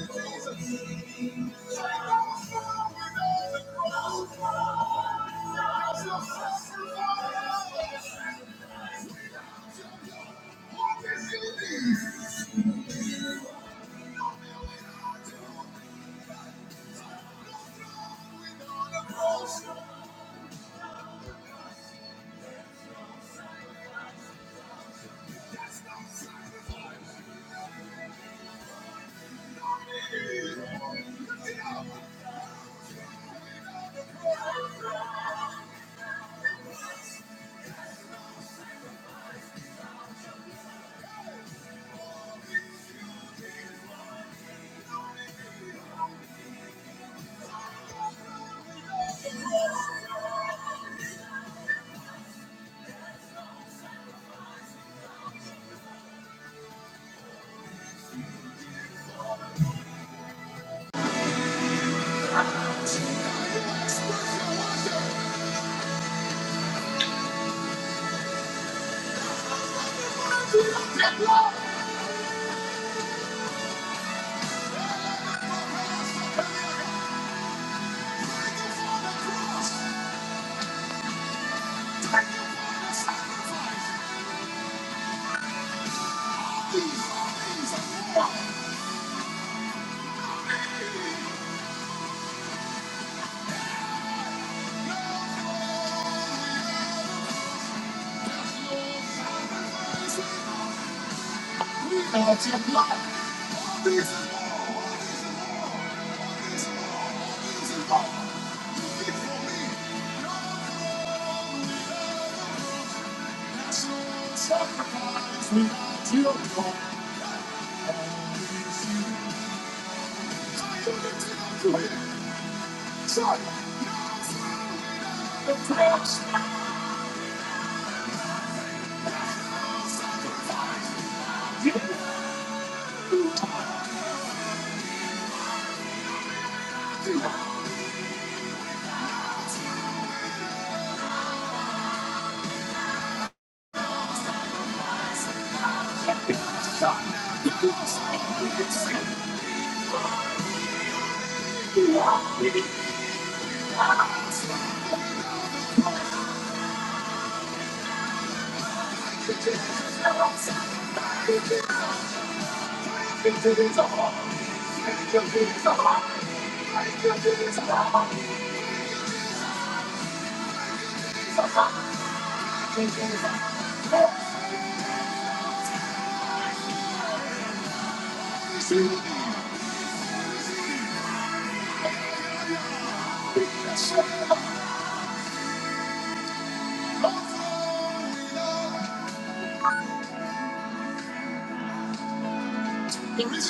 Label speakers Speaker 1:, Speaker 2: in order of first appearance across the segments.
Speaker 1: The reason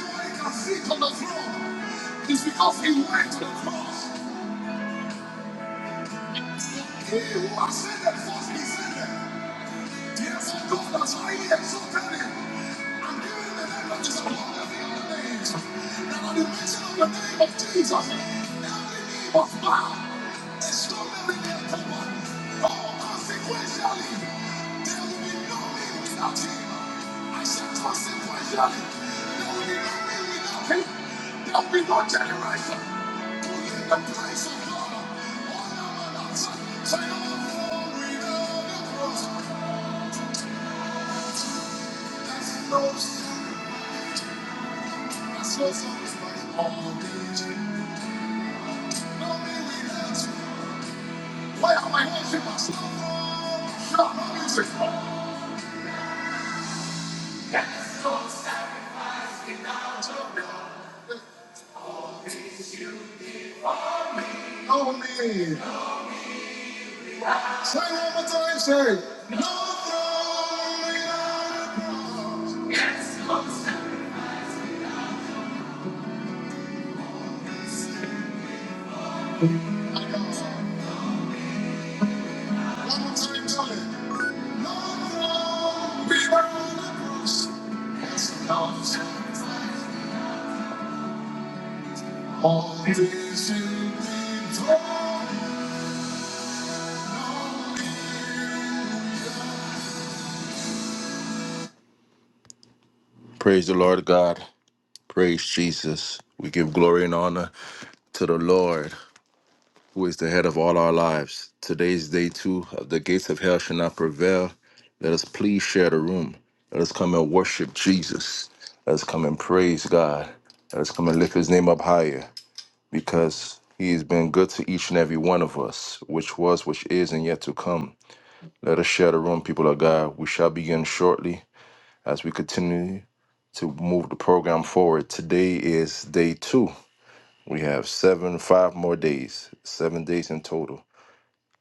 Speaker 1: why he can sit on the throne is because he went to the cross. He who ascended first descended. Yes, God has highly exalted him and given him the name that is above every other name. And at the mention of the name of Jesus, he must bow. It's no living in temple. Oh, consequentially, there will be no me without him. I said consequentially, there will be no me without him. There will be no generation in the place of God. Why are my hands in my stomach? no need. Say one more time, say, no throne without a cross. I got it. One more time, tell it. No throne without a cross. That's enough. Praise the Lord God. Praise Jesus. We give glory and honor to the Lord, who is the head of all our lives. Today's day two of the gates of hell shall not prevail. Let us please share the room. Let us come and worship Jesus. Let us come and praise God. Let us come and lift his name up higher because he has been good to each and every one of us, which was, which is, and yet to come. Let us share the room, people of God. We shall begin shortly. as we continue to move the program forward. Today is day two. We have seven, five more days, seven days in total.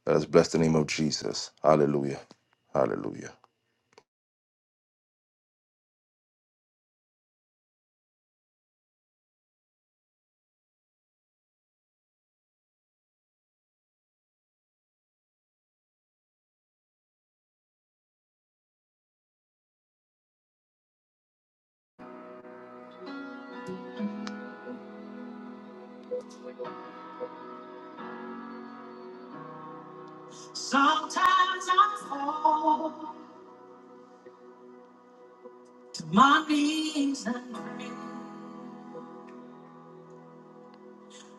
Speaker 1: Let us bless the name of Jesus. Hallelujah. Hallelujah. Sometimes I fall to my knees and pray,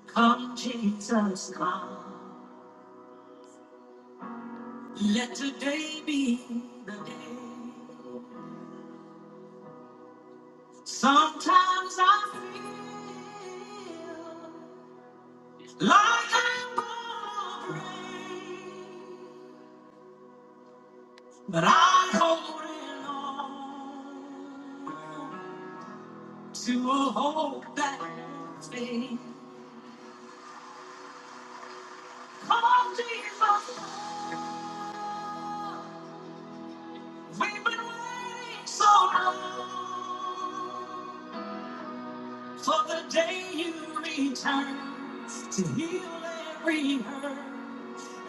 Speaker 1: Come, Jesus, come. Let today be the day. Sometimes I feel Like I'm gonna break, but I'm holding on to a hope that thing. Come on, Jesus, we've been waiting so long. For the day you return to heal every hurt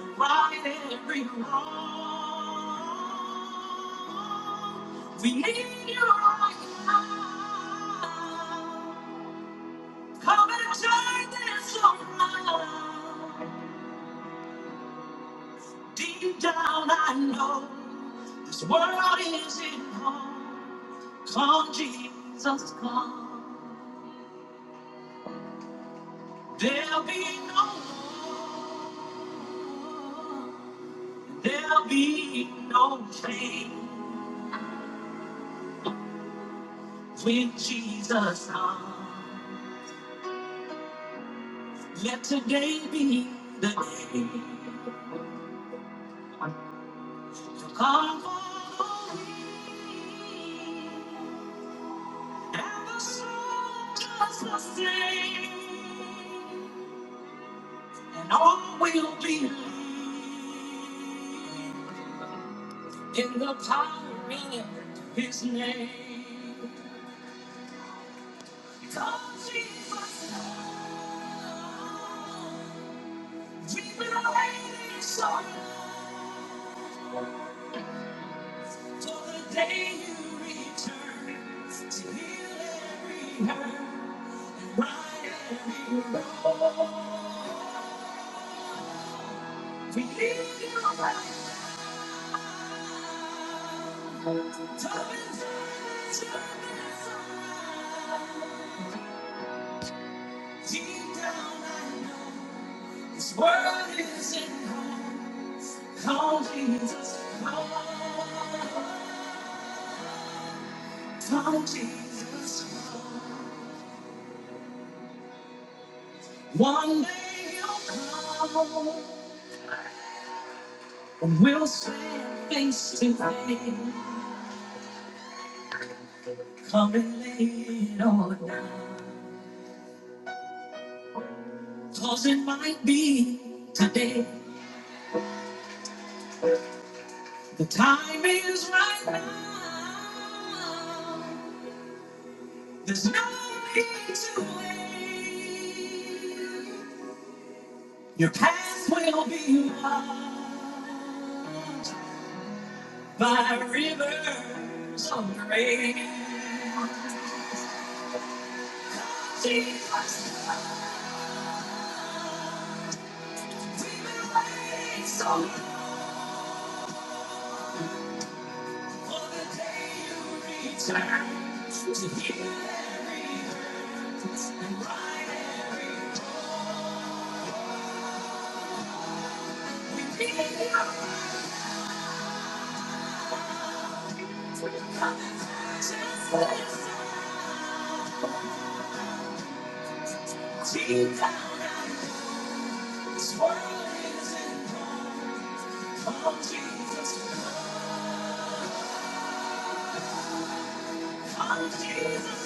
Speaker 1: and right every wrong. We need you right now. Come and turn this around. Deep down, I know this world isn't home. Come, Jesus, come. There'll be no more. There'll be no change when Jesus comes. Let today be the day to come for me. And the soldiers will sing, and all will believe in the power of His name. Call Jesus, call, call Jesus. come. One day you'll come and we'll stand face to face. Come and lay it all down. Cause it might be today. The time is right now. There's no need to wait. Your path will be marked by rivers of grace. Jesus. We've been waiting so long for the day you return to heal every hurt and right every wrong. We need your arms with confidence. Deep down, I know this world isn't wrong. Come, Jesus. Come, Jesus. Come, Jesus.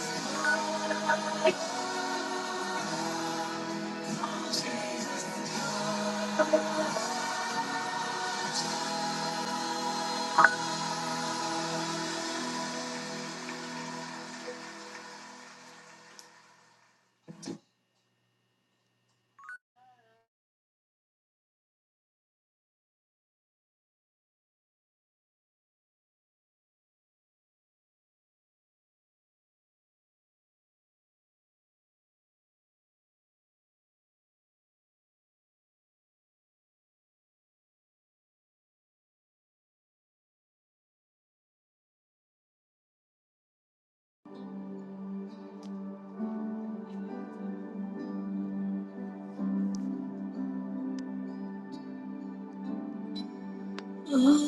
Speaker 1: Oh,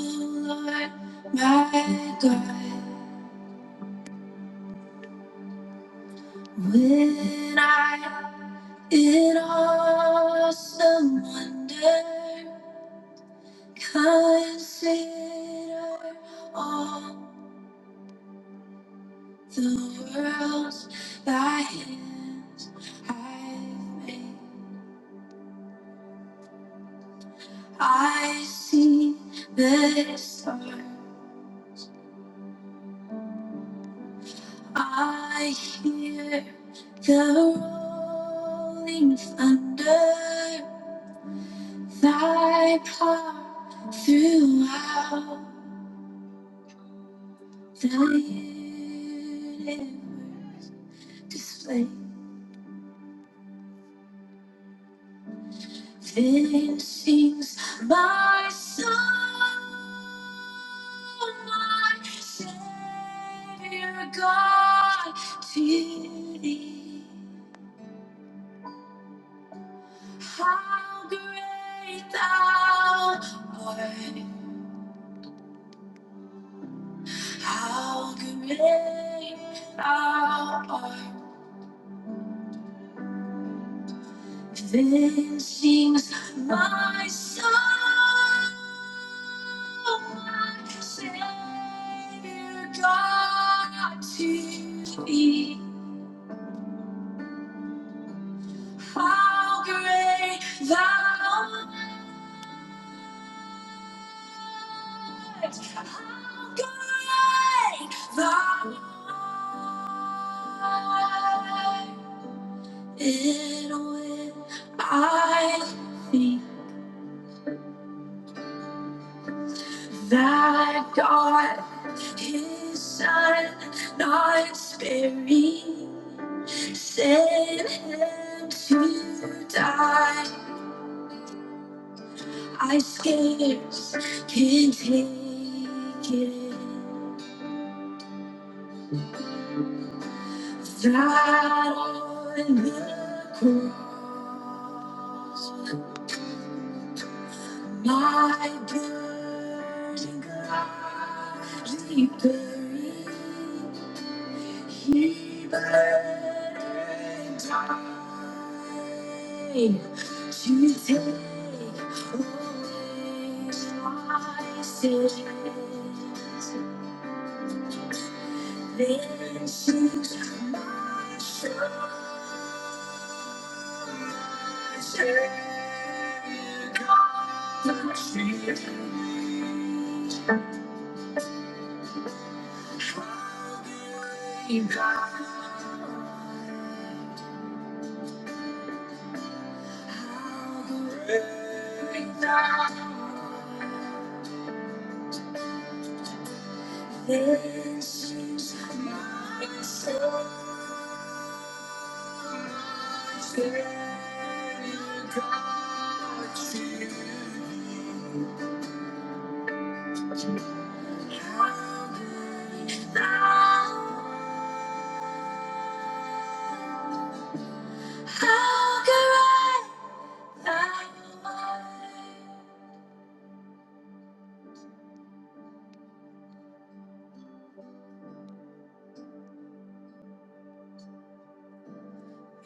Speaker 1: Lord, my God. When I, in awesome wonder, consider all the worlds thy hands have made, I see the stars. I hear the rolling thunder. Thy power throughout the universe display. Then sings my soul, my Savior God, to thee. How great thou art! How great thou art! Then sings my soul, my Savior God to thee. How great thou art! How great thou art! And when I think That God, His Son, not Spirit, sent Him to die. I scarce can take it. That on the cross. My burden gladly buried, he burned and died to take away my sins. Then she's my treasure, God, the tree. This is my soul, my Savior God, to Calvary. Now, how can I abide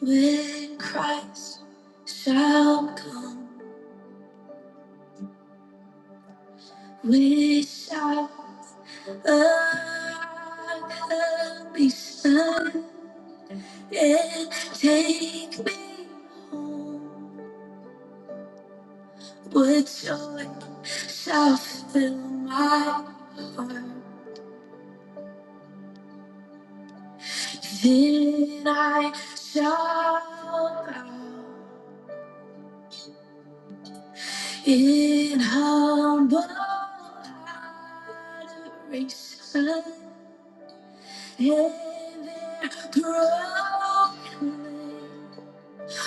Speaker 1: When Christ shall come, we shall. I be silent and take me home. With joy shall fill my heart. Then I shall bow in humble adoration. And their brokenness.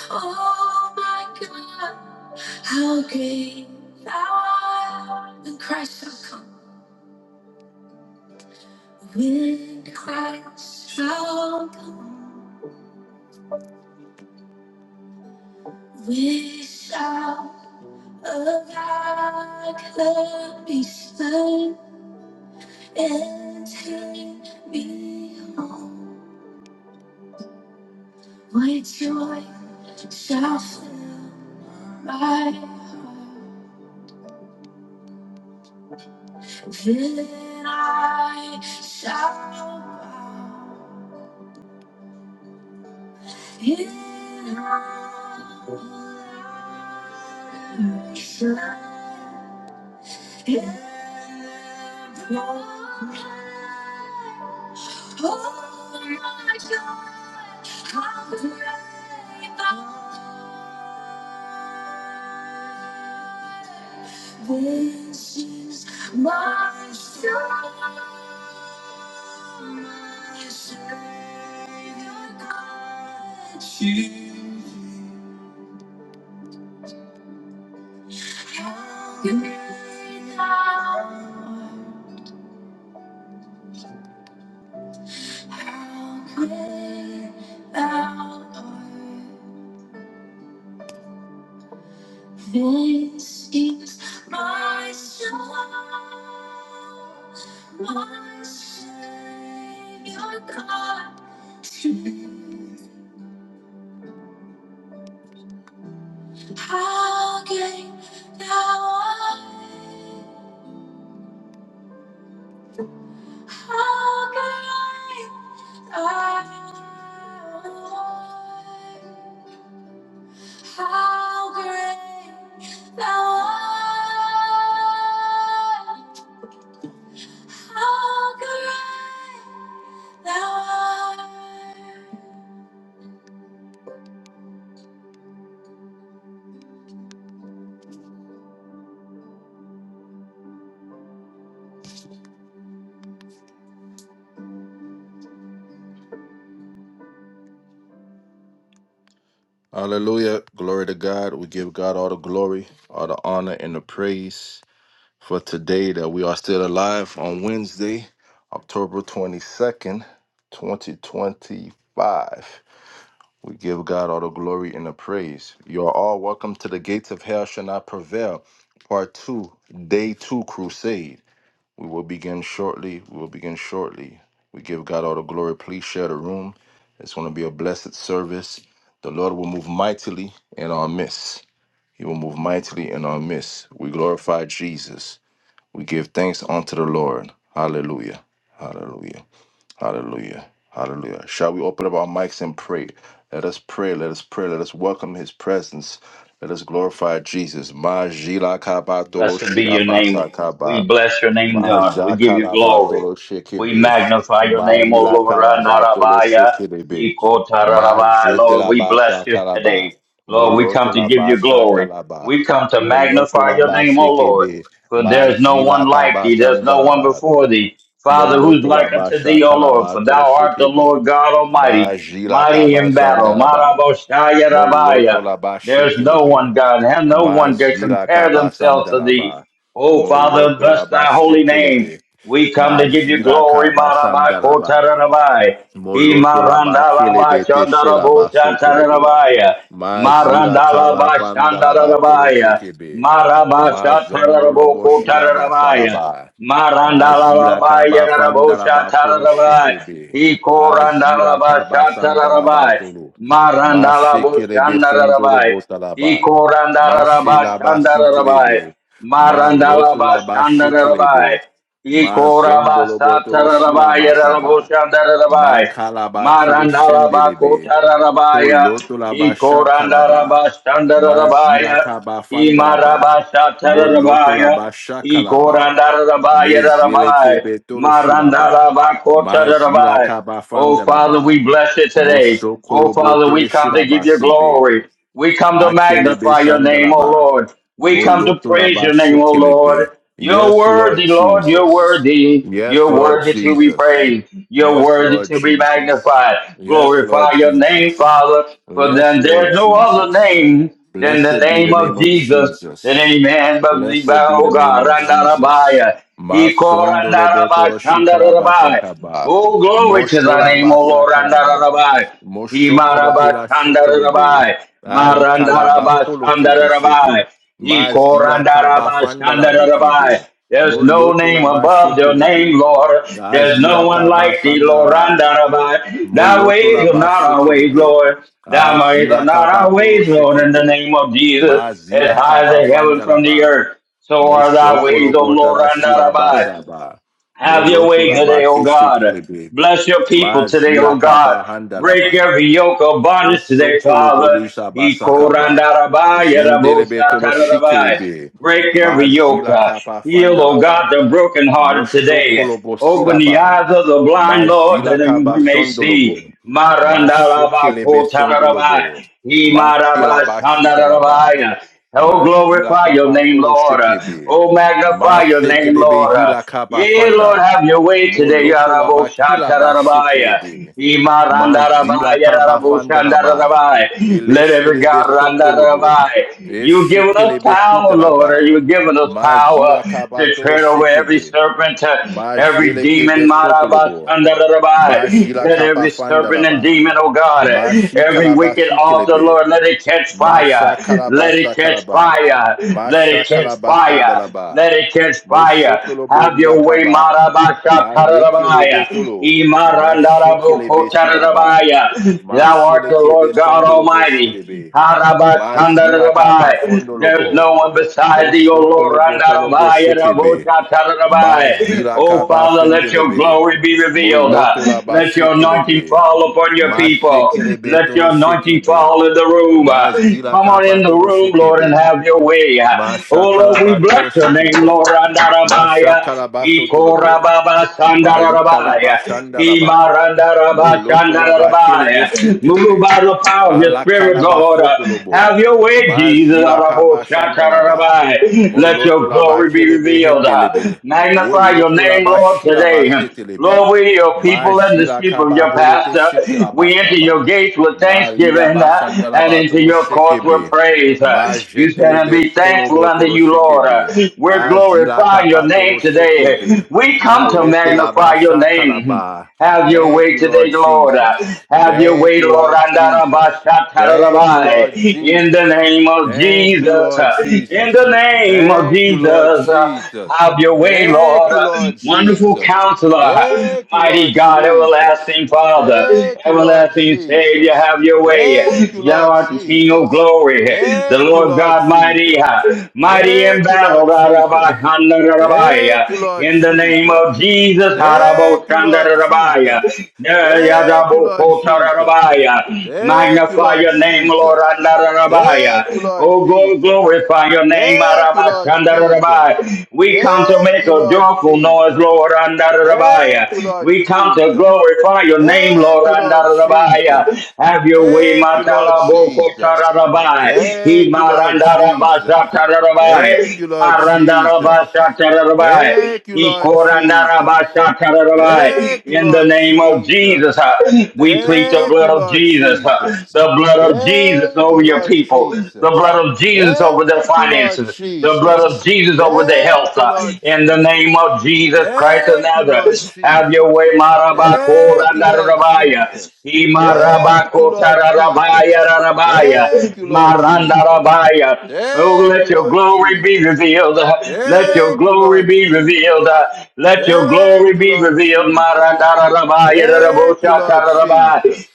Speaker 1: Oh my God, how great thou art. When Christ shall come, when Christ shall come, we shall alike be slain and he be home. What joy shall fill my heart, then I shall bow. In our church, in oh my God, how great thou art. This is my story, my Savior God. You have me now. How great thou art. This is my soul, my Savior God. How great thou art. How great thou art. How great thou art. How great thou art. Hallelujah. Glory to God. We give God all the glory, all the honor, and the praise for today that we are still alive on Wednesday, October 22nd, 2025. We give God all the glory and the praise. You are all welcome to the gates of hell shall not prevail. Part two, day two crusade. We will begin shortly. We will begin shortly. We give God all the glory. Please share the room. It's going to be a blessed service. The Lord will move mightily in our midst. He will move mightily in our midst. We glorify Jesus. We give thanks unto the Lord. Hallelujah. Hallelujah. Hallelujah. Hallelujah. Shall we open up our mics and pray? Let us pray. Let us pray. Let us welcome his presence. Let us glorify Jesus. Ma jila kaba tolo
Speaker 2: Blessed be
Speaker 1: shila
Speaker 2: your name,
Speaker 1: basa
Speaker 2: Lord.
Speaker 1: kaba.
Speaker 2: We bless your name,
Speaker 1: Ma
Speaker 2: God. We give
Speaker 1: jaka
Speaker 2: you
Speaker 1: laba
Speaker 2: glory.
Speaker 1: tolo
Speaker 2: We
Speaker 1: shekebe.
Speaker 2: magnify your
Speaker 1: Ma
Speaker 2: name, O
Speaker 1: lila
Speaker 2: Lord.
Speaker 1: kalaba tolo
Speaker 2: Ranarabaya,
Speaker 1: shekelebe. Ma
Speaker 2: Sikotararabai.
Speaker 1: jete
Speaker 2: Lord,
Speaker 1: la
Speaker 2: we bless
Speaker 1: basa
Speaker 2: you
Speaker 1: kalaba.
Speaker 2: today. Lord, we
Speaker 1: Moloto
Speaker 2: come to
Speaker 1: la
Speaker 2: give you
Speaker 1: basha
Speaker 2: glory.
Speaker 1: kalaba.
Speaker 2: We come to
Speaker 1: Moloto
Speaker 2: magnify
Speaker 1: la
Speaker 2: your name, O Lord.
Speaker 1: bashekebe.
Speaker 2: For
Speaker 1: Ma
Speaker 2: there is no
Speaker 1: zila
Speaker 2: one like
Speaker 1: kaba
Speaker 2: thee. There's no one
Speaker 1: sandalaba.
Speaker 2: before thee. Father, who's
Speaker 1: Moloto la
Speaker 2: like unto
Speaker 1: basha
Speaker 2: thee, O Lord? For
Speaker 1: kalabato lo
Speaker 2: thou art the
Speaker 1: shekebe.
Speaker 2: Lord God Almighty,
Speaker 1: Majila
Speaker 2: mighty in battle.
Speaker 1: kabasandalaba.
Speaker 2: Maraboshaya
Speaker 1: Moloto la
Speaker 2: there's no
Speaker 1: bashekelebe.
Speaker 2: one God, and no one can
Speaker 1: Mazila
Speaker 2: compare themselves to thee.
Speaker 1: kabasandalaba.
Speaker 2: O Father,
Speaker 1: Moloto la
Speaker 2: bless thy holy name.
Speaker 1: bashekelebe.
Speaker 2: We come to give you
Speaker 1: Majila
Speaker 2: glory, Marabai
Speaker 1: kabasandalaba.
Speaker 2: Kotarabai.
Speaker 1: Moloto la ba kele
Speaker 2: Imarandalabai
Speaker 1: bete she la
Speaker 2: Chandarabo
Speaker 1: ba soto lo bo.
Speaker 2: Shatarabaya.
Speaker 1: Ma zila kaba
Speaker 2: Marandalabai
Speaker 1: fanda la ba kolo
Speaker 2: Shandarabaya.
Speaker 1: shekebe. Ma zondo lo
Speaker 2: Marabashatarabo
Speaker 1: bo shi la ba
Speaker 2: Kotarabaya.
Speaker 1: salaba. Ma zila
Speaker 2: Marandalaba
Speaker 1: kaba fanda
Speaker 2: Yagarabo
Speaker 1: la ba kolo
Speaker 2: Shatarabai.
Speaker 1: shekebe. Azila zila
Speaker 2: Ikorandalaba
Speaker 1: kaba sanda la ba
Speaker 2: Shatarabai.
Speaker 1: tolo. Ma
Speaker 2: Marandalabo
Speaker 1: shekelebe sondo lo
Speaker 2: Shandarabai.
Speaker 1: bo talaba. Ma she
Speaker 2: Ikorandaraba
Speaker 1: la ba
Speaker 2: Shandarabai.
Speaker 1: sikelebe. Ma loto
Speaker 2: Marandalaba
Speaker 1: la ba
Speaker 2: Shandarabai.
Speaker 1: shekelebe. Ma zondo
Speaker 2: Ikoraba
Speaker 1: lo bo tolo shi la
Speaker 2: Satarabai
Speaker 1: ba
Speaker 2: Yarabo
Speaker 1: saba.
Speaker 2: Shandarabai.
Speaker 1: Makalaba
Speaker 2: Marandalaba
Speaker 1: kilishendelebe.
Speaker 2: kotararabaya,
Speaker 1: Polotolaba shakalaba.
Speaker 2: ikorandaraba
Speaker 1: Mazila
Speaker 2: standararabaya,
Speaker 1: kaba fandalaba.
Speaker 2: imaraba satararabaya,
Speaker 1: Molotolaba shakalaba.
Speaker 2: ikorandararabaya
Speaker 1: Mezile
Speaker 2: rarabai,
Speaker 1: kebe toroshilaba.
Speaker 2: marandalaba
Speaker 1: Mazila
Speaker 2: kotararabaya.
Speaker 1: kaba
Speaker 2: Oh Father, we
Speaker 1: fandalaba.
Speaker 2: bless it today. Oh
Speaker 1: Mosokolobo
Speaker 2: Father, we come to
Speaker 1: teleshilaba
Speaker 2: give you
Speaker 1: sebe.
Speaker 2: glory. We come to
Speaker 1: Akelebe
Speaker 2: magnify your name, O
Speaker 1: sandalaba.
Speaker 2: Lord. We come to praise
Speaker 1: Molotolaba
Speaker 2: your name, O
Speaker 1: shikelebe.
Speaker 2: Lord. You're
Speaker 1: Yes, Lord
Speaker 2: worthy, Lord. You're
Speaker 1: Jesus.
Speaker 2: worthy.
Speaker 1: Yes,
Speaker 2: You're
Speaker 1: Lord
Speaker 2: worthy to be
Speaker 1: Jesus.
Speaker 2: praised. You're
Speaker 1: Yes,
Speaker 2: worthy
Speaker 1: Lord
Speaker 2: to be
Speaker 1: Jesus.
Speaker 2: magnified.
Speaker 1: Yes, Lord
Speaker 2: Glorify your name,
Speaker 1: Jesus.
Speaker 2: Father. For
Speaker 1: Yes,
Speaker 2: then
Speaker 1: Lord
Speaker 2: there's no other
Speaker 1: Jesus.
Speaker 2: name than the
Speaker 1: Blessed be the
Speaker 2: name
Speaker 1: name
Speaker 2: of
Speaker 1: of
Speaker 2: Jesus that
Speaker 1: Jesus.
Speaker 2: any man but thee,
Speaker 1: Blessed be
Speaker 2: O
Speaker 1: the name
Speaker 2: God,
Speaker 1: of Jesus.
Speaker 2: Randarabaya. He called
Speaker 1: Masondolobotoro
Speaker 2: Randarabashandarabai.
Speaker 1: shikalabasakaba.
Speaker 2: Oh, glory to thy name, O
Speaker 1: Mosholabasa
Speaker 2: Lord,
Speaker 1: kalaba.
Speaker 2: Randarabaya.
Speaker 1: Moshokolo de la shekelebe.
Speaker 2: Imarabashandarabai.
Speaker 1: Ali kalaba polote beshepe.
Speaker 2: Marandarabashandarabai.
Speaker 1: Mazila kaba fanda la
Speaker 2: Ikorandarabashandarabai.
Speaker 1: bekebe.
Speaker 2: There's no
Speaker 1: Moloto la
Speaker 2: name
Speaker 1: ba
Speaker 2: above your
Speaker 1: shekelebe.
Speaker 2: name, Lord. There's no
Speaker 1: Azila
Speaker 2: one
Speaker 1: kaba
Speaker 2: like thee,
Speaker 1: sanda la
Speaker 2: Lord.
Speaker 1: ba.
Speaker 2: Randarabai. Thy
Speaker 1: Moloto la
Speaker 2: ways are
Speaker 1: ba
Speaker 2: not our ways,
Speaker 1: shekelebe.
Speaker 2: Lord. Thy ways are
Speaker 1: Azila
Speaker 2: not
Speaker 1: kaba
Speaker 2: our
Speaker 1: tolo
Speaker 2: ways, Lord, in the
Speaker 1: shekebe.
Speaker 2: name of Jesus, as
Speaker 1: Mazila
Speaker 2: high as
Speaker 1: kaba
Speaker 2: the heaven
Speaker 1: fanda la
Speaker 2: from the
Speaker 1: ba.
Speaker 2: earth. So are thy
Speaker 1: Moshokolo
Speaker 2: ways, O
Speaker 1: bota
Speaker 2: Lord,
Speaker 1: la shila
Speaker 2: Randarabai.
Speaker 1: basaba.
Speaker 2: Have your
Speaker 1: Moloto
Speaker 2: way
Speaker 1: la ba
Speaker 2: today, O God.
Speaker 1: keshekelebe.
Speaker 2: Bless your people today, O
Speaker 1: Mazila kaba
Speaker 2: God.
Speaker 1: handa la
Speaker 2: Break
Speaker 1: ba.
Speaker 2: every yoke of bondage today,
Speaker 1: Voshokolo
Speaker 2: Father.
Speaker 1: bodisa basakaba. Jendelebe tolo
Speaker 2: Ikorandarabaya-rabosatarabai.
Speaker 1: shikilebe.
Speaker 2: Break every yoke.
Speaker 1: Mazila
Speaker 2: uh,
Speaker 1: kapa
Speaker 2: Heal, O God,
Speaker 1: fandalaba.
Speaker 2: the brokenhearted today.
Speaker 1: Moshokolo
Speaker 2: Open the
Speaker 1: bosilaba.
Speaker 2: eyes of the blind, Lord,
Speaker 1: Majila
Speaker 2: that we
Speaker 1: kaba
Speaker 2: may see.
Speaker 1: sondolobo. Mashekelebe
Speaker 2: Marandarabakotararabai.
Speaker 1: sondolobo. Makilaba shitalaba.
Speaker 2: Imarabashandararabaya. Oh,
Speaker 1: Mazila
Speaker 2: glorify your
Speaker 1: kapa
Speaker 2: name,
Speaker 1: tolo
Speaker 2: Lord.
Speaker 1: shekebe.
Speaker 2: Oh, magnify your name,
Speaker 1: Masetelebe
Speaker 2: Lord.
Speaker 1: hila kapa
Speaker 2: Yea, Lord,
Speaker 1: fanda.
Speaker 2: have your way today, Yarabo
Speaker 1: Molotolaba kilaba
Speaker 2: Shatarabaya,
Speaker 1: shekelebe.
Speaker 2: Imarandarabaya,
Speaker 1: Mazila kabafandalaba.
Speaker 2: Yaraboshandarabaya. Let every
Speaker 1: Eleshele
Speaker 2: God
Speaker 1: besondolobo.
Speaker 2: Randarabai. You've given
Speaker 1: Eshekele
Speaker 2: us power, Lord,
Speaker 1: besitalaba.
Speaker 2: you've given us power
Speaker 1: Mazila
Speaker 2: to
Speaker 1: kabatolo
Speaker 2: tread over every
Speaker 1: shekebe.
Speaker 2: serpent, uh, every
Speaker 1: Majele kebe
Speaker 2: demon,
Speaker 1: sotolobo.
Speaker 2: Marabashandarabai.
Speaker 1: Majila
Speaker 2: Let every serpent and
Speaker 1: kapafandalaba.
Speaker 2: demon, oh God, uh,
Speaker 1: Mashi
Speaker 2: every wicked
Speaker 1: kalabasi
Speaker 2: altar,
Speaker 1: kelebe.
Speaker 2: Lord, let it it catch fire.
Speaker 1: Masha
Speaker 2: Let
Speaker 1: kalabasa
Speaker 2: it catch
Speaker 1: kalaba.
Speaker 2: fire. Let
Speaker 1: Masha
Speaker 2: it catch
Speaker 1: kalabasa
Speaker 2: fire. Let
Speaker 1: dalaba.
Speaker 2: it catch fire.
Speaker 1: Moshotolobo
Speaker 2: Have your way,
Speaker 1: dilakaba.
Speaker 2: Marabasha Karabaya.
Speaker 1: Malekelebetolo.
Speaker 2: Imarandarabu
Speaker 1: Mashekelebe silaba.
Speaker 2: Kotarabaya. Thou art the
Speaker 1: Masheleke
Speaker 2: Lord God
Speaker 1: besondolobo
Speaker 2: Almighty.
Speaker 1: shedebe. Mazila kaba
Speaker 2: Harabashandarabai. There's
Speaker 1: fondolobo.
Speaker 2: no one beside thee, O Lord.
Speaker 1: Mostokolobo tolobo
Speaker 2: Randarabaya
Speaker 1: shekebe.
Speaker 2: Rabotatarabaya.
Speaker 1: Mazila
Speaker 2: Oh
Speaker 1: kaba
Speaker 2: Father, let let your
Speaker 1: fendelebe.
Speaker 2: glory be revealed.
Speaker 1: Moloto la ba
Speaker 2: Let your anointing
Speaker 1: shekelebe.
Speaker 2: fall upon your people.
Speaker 1: Masekelebe
Speaker 2: Let
Speaker 1: tolo
Speaker 2: your anointing
Speaker 1: shekebe.
Speaker 2: fall in the room.
Speaker 1: Mazila
Speaker 2: Come on
Speaker 1: kaba
Speaker 2: in the
Speaker 1: tolo
Speaker 2: room, Lord, and
Speaker 1: shekebe.
Speaker 2: have your way. Oh, Lord, we
Speaker 1: Mashakalaba
Speaker 2: bless
Speaker 1: tolo
Speaker 2: your name,
Speaker 1: shekebe.
Speaker 2: Lord. Andarabaya.
Speaker 1: Mashakalaba sotolobo.
Speaker 2: Ikorababa
Speaker 1: Malikalaba
Speaker 2: Sandarabaya.
Speaker 1: shandalaba.
Speaker 2: Imarandaraba
Speaker 1: Moloto la ba kelebe
Speaker 2: Sandarabaya. Move
Speaker 1: shetelebe.
Speaker 2: by the power of your
Speaker 1: Ala
Speaker 2: spirit,
Speaker 1: kalaba
Speaker 2: Lord.
Speaker 1: fotolobo.
Speaker 2: Have your way, Jesus.
Speaker 1: Mazila
Speaker 2: Arabo
Speaker 1: kaba shandalaba.
Speaker 2: Shatarabai. Let
Speaker 1: Moloto
Speaker 2: your
Speaker 1: la ba
Speaker 2: glory be
Speaker 1: kelebe
Speaker 2: revealed. Uh,
Speaker 1: hendelebe.
Speaker 2: Magnify your
Speaker 1: Woloto la
Speaker 2: name,
Speaker 1: ba
Speaker 2: Lord,
Speaker 1: shilaba
Speaker 2: today. Lord,
Speaker 1: setelebe.
Speaker 2: we are your people and the
Speaker 1: Majila
Speaker 2: sheep of
Speaker 1: kaba
Speaker 2: your
Speaker 1: holote
Speaker 2: pastor.
Speaker 1: shekelaba
Speaker 2: We enter your
Speaker 1: saba.
Speaker 2: gates with
Speaker 1: Malila
Speaker 2: thanksgiving
Speaker 1: ba
Speaker 2: uh, and
Speaker 1: shandalaba
Speaker 2: into
Speaker 1: tolo
Speaker 2: your courts with
Speaker 1: shekebe.
Speaker 2: praise. Uh, You said, and
Speaker 1: Majetelebe
Speaker 2: be thankful unto
Speaker 1: solobotolo
Speaker 2: you, Lord. Uh,
Speaker 1: shekebe.
Speaker 2: We're
Speaker 1: Azila
Speaker 2: glorifying your name
Speaker 1: kabatolo
Speaker 2: today.
Speaker 1: shekebe.
Speaker 2: We come to
Speaker 1: Malete la
Speaker 2: magnify your name.
Speaker 1: bashakalaba.
Speaker 2: Have your
Speaker 1: Thank
Speaker 2: way
Speaker 1: you, Lord
Speaker 2: today, Lord.
Speaker 1: Jesus.
Speaker 2: Have your
Speaker 1: Thank
Speaker 2: way,
Speaker 1: you,
Speaker 2: Lord.
Speaker 1: Lord Jesus. Thank you,
Speaker 2: Andarabashatarabai.
Speaker 1: Lord
Speaker 2: In the
Speaker 1: Jesus.
Speaker 2: name of
Speaker 1: Thank you,
Speaker 2: Jesus.
Speaker 1: Lord
Speaker 2: In the
Speaker 1: Jesus.
Speaker 2: name of
Speaker 1: Thank you, Lord
Speaker 2: Jesus.
Speaker 1: Jesus.
Speaker 2: Have your way,
Speaker 1: Thank
Speaker 2: Lord.
Speaker 1: you, Lord
Speaker 2: Wonderful
Speaker 1: Jesus.
Speaker 2: counselor.
Speaker 1: Thank you,
Speaker 2: Mighty
Speaker 1: Lord
Speaker 2: God,
Speaker 1: Jesus.
Speaker 2: everlasting Father,
Speaker 1: Thank you, Lord
Speaker 2: everlasting Savior,
Speaker 1: Jesus.
Speaker 2: have your way.
Speaker 1: Thank you,
Speaker 2: Thou
Speaker 1: Lord
Speaker 2: art the King of
Speaker 1: Jesus.
Speaker 2: glory. The
Speaker 1: Thank you,
Speaker 2: Lord
Speaker 1: Lord
Speaker 2: God mighty,
Speaker 1: Jesus.
Speaker 2: mighty in
Speaker 1: Thank you,
Speaker 2: battle.
Speaker 1: Lord
Speaker 2: Rabbi,
Speaker 1: Jesus.
Speaker 2: Rabbi,
Speaker 1: Thank you, Lord
Speaker 2: in the name of
Speaker 1: Jesus.
Speaker 2: Jesus.
Speaker 1: Thank you, Lord
Speaker 2: Rabaya.
Speaker 1: Jesus. Thank you, Lord Jesus.
Speaker 2: Yadabokotarabaya.
Speaker 1: Thank you,
Speaker 2: Magnify
Speaker 1: Lord
Speaker 2: your name, Lord
Speaker 1: Jesus. Thank you,
Speaker 2: Andarabaya.
Speaker 1: Lord
Speaker 2: Oh, glo-
Speaker 1: Jesus.
Speaker 2: glorify your name,
Speaker 1: Thank you, Lord Jesus.
Speaker 2: Arabashandarabaya. We come to
Speaker 1: Thank
Speaker 2: make
Speaker 1: you,
Speaker 2: a
Speaker 1: Lord
Speaker 2: joyful noise,
Speaker 1: Jesus.
Speaker 2: Lord Andarabaya.
Speaker 1: Thank you, Lord
Speaker 2: We come to
Speaker 1: Jesus.
Speaker 2: glorify your name,
Speaker 1: Thank
Speaker 2: Lord
Speaker 1: you, Lord
Speaker 2: Andarabaya.
Speaker 1: Jesus.
Speaker 2: Have your way,
Speaker 1: Thank you, Lord Jesus.
Speaker 2: Matalabokotarabaya.
Speaker 1: Thank you, Lord Jesus. Thank
Speaker 2: Imarandarabashatarabai.
Speaker 1: you, Lord Jesus.
Speaker 2: Marandarabashatarabai.
Speaker 1: Thank you, Lord Jesus.
Speaker 2: Ikorandarabashatarabai.
Speaker 1: Thank you,
Speaker 2: In the
Speaker 1: Lord
Speaker 2: name of Jesus, uh,
Speaker 1: Jesus.
Speaker 2: we plead the
Speaker 1: Thank
Speaker 2: blood
Speaker 1: you,
Speaker 2: of
Speaker 1: Lord
Speaker 2: Jesus, uh,
Speaker 1: Jesus.
Speaker 2: the blood of Jesus
Speaker 1: Thank
Speaker 2: over
Speaker 1: you,
Speaker 2: your
Speaker 1: Lord
Speaker 2: people, the
Speaker 1: Jesus.
Speaker 2: blood of Jesus over their
Speaker 1: Thank you, Lord
Speaker 2: finances, the blood of
Speaker 1: Jesus.
Speaker 2: Jesus over their
Speaker 1: Thank
Speaker 2: health.
Speaker 1: you,
Speaker 2: uh,
Speaker 1: Lord
Speaker 2: In the name
Speaker 1: Jesus.
Speaker 2: of Jesus Christ of
Speaker 1: Thank you, Lord
Speaker 2: Nazareth, have your way,
Speaker 1: Jesus. Thank you, Lord
Speaker 2: Marabakorandarabaya.
Speaker 1: Jesus. Thank you,
Speaker 2: Imarabako
Speaker 1: Lord
Speaker 2: tararabaya
Speaker 1: Jesus.
Speaker 2: rarabaya.
Speaker 1: Thank you, Lord Jesus.
Speaker 2: Marandarabaya. Oh,
Speaker 1: Thank
Speaker 2: let
Speaker 1: you,
Speaker 2: your
Speaker 1: Lord
Speaker 2: glory be
Speaker 1: Jesus.
Speaker 2: revealed. Let your
Speaker 1: Thank you,
Speaker 2: glory
Speaker 1: Lord
Speaker 2: be revealed.
Speaker 1: Jesus.
Speaker 2: Let your
Speaker 1: Thank
Speaker 2: glory
Speaker 1: you,
Speaker 2: be
Speaker 1: Lord
Speaker 2: revealed.
Speaker 1: Jesus.
Speaker 2: Marandararabai,
Speaker 1: Thank you, Lord Jesus.
Speaker 2: yararaboshakararabai,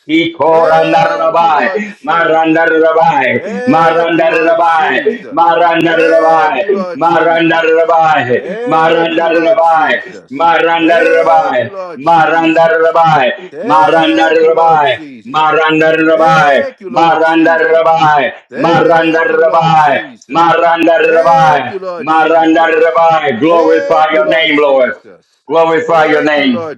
Speaker 1: Thank you, Lord
Speaker 2: ikorandararabai,
Speaker 1: Jesus.
Speaker 2: marandararabai,
Speaker 1: Thank you, Lord
Speaker 2: marandararabai,
Speaker 1: Jesus. Thank you,
Speaker 2: marandararabai,
Speaker 1: Lord Jesus.
Speaker 2: marandararabai,
Speaker 1: Thank you, Lord
Speaker 2: marandararabai,
Speaker 1: Jesus. Thank you,
Speaker 2: marandararabai,
Speaker 1: Lord Jesus.
Speaker 2: marandararabai,
Speaker 1: Thank you, Lord
Speaker 2: marandararabai.
Speaker 1: Jesus.
Speaker 2: Maranda Rabai,
Speaker 1: Thank you, Lord
Speaker 2: Maranda
Speaker 1: Jesus.
Speaker 2: Rabai, Maranda
Speaker 1: Thank you, Lord
Speaker 2: Rabai,
Speaker 1: Jesus.
Speaker 2: Maranda
Speaker 1: Thank
Speaker 2: Rabai,
Speaker 1: you, Lord
Speaker 2: Maranda
Speaker 1: Jesus.
Speaker 2: Rabai. Glorify
Speaker 1: Thank you,
Speaker 2: your
Speaker 1: Lord
Speaker 2: name, Lord.
Speaker 1: Jesus.
Speaker 2: Glorify your
Speaker 1: Thank you,
Speaker 2: name.
Speaker 1: Lord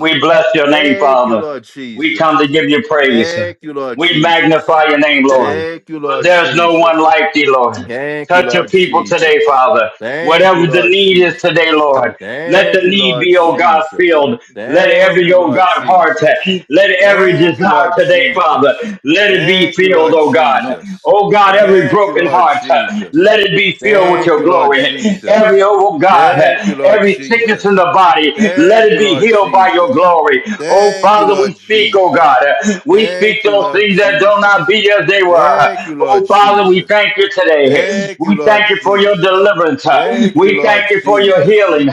Speaker 2: We bless your name,
Speaker 1: Thank you,
Speaker 2: Father.
Speaker 1: Lord
Speaker 2: We come to
Speaker 1: Jesus.
Speaker 2: give you praise.
Speaker 1: Thank you, Lord
Speaker 2: We
Speaker 1: Jesus.
Speaker 2: magnify your name, Lord.
Speaker 1: Thank you,
Speaker 2: For
Speaker 1: Lord
Speaker 2: there's no one
Speaker 1: Jesus.
Speaker 2: like thee, Lord.
Speaker 1: Thank you,
Speaker 2: Touch your
Speaker 1: Lord
Speaker 2: people today,
Speaker 1: Jesus.
Speaker 2: Father.
Speaker 1: Thank you,
Speaker 2: Whatever the
Speaker 1: Lord
Speaker 2: need is today,
Speaker 1: Jesus.
Speaker 2: Lord. Let the
Speaker 1: Thank you,
Speaker 2: need
Speaker 1: Lord
Speaker 2: be, oh God,
Speaker 1: Jesus.
Speaker 2: filled. Let
Speaker 1: Thank
Speaker 2: every,
Speaker 1: you,
Speaker 2: oh
Speaker 1: Lord
Speaker 2: God, heart,
Speaker 1: Jesus.
Speaker 2: let every
Speaker 1: Thank you,
Speaker 2: desire
Speaker 1: Lord
Speaker 2: today, Father,
Speaker 1: Jesus.
Speaker 2: let it be
Speaker 1: Thank you,
Speaker 2: filled,
Speaker 1: Lord
Speaker 2: oh God.
Speaker 1: Jesus.
Speaker 2: Oh God, every
Speaker 1: Thank you,
Speaker 2: broken
Speaker 1: Lord
Speaker 2: heart,
Speaker 1: Jesus.
Speaker 2: let it be filled with
Speaker 1: Thank
Speaker 2: your
Speaker 1: you, Lord
Speaker 2: glory. Every,
Speaker 1: Jesus.
Speaker 2: oh God,
Speaker 1: Thank you, Lord
Speaker 2: every sickness in the
Speaker 1: Jesus.
Speaker 2: body,
Speaker 1: Thank
Speaker 2: let
Speaker 1: you,
Speaker 2: it be
Speaker 1: Lord
Speaker 2: healed by your
Speaker 1: Jesus.
Speaker 2: glory. Oh,
Speaker 1: Thank you,
Speaker 2: Father,
Speaker 1: Lord
Speaker 2: we speak, oh God.
Speaker 1: Jesus.
Speaker 2: We speak
Speaker 1: Thank you,
Speaker 2: those
Speaker 1: Lord
Speaker 2: things that do not
Speaker 1: Jesus.
Speaker 2: be as they were.
Speaker 1: Thank you, Lord
Speaker 2: Oh, Father, we
Speaker 1: Jesus.
Speaker 2: thank you today.
Speaker 1: Thank you,
Speaker 2: We
Speaker 1: Lord
Speaker 2: thank you for your
Speaker 1: Jesus.
Speaker 2: deliverance.
Speaker 1: Thank you,
Speaker 2: We thank
Speaker 1: Lord
Speaker 2: you for your
Speaker 1: Jesus.
Speaker 2: healing.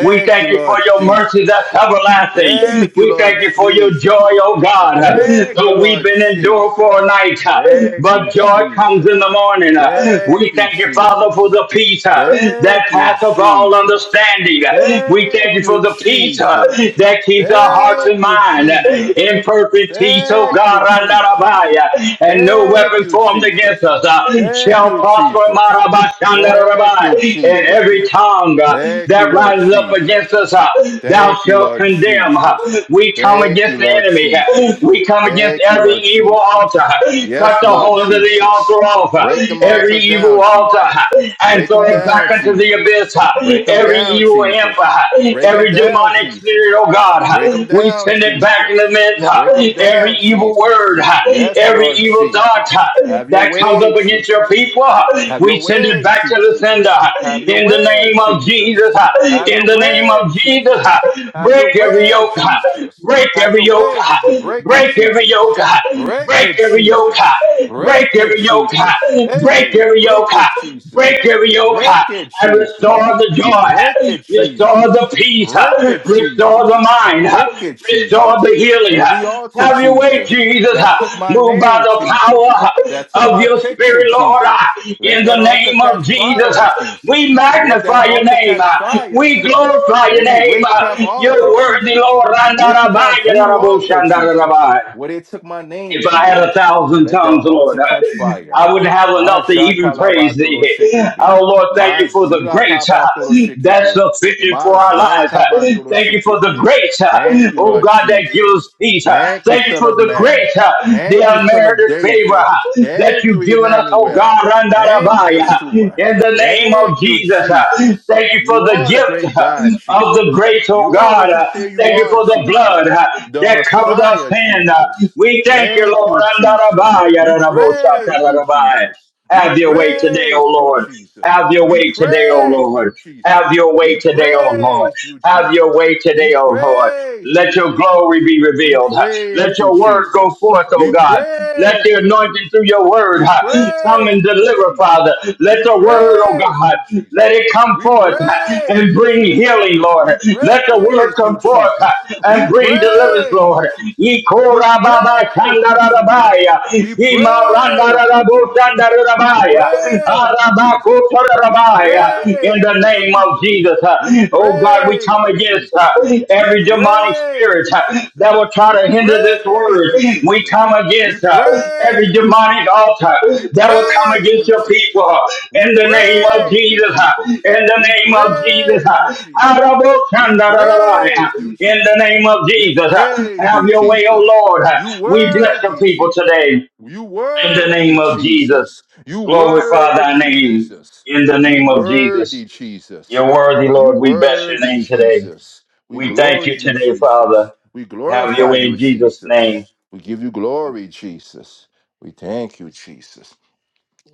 Speaker 2: We
Speaker 1: you,
Speaker 2: thank you for
Speaker 1: Lord
Speaker 2: your mercy
Speaker 1: Jesus.
Speaker 2: that's everlasting.
Speaker 1: Thank you,
Speaker 2: We
Speaker 1: Lord
Speaker 2: thank you for your joy,
Speaker 1: Jesus.
Speaker 2: oh God.
Speaker 1: Thank you,
Speaker 2: Though we've
Speaker 1: Lord
Speaker 2: been endured for
Speaker 1: Jesus.
Speaker 2: a night,
Speaker 1: Thank you,
Speaker 2: but joy comes in the
Speaker 1: Jesus.
Speaker 2: morning. We
Speaker 1: Thank you,
Speaker 2: thank you, Father, for
Speaker 1: Jesus.
Speaker 2: the peace that
Speaker 1: Thank you,
Speaker 2: passeth all all
Speaker 1: Jesus.
Speaker 2: understanding. We thank
Speaker 1: Thank
Speaker 2: you for
Speaker 1: you,
Speaker 2: the peace uh,
Speaker 1: Jesus.
Speaker 2: that keeps our hearts and
Speaker 1: Thank you,
Speaker 2: mind uh,
Speaker 1: Jesus.
Speaker 2: in perfect peace, oh
Speaker 1: Thank you,
Speaker 2: God,
Speaker 1: Jesus.
Speaker 2: Randarabaya. and no
Speaker 1: Thank
Speaker 2: weapon
Speaker 1: you,
Speaker 2: formed against
Speaker 1: Jesus.
Speaker 2: us uh, shall
Speaker 1: Thank you,
Speaker 2: prosper,
Speaker 1: Jesus. Thank you,
Speaker 2: Marabashandarabai. and
Speaker 1: Jesus.
Speaker 2: every tongue uh,
Speaker 1: Thank you,
Speaker 2: that
Speaker 1: Lord
Speaker 2: rises up against
Speaker 1: Jesus.
Speaker 2: us, uh, thou
Speaker 1: Thank you,
Speaker 2: shalt
Speaker 1: Lord
Speaker 2: condemn. uh.
Speaker 1: Jesus.
Speaker 2: We come
Speaker 1: Thank
Speaker 2: against
Speaker 1: you,
Speaker 2: the
Speaker 1: Lord
Speaker 2: enemy, uh,
Speaker 1: Jesus.
Speaker 2: we come against
Speaker 1: Thank you,
Speaker 2: every
Speaker 1: Lord
Speaker 2: evil altar,
Speaker 1: Jesus.
Speaker 2: uh. cut
Speaker 1: Yes,
Speaker 2: the
Speaker 1: Lord
Speaker 2: horns of the altar
Speaker 1: Jesus.
Speaker 2: off, uh,
Speaker 1: Break them
Speaker 2: every
Speaker 1: altars
Speaker 2: evil
Speaker 1: down,
Speaker 2: altar
Speaker 1: Jesus.
Speaker 2: altar and
Speaker 1: Break
Speaker 2: throw
Speaker 1: them
Speaker 2: it back
Speaker 1: down,
Speaker 2: into the
Speaker 1: Jesus.
Speaker 2: abyss.
Speaker 1: Break them
Speaker 2: Every
Speaker 1: down,
Speaker 2: evil
Speaker 1: Jesus.
Speaker 2: imp,
Speaker 1: Break them
Speaker 2: every
Speaker 1: down,
Speaker 2: demonic spirit,
Speaker 1: Jesus.
Speaker 2: oh
Speaker 1: Break them
Speaker 2: God, we
Speaker 1: down,
Speaker 2: send it back in the
Speaker 1: Jesus. Break them
Speaker 2: midst. Every
Speaker 1: down,
Speaker 2: evil word,
Speaker 1: Jesus. Yes,
Speaker 2: every
Speaker 1: Lord
Speaker 2: evil thought
Speaker 1: Jesus. Have your
Speaker 2: that comes
Speaker 1: way,
Speaker 2: up against your
Speaker 1: Jesus.
Speaker 2: people,
Speaker 1: Have
Speaker 2: we
Speaker 1: your
Speaker 2: send it
Speaker 1: way,
Speaker 2: back to the
Speaker 1: Jesus.
Speaker 2: sender.
Speaker 1: Have your
Speaker 2: In the
Speaker 1: way,
Speaker 2: name of Jesus,
Speaker 1: Jesus. Have
Speaker 2: in
Speaker 1: your
Speaker 2: the name
Speaker 1: way,
Speaker 2: of Jesus,
Speaker 1: Jesus. Have your
Speaker 2: break every
Speaker 1: way,
Speaker 2: yoke,
Speaker 1: Jesus.
Speaker 2: break
Speaker 1: Have
Speaker 2: every
Speaker 1: your
Speaker 2: yoke,
Speaker 1: way, Jesus. Break it,
Speaker 2: break every yoke,
Speaker 1: Jesus. Break it,
Speaker 2: break every yoke, break
Speaker 1: Jesus.
Speaker 2: every yoke,
Speaker 1: Break
Speaker 2: Break
Speaker 1: it,
Speaker 2: every yoke. ah.
Speaker 1: Jesus.
Speaker 2: Break
Speaker 1: Hey,
Speaker 2: every yoke.
Speaker 1: break it,
Speaker 2: ah.
Speaker 1: Jesus.
Speaker 2: Break every yoke.
Speaker 1: Break
Speaker 2: ah.
Speaker 1: it,
Speaker 2: And restore
Speaker 1: Jesus.
Speaker 2: the joy.
Speaker 1: Break
Speaker 2: ah.
Speaker 1: it,
Speaker 2: Restore the
Speaker 1: Jesus.
Speaker 2: peace. ah.
Speaker 1: Break it,
Speaker 2: Restore the
Speaker 1: Jesus.
Speaker 2: mind. ah.
Speaker 1: Break it,
Speaker 2: Restore the
Speaker 1: Jesus.
Speaker 2: healing.
Speaker 1: Every
Speaker 2: ah.
Speaker 1: altar,
Speaker 2: Have your way,
Speaker 1: Jesus,
Speaker 2: Jesus.
Speaker 1: that took
Speaker 2: ah.
Speaker 1: my
Speaker 2: Move by
Speaker 1: name,
Speaker 2: the power
Speaker 1: Jesus that
Speaker 2: ah,
Speaker 1: took
Speaker 2: of
Speaker 1: my
Speaker 2: your
Speaker 1: picture,
Speaker 2: spirit, Lord. ah.
Speaker 1: Jesus. Let
Speaker 2: In the
Speaker 1: that altar
Speaker 2: name of
Speaker 1: catch
Speaker 2: Jesus,
Speaker 1: fire,
Speaker 2: ah. we
Speaker 1: Jesus. Let that
Speaker 2: magnify your
Speaker 1: altar
Speaker 2: name.
Speaker 1: catch
Speaker 2: ah.
Speaker 1: fire,
Speaker 2: We
Speaker 1: Jesus.
Speaker 2: glorify your
Speaker 1: Every
Speaker 2: name.
Speaker 1: witchcraft
Speaker 2: ah.
Speaker 1: altar,
Speaker 2: You're worthy,
Speaker 1: Jesus.
Speaker 2: Lord.
Speaker 1: Witchcraft
Speaker 2: Randarabaya,
Speaker 1: voodoo altar, Jesus.
Speaker 2: Raraboshandarabai.
Speaker 1: Where they took my name,
Speaker 2: If I had a
Speaker 1: Jesus.
Speaker 2: thousand
Speaker 1: Let that
Speaker 2: tongues, Lord,
Speaker 1: altar
Speaker 2: I
Speaker 1: catch fire.
Speaker 2: I wouldn't have enough to
Speaker 1: Aja
Speaker 2: even praise thee.
Speaker 1: kalabatolo
Speaker 2: Oh,
Speaker 1: shekebe.
Speaker 2: Lord, thank
Speaker 1: Ma
Speaker 2: you for the
Speaker 1: zila
Speaker 2: grace uh,
Speaker 1: kabatolo
Speaker 2: that's
Speaker 1: shekebe.
Speaker 2: sufficient for
Speaker 1: Ma
Speaker 2: our
Speaker 1: zala
Speaker 2: lives. uh.
Speaker 1: kabatolo
Speaker 2: Thank you for the
Speaker 1: shekebe.
Speaker 2: grace,
Speaker 1: Thank
Speaker 2: uh,
Speaker 1: you,
Speaker 2: oh
Speaker 1: Lord
Speaker 2: God, that gives us
Speaker 1: Jesus.
Speaker 2: peace. uh.
Speaker 1: Thank you,
Speaker 2: Thank you
Speaker 1: Son
Speaker 2: for
Speaker 1: of
Speaker 2: the
Speaker 1: Man.
Speaker 2: grace, uh, the
Speaker 1: Thank you, Son of
Speaker 2: unmerited favor favor
Speaker 1: David.
Speaker 2: uh, that
Speaker 1: Thank you,
Speaker 2: you've given us, oh
Speaker 1: Emmanuel.
Speaker 2: God,
Speaker 1: Thank you,
Speaker 2: Randarabaya,
Speaker 1: Yeshua.
Speaker 2: in the name of
Speaker 1: Thank you,
Speaker 2: Jesus. uh,
Speaker 1: Jesus.
Speaker 2: Thank you for
Speaker 1: You
Speaker 2: the
Speaker 1: are the great
Speaker 2: gift uh,
Speaker 1: God,
Speaker 2: of the
Speaker 1: Jesus.
Speaker 2: grace, oh
Speaker 1: You are
Speaker 2: God.
Speaker 1: what you
Speaker 2: uh,
Speaker 1: say you
Speaker 2: Thank you
Speaker 1: are,
Speaker 2: for the blood
Speaker 1: Jesus.
Speaker 2: uh,
Speaker 1: The
Speaker 2: that covers our
Speaker 1: Messiah,
Speaker 2: sin. uh,
Speaker 1: Jesus.
Speaker 2: We thank you,
Speaker 1: Thank
Speaker 2: Lord.
Speaker 1: you, Jesus.
Speaker 2: Randarabaya,
Speaker 1: We praise you,
Speaker 2: Rarabosakarabaya.
Speaker 1: Jesus. We
Speaker 2: Have your way today, O
Speaker 1: praise you,
Speaker 2: Lord.
Speaker 1: Jesus.
Speaker 2: Have your
Speaker 1: We
Speaker 2: way today, O
Speaker 1: praise
Speaker 2: Lord.
Speaker 1: you, Jesus.
Speaker 2: Have your
Speaker 1: We
Speaker 2: way today, O Lord.
Speaker 1: praise you,
Speaker 2: Have your
Speaker 1: Jesus.
Speaker 2: way
Speaker 1: We
Speaker 2: today, O Lord.
Speaker 1: praise you,
Speaker 2: Let your glory
Speaker 1: Jesus.
Speaker 2: be
Speaker 1: We
Speaker 2: revealed. Let
Speaker 1: praise you,
Speaker 2: your word go
Speaker 1: Jesus.
Speaker 2: forth, O
Speaker 1: We
Speaker 2: God. Let
Speaker 1: praise
Speaker 2: the
Speaker 1: you,
Speaker 2: anointing through
Speaker 1: Jesus.
Speaker 2: your word
Speaker 1: We
Speaker 2: ha, come and
Speaker 1: praise you,
Speaker 2: deliver, Father.
Speaker 1: Jesus.
Speaker 2: Let
Speaker 1: We
Speaker 2: the word, O
Speaker 1: praise
Speaker 2: God,
Speaker 1: you,
Speaker 2: let
Speaker 1: Jesus.
Speaker 2: it come
Speaker 1: We
Speaker 2: forth ha,
Speaker 1: praise
Speaker 2: and
Speaker 1: you,
Speaker 2: bring
Speaker 1: Jesus.
Speaker 2: healing, Lord.
Speaker 1: We praise
Speaker 2: Let the word
Speaker 1: you,
Speaker 2: come forth ha,
Speaker 1: Jesus.
Speaker 2: and
Speaker 1: We
Speaker 2: bring deliverance,
Speaker 1: praise you,
Speaker 2: Lord.
Speaker 1: Jesus. We
Speaker 2: Ikorababashandarabaya,
Speaker 1: praise you, Jesus. We
Speaker 2: in the
Speaker 1: praise you, Jesus. We praise you, Jesus. We praise you,
Speaker 2: name of
Speaker 1: Jesus.
Speaker 2: Jesus, uh,
Speaker 1: We
Speaker 2: oh God, we
Speaker 1: praise
Speaker 2: come
Speaker 1: you,
Speaker 2: against uh,
Speaker 1: Jesus. We
Speaker 2: every demonic
Speaker 1: praise
Speaker 2: spirit
Speaker 1: you,
Speaker 2: uh, that
Speaker 1: Jesus.
Speaker 2: will try
Speaker 1: We
Speaker 2: to hinder this
Speaker 1: praise
Speaker 2: word.
Speaker 1: you,
Speaker 2: We
Speaker 1: Jesus.
Speaker 2: come
Speaker 1: We
Speaker 2: against uh, every
Speaker 1: praise you,
Speaker 2: demonic
Speaker 1: Jesus.
Speaker 2: altar
Speaker 1: We
Speaker 2: that will come
Speaker 1: praise
Speaker 2: against
Speaker 1: you,
Speaker 2: your people uh,
Speaker 1: Jesus. We
Speaker 2: in the name of
Speaker 1: praise you,
Speaker 2: Jesus. uh, In
Speaker 1: Jesus.
Speaker 2: the
Speaker 1: We
Speaker 2: name of Jesus,
Speaker 1: praise
Speaker 2: uh,
Speaker 1: you, Jesus. We praise you,
Speaker 2: in the
Speaker 1: Jesus.
Speaker 2: name of
Speaker 1: We
Speaker 2: Jesus, uh,
Speaker 1: praise you,
Speaker 2: have your way, oh
Speaker 1: Jesus.
Speaker 2: Lord. Uh,
Speaker 1: You
Speaker 2: We bless the
Speaker 1: worthy,
Speaker 2: people
Speaker 1: Jesus.
Speaker 2: today.
Speaker 1: You
Speaker 2: In the
Speaker 1: worthy,
Speaker 2: name of Jesus,
Speaker 1: Jesus. You
Speaker 2: glorify thy
Speaker 1: worthy,
Speaker 2: name.
Speaker 1: Jesus.
Speaker 2: In the
Speaker 1: You
Speaker 2: name of
Speaker 1: worthy,
Speaker 2: Jesus,
Speaker 1: Jesus.
Speaker 2: you're worthy,
Speaker 1: You
Speaker 2: Lord. We bless your
Speaker 1: worthy,
Speaker 2: name today.
Speaker 1: Jesus. We
Speaker 2: We thank
Speaker 1: glory
Speaker 2: you
Speaker 1: you,
Speaker 2: today, Father.
Speaker 1: Jesus. We
Speaker 2: Have your
Speaker 1: glorify
Speaker 2: way
Speaker 1: you,
Speaker 2: in Jesus' name,
Speaker 1: Jesus. We give you glory, Jesus. We thank you, Jesus.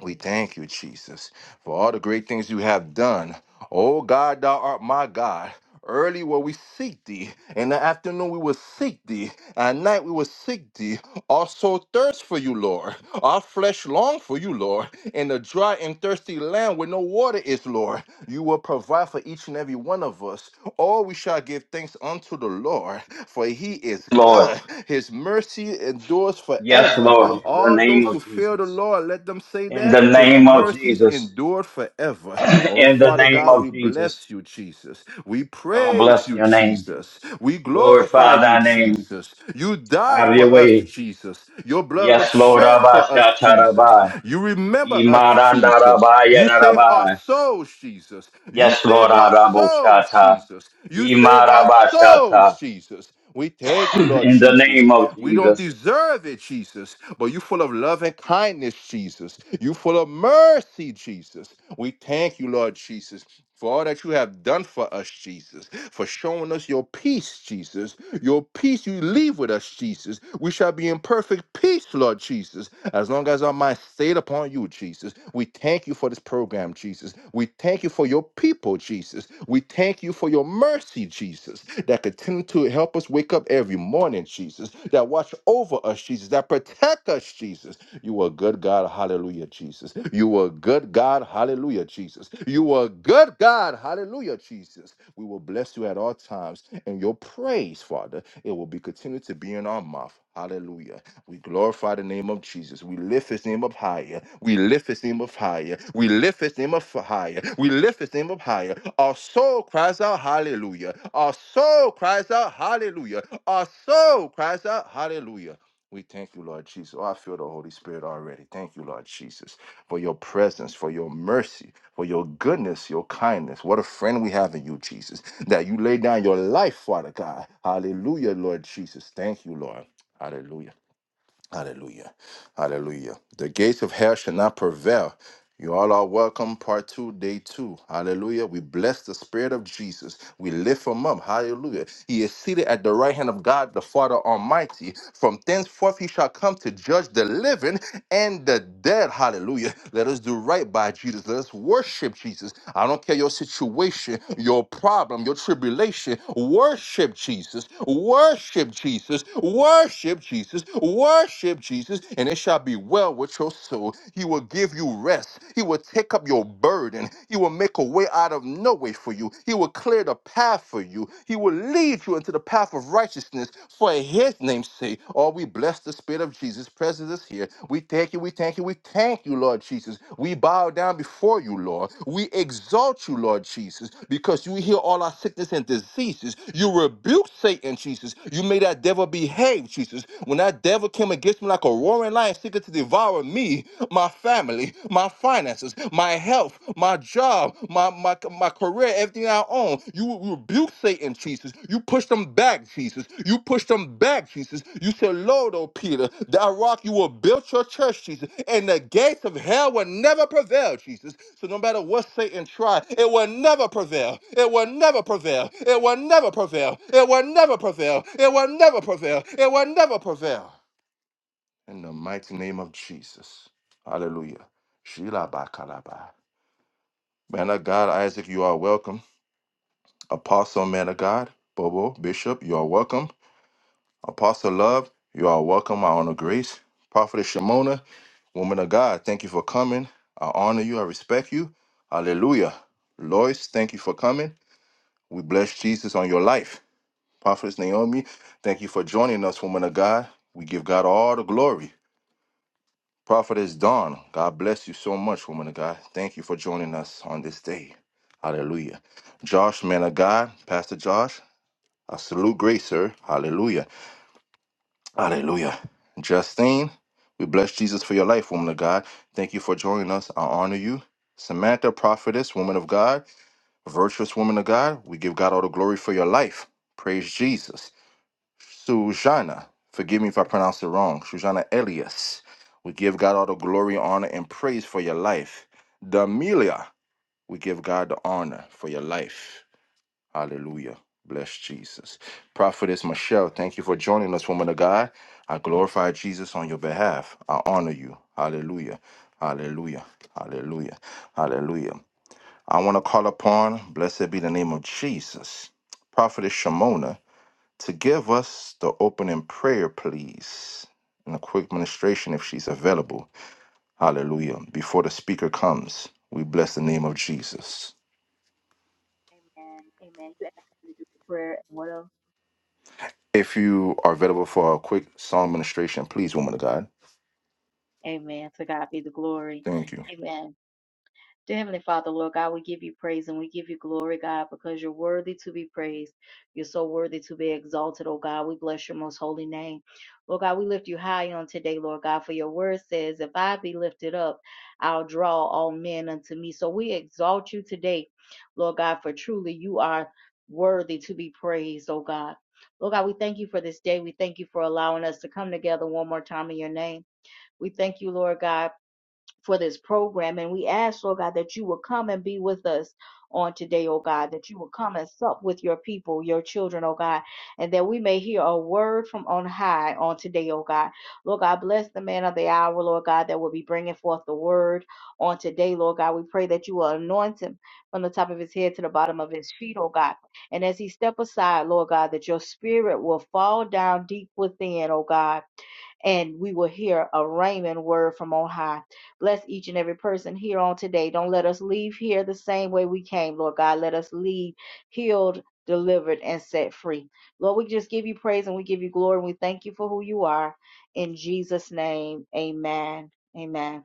Speaker 1: We thank you, Jesus, for all the great things you have done. O God, thou art my God. Early will we seek thee. In the afternoon we will seek thee. At night we will seek thee. Our soul thirsts for you, Lord. Our flesh long for you, Lord. In the dry and thirsty land where no water is, Lord. You will provide for each and every one of us. All we shall give thanks unto the Lord, for he is
Speaker 2: Lord.
Speaker 1: good. His mercy endures
Speaker 2: Yes,
Speaker 1: forever.
Speaker 2: Lord. In the
Speaker 1: All those
Speaker 2: name
Speaker 1: who
Speaker 2: of
Speaker 1: fear the
Speaker 2: Jesus.
Speaker 1: Lord, let heard them say
Speaker 2: In
Speaker 1: that.
Speaker 2: the
Speaker 1: His
Speaker 2: name of
Speaker 1: mercies
Speaker 2: Jesus.
Speaker 1: endure forever. Oh,
Speaker 2: In the
Speaker 1: Father
Speaker 2: name
Speaker 1: God,
Speaker 2: of
Speaker 1: we
Speaker 2: Jesus.
Speaker 1: bless you, Jesus. We
Speaker 2: Oh,
Speaker 1: praise
Speaker 2: bless
Speaker 1: you,
Speaker 2: your name.
Speaker 1: Jesus. We glorify
Speaker 2: Glorify
Speaker 1: you,
Speaker 2: thy name.
Speaker 1: Jesus. You died
Speaker 2: Have
Speaker 1: for
Speaker 2: your
Speaker 1: us,
Speaker 2: way.
Speaker 1: Jesus. Your blood was
Speaker 2: Yes, Lord.
Speaker 1: shed for
Speaker 2: Abba,
Speaker 1: us, Jesus.
Speaker 2: Shatarabai.
Speaker 1: You remember us, Jesus.
Speaker 2: Imarandarabai,
Speaker 1: You save our
Speaker 2: Yadarabai.
Speaker 1: souls, Jesus. You
Speaker 2: Yes, Lord
Speaker 1: save our souls,
Speaker 2: Araboshata.
Speaker 1: Jesus. You save our souls,
Speaker 2: Imarabashata.
Speaker 1: Jesus. We thank you, Lord
Speaker 2: In the
Speaker 1: Jesus.
Speaker 2: name of
Speaker 1: We don't
Speaker 2: Jesus.
Speaker 1: deserve it, Jesus, but you full of love and kindness, Jesus. You full of mercy, Jesus. We thank you, Lord Jesus for all that you have done for us, Jesus, for showing us your peace, Jesus, your peace you leave with us, Jesus. We shall be in perfect peace, Lord Jesus, as long as our mind stayed upon you, Jesus. We thank you for this program, Jesus. We thank you for your people, Jesus. We thank you for your mercy, Jesus, that continue to help us wake up every morning, Jesus, that watch over us us, Jesus, that protect us, Jesus. You are a good God, hallelujah, Jesus. You are a good God, hallelujah, Jesus. You are a good God, hallelujah, Jesus. We will bless you at all times, and your praise, Father, it will be continued to be in our mouth. Hallelujah. We glorify the name of Jesus. We lift his name up higher. We lift his name up higher. We lift his name up higher. We lift his name up higher. Our soul cries out, Hallelujah. Our soul cries out, Hallelujah. Our soul cries out, Hallelujah. We thank you, Lord Jesus. Oh, I feel the Holy Spirit already. Thank you, Lord Jesus, for your presence, for your mercy, for your goodness, your kindness. What a friend we have in you, Jesus, that you lay down your life, Father God. Hallelujah, Lord Jesus. Thank you, Lord. Hallelujah. Hallelujah. Hallelujah. The gates of hell shall not prevail. You all are welcome, part two, day two. Hallelujah. We bless the Spirit of Jesus. We lift him up. Hallelujah. He is seated at the right hand of God, the Father Almighty. From thenceforth, he shall come to judge the living and the dead. Hallelujah. Let us do right by Jesus. Let us worship Jesus. I don't care your situation, your problem, your tribulation. Worship Jesus. Worship Jesus. Worship Jesus. Worship worship Jesus, and it shall be well with your soul. He will give you rest. He will take up your burden. He will make a way out of no way for you. He will clear the path for you. He will lead you into the path of righteousness for his name's sake. Oh, we bless the Spirit of Jesus presence is here. We thank you, we thank you, we thank you, Lord Jesus. We bow down before you, Lord. We exalt you, Lord Jesus, because you heal all our sickness and diseases. You rebuke Satan, Jesus. You made that devil behave, Jesus. When that devil devil came against me like a roaring lion, seeking to devour me, my family, my finances, my health, my job, my my, my career, everything I own. You rebuke Satan, Jesus. You push them back, Jesus. You push them back, Jesus. You said, Lord, oh Peter, that rock you will build your church, Jesus, and the gates of hell will never prevail, Jesus. So no matter what Satan try, it will never prevail. It will never prevail. It will never prevail. It will never prevail. It will never prevail. It will never prevail. In the mighty name of Jesus. Hallelujah. Shila Man of God, Isaac, you are welcome. Apostle, man of God, Bobo, Bishop, you are welcome. Apostle Love, you are welcome. I honor grace. Prophetess Shimona, woman of God, thank you for coming. I honor you. I respect you. Hallelujah. Lois, thank you for coming. We bless Jesus on your life. Prophetess Naomi, thank you for joining us, woman of God. We give God all the glory. Prophetess Dawn, God bless you so much, woman of God. Thank you for joining us on this day. Hallelujah. Josh, man of God, Pastor Josh, I salute grace, sir. Hallelujah. Hallelujah. Justine, we bless Jesus for your life, woman of God. Thank you for joining us. I honor you. Samantha, prophetess, woman of God, virtuous woman of God, we give God all the glory for your life. Praise Jesus. Sujana, forgive me if I pronounce it wrong, Sujana Elias. We give God all the glory, honor, and praise for your life. Damelia, we give God the honor for your life. Hallelujah. Bless Jesus. Prophetess Michelle, thank you for joining us, woman of God. I glorify Jesus on your behalf. I honor you. Hallelujah. Hallelujah. Hallelujah. Hallelujah. I want to call upon, blessed be the name of Jesus, Prophetess Shimona to give us the opening prayer, please, and a quick ministration if she's available. Hallelujah. Before the speaker comes, we bless the name of Jesus.
Speaker 3: Amen. Amen. You asked me to do the prayer and what else?
Speaker 1: If you are available for a quick song ministration, please, woman of God.
Speaker 3: Amen. To God be the glory.
Speaker 1: Thank you.
Speaker 3: Amen. Dear Heavenly Father, Lord God, we give you praise and we give you glory, God, because you're worthy to be praised. You're so worthy to be exalted, oh God. We bless your most holy name. Lord God, we lift you high on today, Lord God, for your word says, If I be lifted up, I'll draw all men unto me. So we exalt you today, Lord God, for truly you are worthy to be praised, oh God. Lord God, we thank you for this day. We thank you for allowing us to come together one more time in your name. We thank you, Lord God for this program. And we ask, Lord God, that you will come and be with us on today, oh God, that you will come and sup with your people, your children, oh God, and that we may hear a word from on high on today, oh God. Lord God, bless the man of the hour, Lord God, that will be bringing forth the word on today, Lord God. We pray that you will anoint him from the top of his head to the bottom of his feet, oh God. And as he step aside, Lord God, that your spirit will fall down deep within, oh God and we will hear a Raymond word from on high. Bless each and every person here on today. Don't let us leave here the same way we came, Lord God. Let us leave healed, delivered, and set free. Lord, we just give you praise and we give you glory and we thank you for who you are. In Jesus' name, amen. Amen.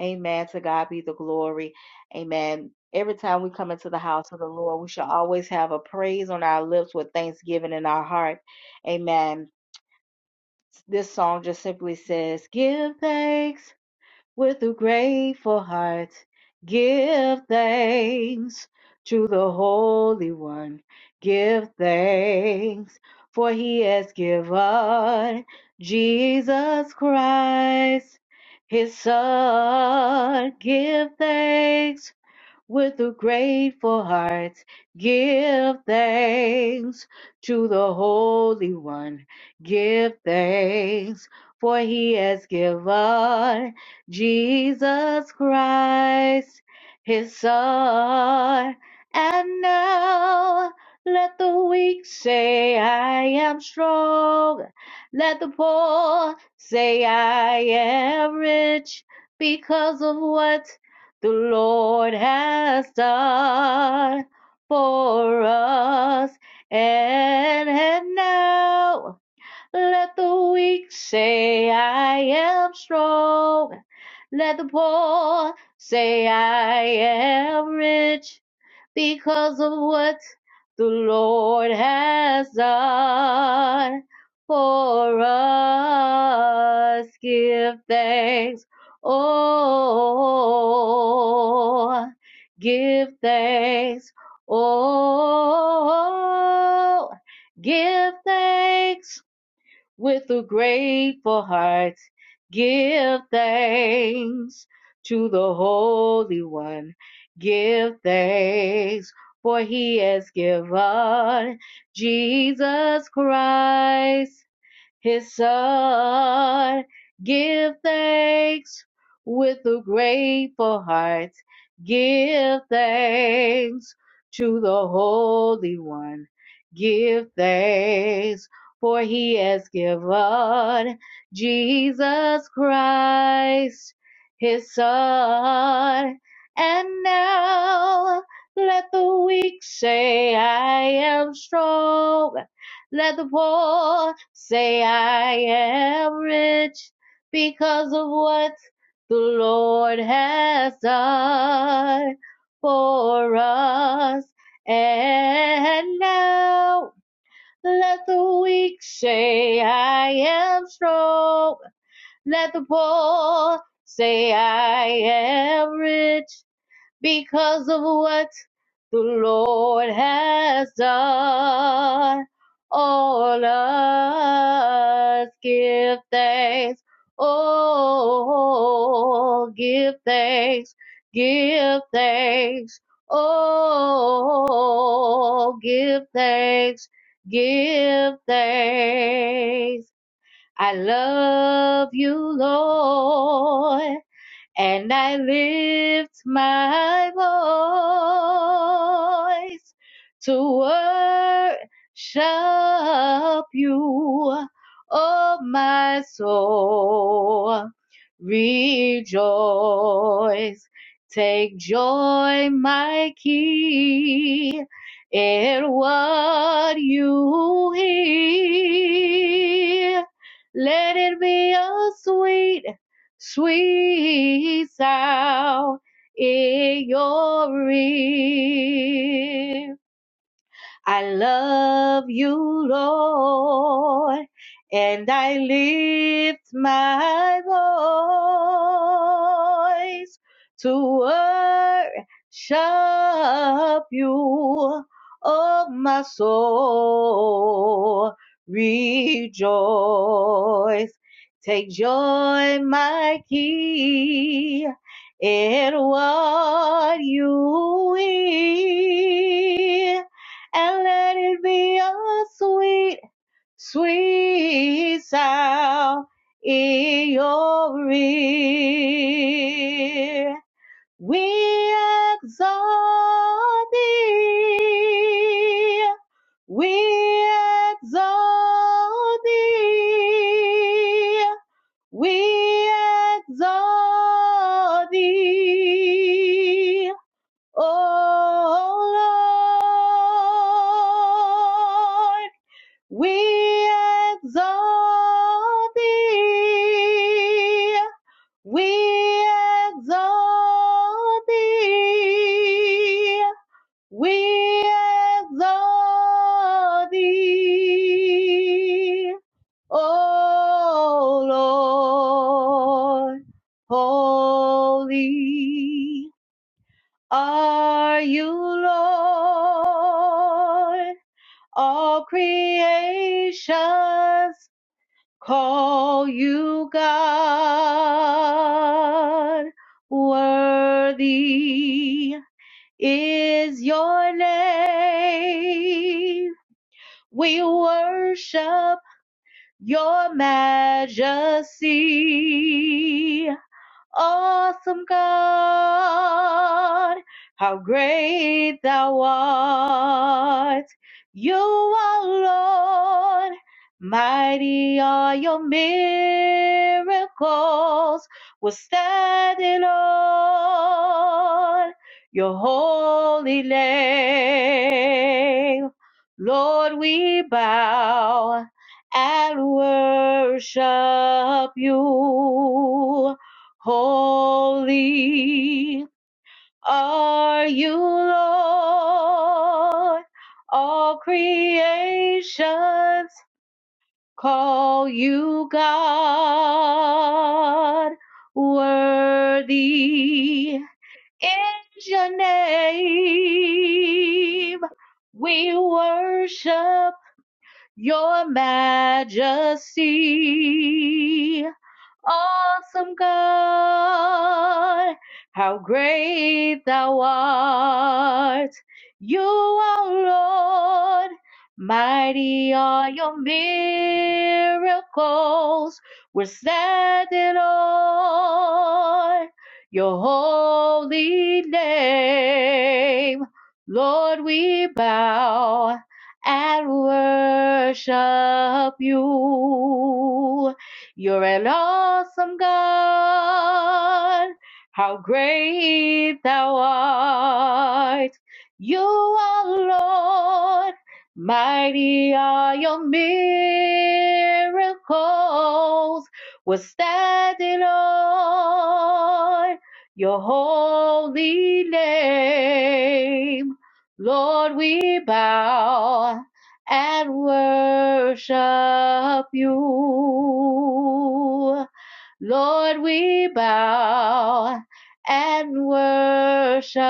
Speaker 3: Amen. To God be the glory. Amen. Every time we come into the house of the Lord, we shall always have a praise on our lips with thanksgiving in our heart. Amen. This song just simply says, Give thanks with a grateful heart. Give thanks to the Holy One. Give thanks, for he has given Jesus Christ, his Son. Give thanks with a grateful heart. Give thanks to the Holy One. Give thanks, for he has given Jesus Christ, his Son. And now let the weak say, I am strong. Let the poor say, I am rich because of what the Lord has done for us. And, and now let the weak say, I am strong. Let the poor say, I am rich because of what the Lord has done for us. Give thanks. Oh, give thanks. Oh, give thanks with a grateful heart. Give thanks to the Holy One. Give thanks, for he has given Jesus Christ his son. Give thanks with a grateful heart. Give thanks to the Holy One. Give thanks for he has given Jesus Christ, his son. And now let the weak say, I am strong. Let the poor Say I am rich because of what the Lord has done for us. And now let the weak say I am strong. Let the poor say I am rich because of what the Lord has done. All us give thanks. Oh, give thanks. Give thanks. Oh, give thanks. Give thanks. I love you, Lord and I lift my voice to worship you, oh my soul. Rejoice, take joy, my King, in what you hear. Let it be a sweet sweet sound in your ear. I love you, Lord, and I lift my voice to worship you, oh my soul. Rejoice, take joy, my King, in what you hear and let it be a sweet, sweet sound in your ear. We exalt thee. We exalt thee. We exalt thee. Oh Lord, we exalt thee. We exalt thee. We exalt thee. O Lord, holy are you Lord? All creations call you God. Worthy is your name. We worship your majesty awesome God, how great thou art. You are Lord, mighty are your miracles. We're standing on your holy name. Lord, we bow and worship you Holy are you, Lord. All creations call you God. Worthy is your name. We worship your majesty. Awesome God, how great thou art. You are Lord, mighty are your miracles. We're standing on your holy name. Lord, we bow and worship you. You're an awesome God. How great thou art. You are Lord. Mighty are your miracles. We're standing on your holy name. Lord, we bow and worship you. Lord, we bow and worship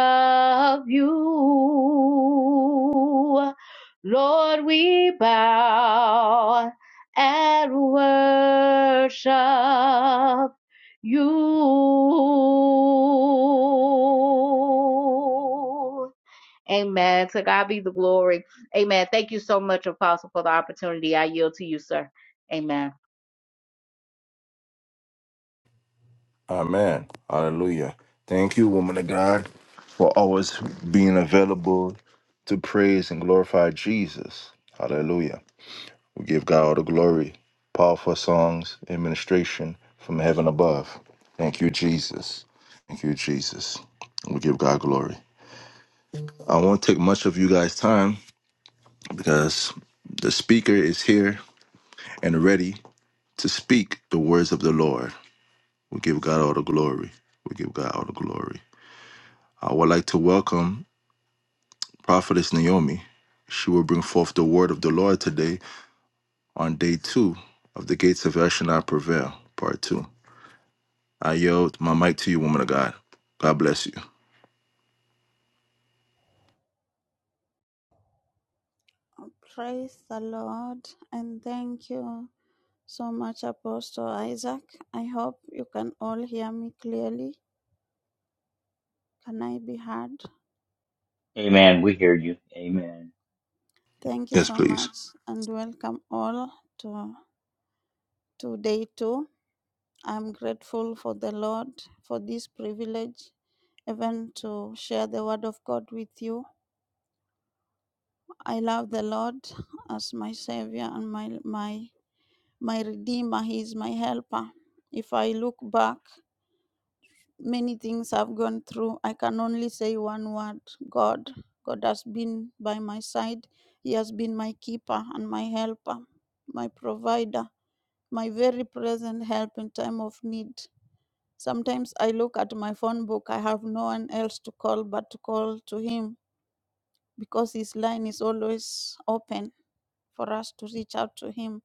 Speaker 3: you. Lord, we bow and worship you. Amen. To God be the glory. Amen. Thank you so much, Apostle, for the opportunity. I yield to you, sir. Amen.
Speaker 1: Amen. Hallelujah. Thank you, woman of God, for always being available to praise and glorify Jesus. Hallelujah. We give God all the glory. Powerful songs, administration from heaven above. Thank you, Jesus. Thank you, Jesus. We give God glory. I won't take much of you guys' time because the speaker is here and ready to speak the words of the Lord. We give God all the glory. We give God all the glory. I would like to welcome Prophetess Naomi. She will bring forth the word of the Lord today on day two of the Gates of El Shaddai Prevail, part two. I yield my mic to you, woman of God. God bless you.
Speaker 4: Praise the Lord and thank you so much, Apostle Isaac. I hope you can all hear me clearly. Can I be heard?
Speaker 2: Amen. We hear you.
Speaker 4: Amen.
Speaker 2: Amen.
Speaker 4: Thank you
Speaker 1: Yes,
Speaker 4: so
Speaker 1: please.
Speaker 4: much and welcome all to, to day two. I'm grateful for the Lord for this privilege, even to share the word of God with you. I love the Lord as my Savior and my, my, my Redeemer. He is my helper. If I look back many things I've gone through. I can only say one word God. God has been by my side. He has been my keeper and my helper, my provider, my very present help in time of need. Sometimes I look at my phone book. I have no one else to call but to call to Him because His line is always open for us to reach out to Him.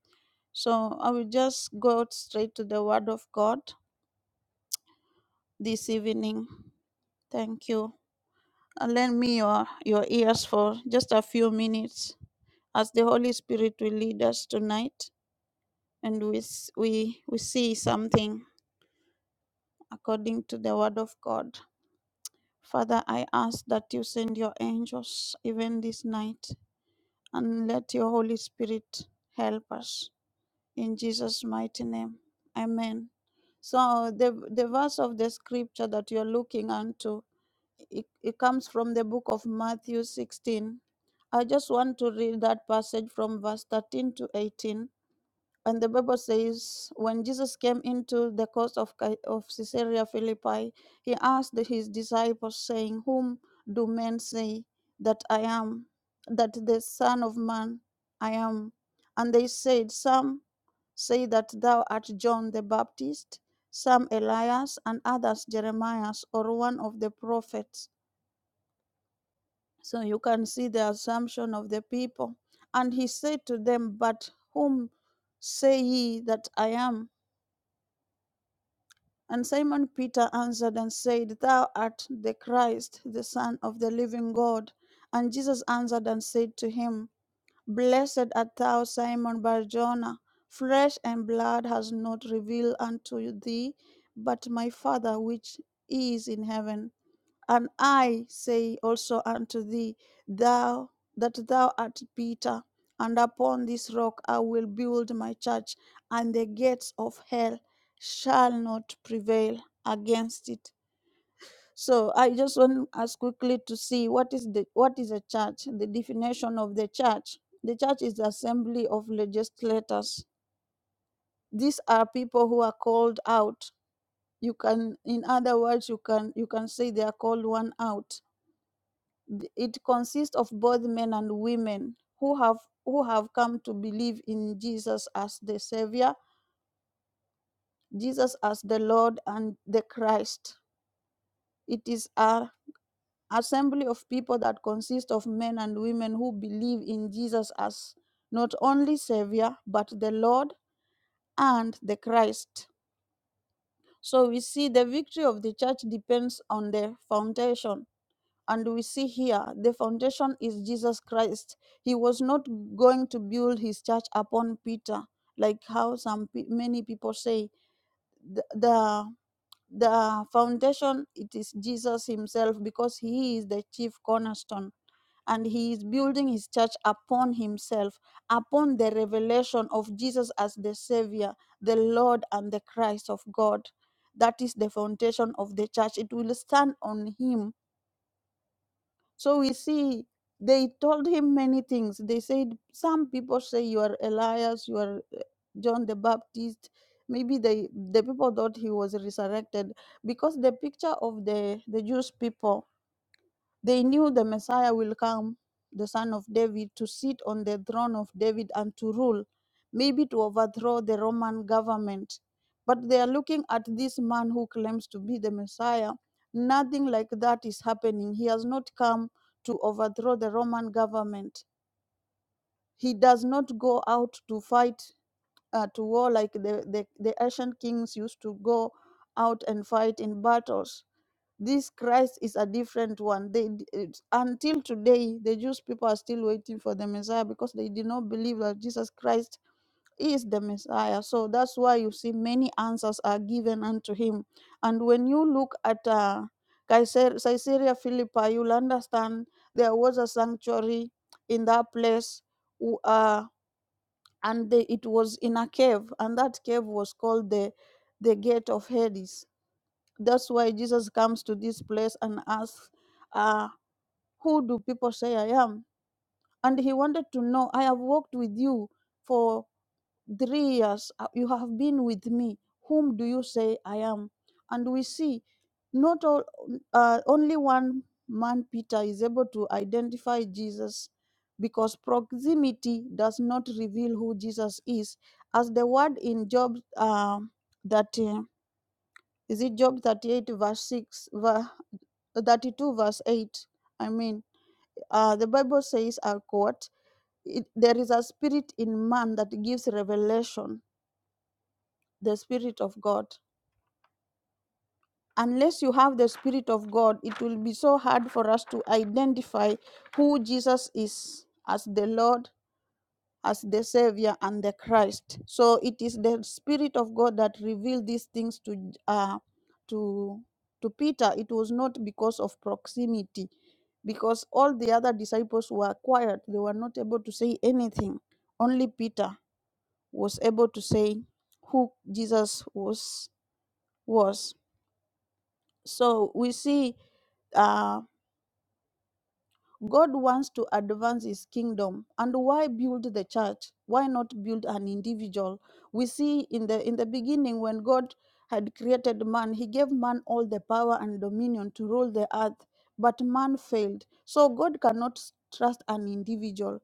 Speaker 4: So I will just go straight to the Word of God this evening. Thank you. and lend me your, your ears for just a few minutes as the Holy Spirit will lead us tonight and we, s- we, we see something according to the Word of God. Father, I ask that you send your angels even this night and let your Holy Spirit help us. In Jesus' mighty name, amen. So the, the verse of the scripture that you're looking unto, it, it comes from the book of Matthew 16 I just want to read that passage from verse 13 to 18. And the Bible says, When Jesus came into the coast of, Ca- of Caesarea Philippi, he asked the- his disciples, saying, Whom do men say that I am, that the Son of Man I am? And they said, Some say that thou art John the Baptist, some Elias, and others Jeremiah, or one of the prophets. So you can see the assumption of the people. And he said to them, But whom say ye that I am? And Simon Peter answered and said, Thou art the Christ, the Son of the living God. And Jesus answered and said to him, Blessed art thou, Simon Barjona, flesh and blood has not revealed unto thee, but my Father which is in heaven. And I say also unto thee, thou that thou art Peter, and upon this rock I will build my church, and the gates of hell shall not prevail against it. So I just want us quickly to see what is the what is a church, the definition of the church. The church is the assembly of legislators. These are people who are called out. You can, in other words, you can you can say they are called one out th- it consists of both men and women who have who have come to believe in Jesus as the savior, Jesus as the Lord and the Christ. It is a assembly of people that consist of men and women who believe in Jesus as not only savior but the Lord and the Christ. So we see the victory of the church depends on the foundation And we see here the foundation is Jesus Christ. He was not going to build his church upon Peter, like how some pe- many people say. The, the the foundation it is Jesus himself because he is the chief cornerstone and he is building his church upon himself upon the revelation of Jesus as the savior the lord and the Christ of God that is the foundation of the church it will stand on him so we see they told him many things. They said some people say you are Elias, you are uh, John the Baptist. Maybe they the people thought he was resurrected because the picture of the the Jewish people they knew the Messiah will come, the son of David, to sit on the throne of David and to rule, maybe to overthrow the Roman government. But they are looking at this man who claims to be the Messiah. Nothing like that is happening. He has not come to overthrow the Roman government. He does not go out to fight uh, to war like the, the, the Asian kings used to go out and fight in battles this Christ is a different one. They it's- until today, the Jewish people are still waiting for the Messiah because they did not believe that Jesus Christ is the Messiah. So that's why you see many answers are given unto him. And when you look at uh, Caesar- Caesarea Philippi, you'll understand there was a sanctuary in that place, w- uh, and they, it was in a cave, and that cave was called the the gate of Hades that's why Jesus comes to this place and asks, uh, Who do people say I am? And he wanted to know, I have walked with you for three years. Uh, You have been with me. Whom do you say I am? And we see not all, uh, only one man, Peter, is able to identify Jesus because proximity does not reveal who Jesus is. As the word in Job uh, that. uh, is it Job 38, verse 6, ver- uh, 32, verse 8? I mean, uh, the Bible says, I quote, it, there is a spirit in man that gives revelation, the spirit of God. Unless you have the spirit of God, it will be so hard for us to identify who Jesus is as the Lord as the Savior and the Christ. So it is the Spirit of God that revealed these things to J- uh, to to Peter. It was not because of proximity, because all the other disciples were quiet; they were not able to say anything. Only Peter was able to say who Jesus was was. So we see. uh, God wants to advance his kingdom. And why build the church? Why not build an individual? We see in the in the beginning when God had created man, he gave man all the power and dominion to rule the earth, but man failed. So God cannot s- trust an individual.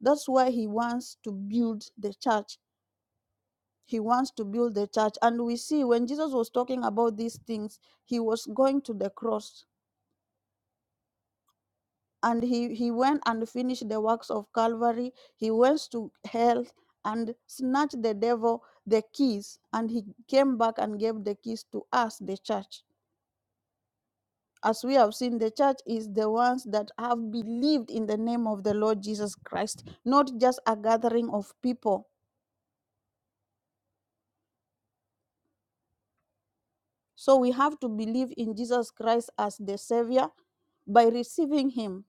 Speaker 4: That's why he wants to build the church. He wants to build the church. And we see when Jesus was talking about these things, he was going to the cross and he, he went and finished the works of Calvary. He went to hell and snatched the devil the keys, and he came back and gave the keys to us, the church. As we have seen, the church is the ones that have believed in the name of the Lord Jesus Christ, not just a gathering of people. So we have to believe in Jesus Christ as the Savior by receiving Him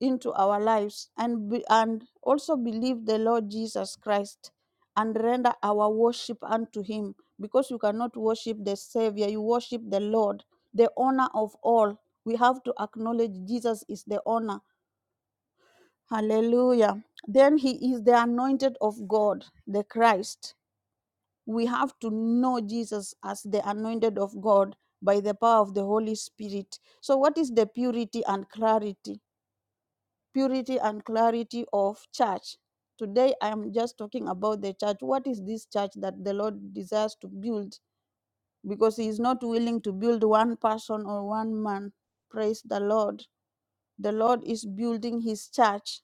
Speaker 4: into our lives and be, and also believe the Lord Jesus Christ and render our worship unto him because you cannot worship the savior you worship the Lord the owner of all we have to acknowledge Jesus is the owner hallelujah then he is the anointed of God the Christ we have to know Jesus as the anointed of God by the power of the Holy Spirit so what is the purity and clarity purity and clarity of church. Today, I am just talking about the church. What is this church that the Lord desires to build? Because He is not willing to build one person or one man. Praise the Lord. The Lord is building His church,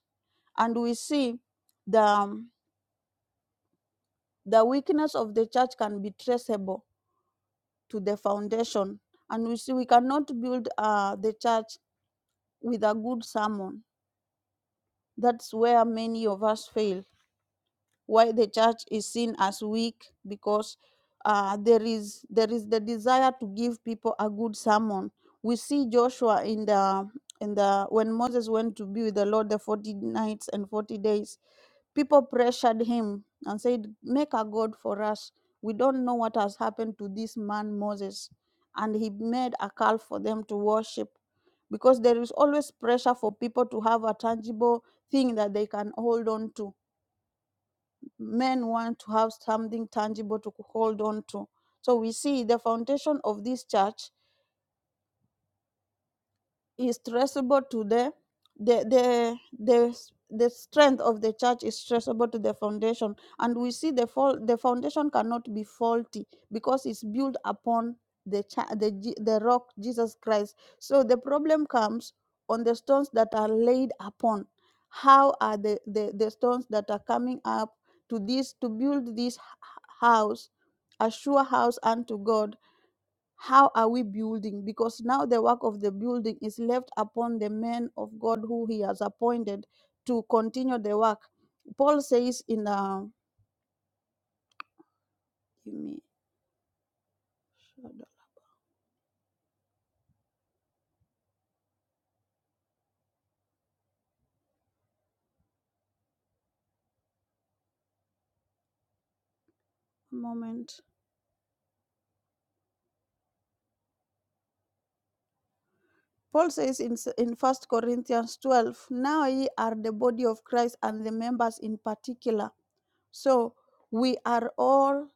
Speaker 4: and we see the um, the weakness of the church can be traceable to the foundation, and we see we cannot build uh, the church with a good sermon. That's where many of us fail why the church is seen as weak because uh, there is there is the desire to give people a good sermon. We see Joshua in the in the when Moses went to be with the Lord the 40 nights and 40 days, people pressured him and said, Make a God for us. We don't know what has happened to this man Moses. And he made a calf for them to worship because there is always pressure for people to have a tangible thing that they can hold on to men want to have something tangible to hold on to. So we see the foundation of this church is traceable to the the the the s- the strength of the church is traceable to the foundation and we see the fall the foundation cannot be faulty because it's built upon the cha- the Je- the rock Jesus Christ so the problem comes on the stones that are laid upon how are the the, the stones that are coming up to this to build this h- house a sure house unto God how are we building? Because now the work of the building is left upon the men of God who he has appointed to continue the work. Paul says in uh, give me a moment. Paul says in, s- in First Corinthians 12, Now ye are the body of Christ and the members in particular. So we are all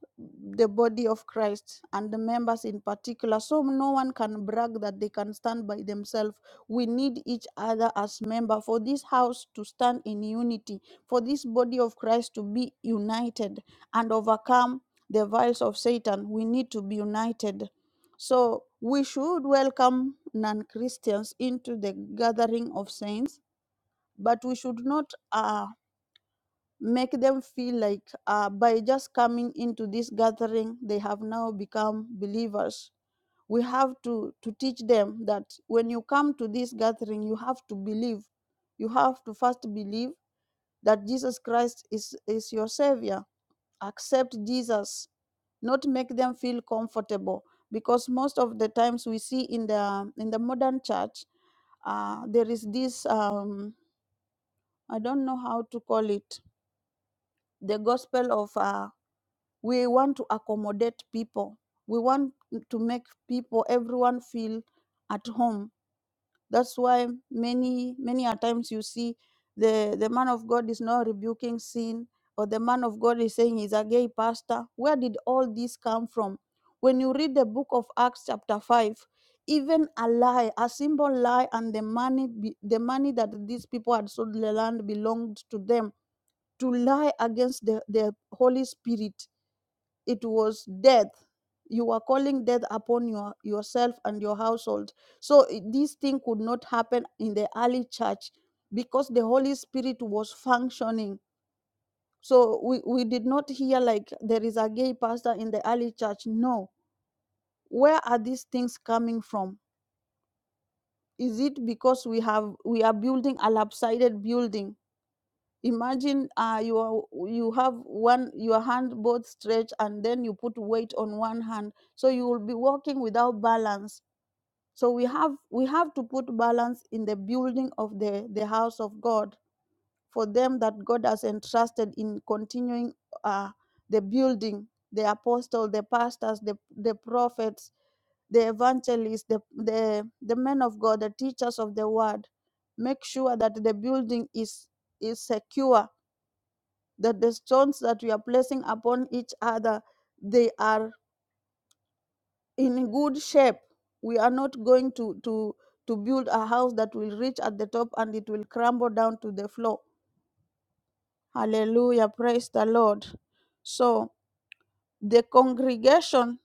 Speaker 4: the body of Christ and the members in particular. So no one can brag that they can stand by themselves. We need each other as member for this house to stand in unity, for this body of Christ to be united and overcome the vials of Satan. We need to be united. So we should welcome non-Christians into the gathering of saints, but we should not uh, make them feel like uh, by just coming into this gathering, they have now become believers. We have to, to teach them that when you come to this gathering, you have to believe. You have to first believe that Jesus Christ is, is your Savior. Accept Jesus, not make them feel comfortable. Because most of the times we see in the in the modern church, uh, there is this um, I don't know how to call it, the gospel of uh, we want to accommodate people we want to make people everyone feel at home that's why many many a times you see the the man of god is not rebuking sin or the man of god is saying he's a gay pastor where did all this come from when you read the book of acts chapter 5 even a lie a simple lie and the money be, the money that these people had sold the land belonged to them to lie against the, the holy spirit it was death you were calling death upon your yourself and your household so i- this thing could not happen in the early church because the holy spirit was functioning so we, we did not hear like there is a gay pastor in the early church no where are these things coming from is it because we have we are building a lopsided building imagine uh, you are, you have one your hand both stretched and then you put weight on one hand so you will be walking without balance so we have we have to put balance in the building of the the house of god for them that god has entrusted in continuing uh, the building the apostles the pastors the, the prophets the evangelists the, the the men of god the teachers of the word make sure that the building is is secure that the stones that we are placing upon each other they are in good shape we are not going to to to build a house that will reach at the top and it will crumble down to the floor hallelujah praise the lord so the congregation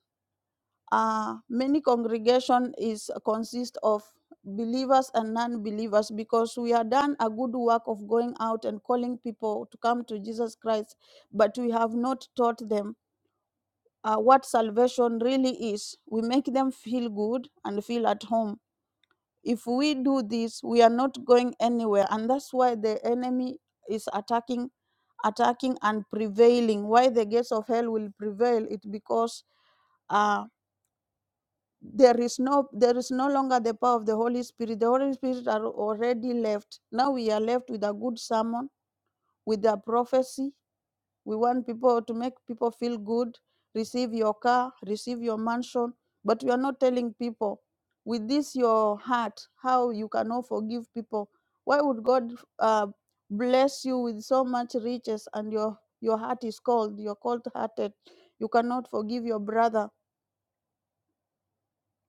Speaker 4: uh many congregation is consist of believers and non-believers because we have done a good work of going out and calling people to come to jesus christ but we have not taught them uh, what salvation really is. We make them feel good and feel at home. If we do this, we are not going anywhere, and that's why the enemy is attacking, attacking and prevailing. Why the gates of hell will prevail? It because uh, there is no there is no longer the power of the Holy Spirit. The Holy Spirit are already left. Now we are left with a good sermon, with a prophecy, We want people to make people feel good, receive your car, receive your mansion, but we are not telling people with this your heart how you cannot forgive people. Why would God uh, bless you with so much riches and your your heart is cold, you're cold-hearted, you cannot forgive your brother?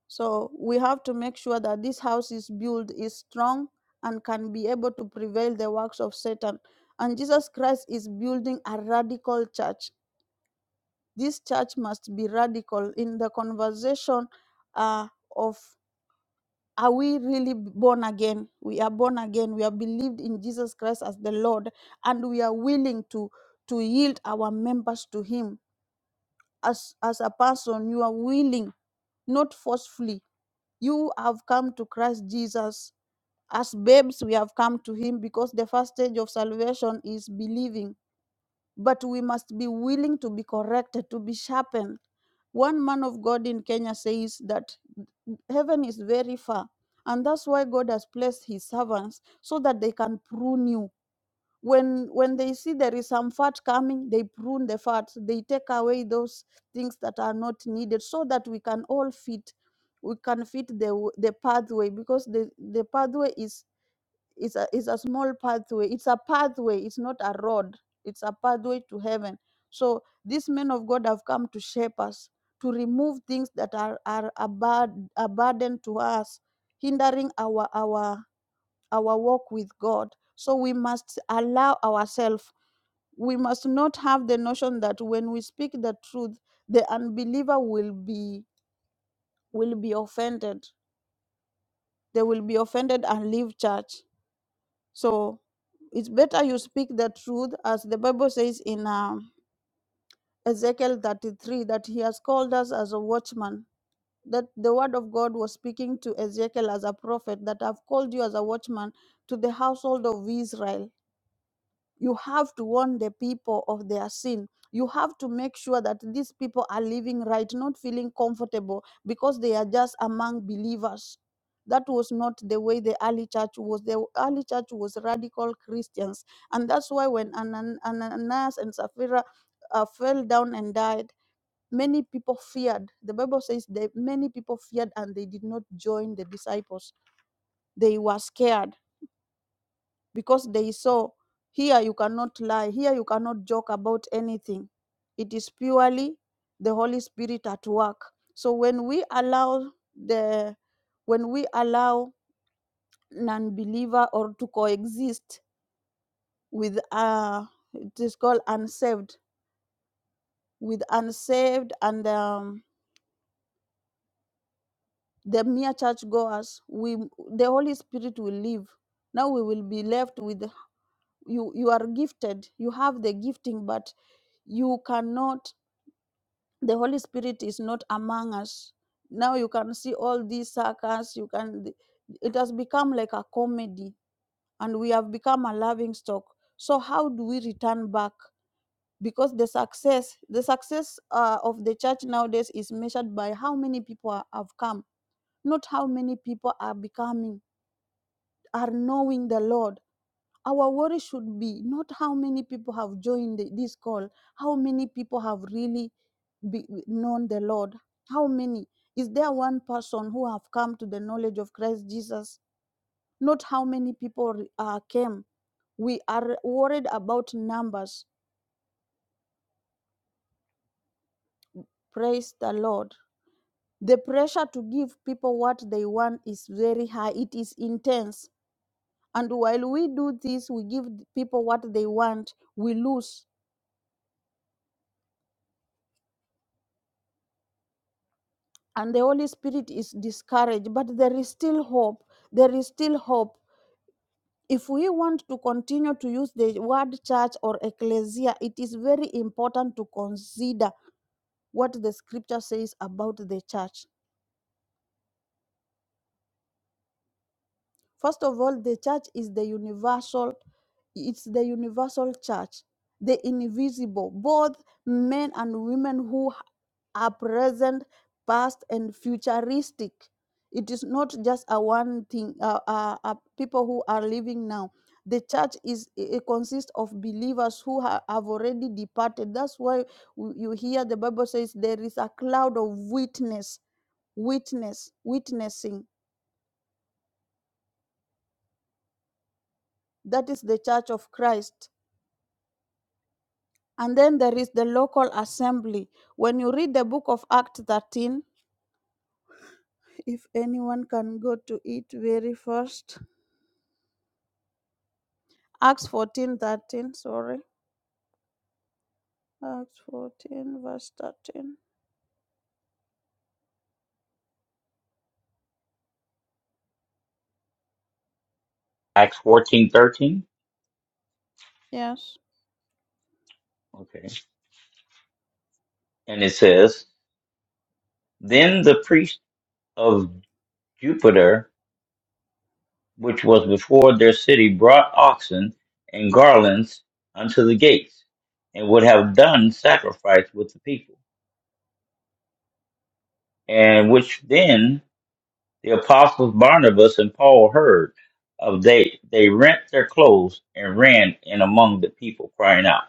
Speaker 4: So we have to make sure that this house is built is strong and can be able to prevail the works of Satan. And Jesus Christ is building a radical church This church must be radical in the conversation uh, of are we really born again? We are born again. We have believed in Jesus Christ as the Lord, and we are willing to to yield our members to Him. As as a person, you are willing, not forcefully. You have come to Christ Jesus as babes. We have come to Him because the first stage of salvation is believing but we must be willing to be corrected, to be sharpened. One man of God in Kenya says that heaven is very far, and that's why God has placed his servants so that they can prune you. When when they see there is some fat coming, they prune the fat, they take away those things that are not needed so that we can all fit. We can fit the w- the pathway because the, the pathway is it's a, it's a small pathway. It's a pathway. It's not a road. It's a pathway to heaven. So these men of God have come to shape us, to remove things that are, are a, bad, a burden to us, hindering our, our, our walk with God. So we must allow ourselves. We must not have the notion that when we speak the truth, the unbeliever will be will be offended. They will be offended and leave church. So It's better you speak the truth, as the Bible says in um Ezekiel 33 that he has called us as a watchman. That the word of God was speaking to Ezekiel as a prophet, that I've called you as a watchman to the household of Israel you have to warn the people of their sin. You have to make sure that these people are living right, not feeling comfortable because they are just among believers. That was not the way the early church was. The early church was radical Christians. And that's why when Anan- Ananias and Sapphira uh, fell down and died, many people feared. The Bible says that many people feared and they did not join the disciples. They were scared because they saw here you cannot lie, here you cannot joke about anything. It is purely the Holy Spirit at work. So when we allow the when we allow non-believer or to coexist with uh it is called unsaved with unsaved and um, the mere churchgoers we the holy spirit will leave now we will be left with you you are gifted you have the gifting but you cannot the holy spirit is not among us now you can see all these circus you can it has become like a comedy and we have become a laughing stock so how do we return back because the success the success uh, of the church nowadays is measured by how many people are, have come not how many people are becoming are knowing the lord our worry should be not how many people have joined the- this call, how many people have really be, known the Lord. How many? Is there one person who have come to the knowledge of Christ Jesus? Not how many people re- uh, came. We are worried about numbers. Praise the Lord. The pressure to give people what they want is very high. It is intense. And while we do this, we give people what they want, we lose and the Holy Spirit is discouraged, but there is still hope. There is still hope. If we want to continue to use the word church or ecclesia, it is very important to consider what the scripture says about the church First of all, the church is the universal, it's the universal church, the invisible, both men and women who are present, past, and futuristic. It is not just a one thing, uh, uh, uh, people who are living now. The church is it consists of believers who ha- have already departed. That's why w- you hear the Bible says there is a cloud of witness, witness, witnessing. That is the church of Christ And then there is the local assembly. When you read the book of Acts 13, if anyone can go to it very first, Acts 14 13. sorry, Acts 14, verse 13.
Speaker 2: Acts fourteen thirteen.
Speaker 4: Yes,
Speaker 2: Okay. And it says, Then the priest of Jupiter, which was before their city, brought oxen and garlands unto the gates, and would have done sacrifice with the people, and which then The apostles Barnabas and Paul heard of they they rent their clothes and ran in among the people crying out.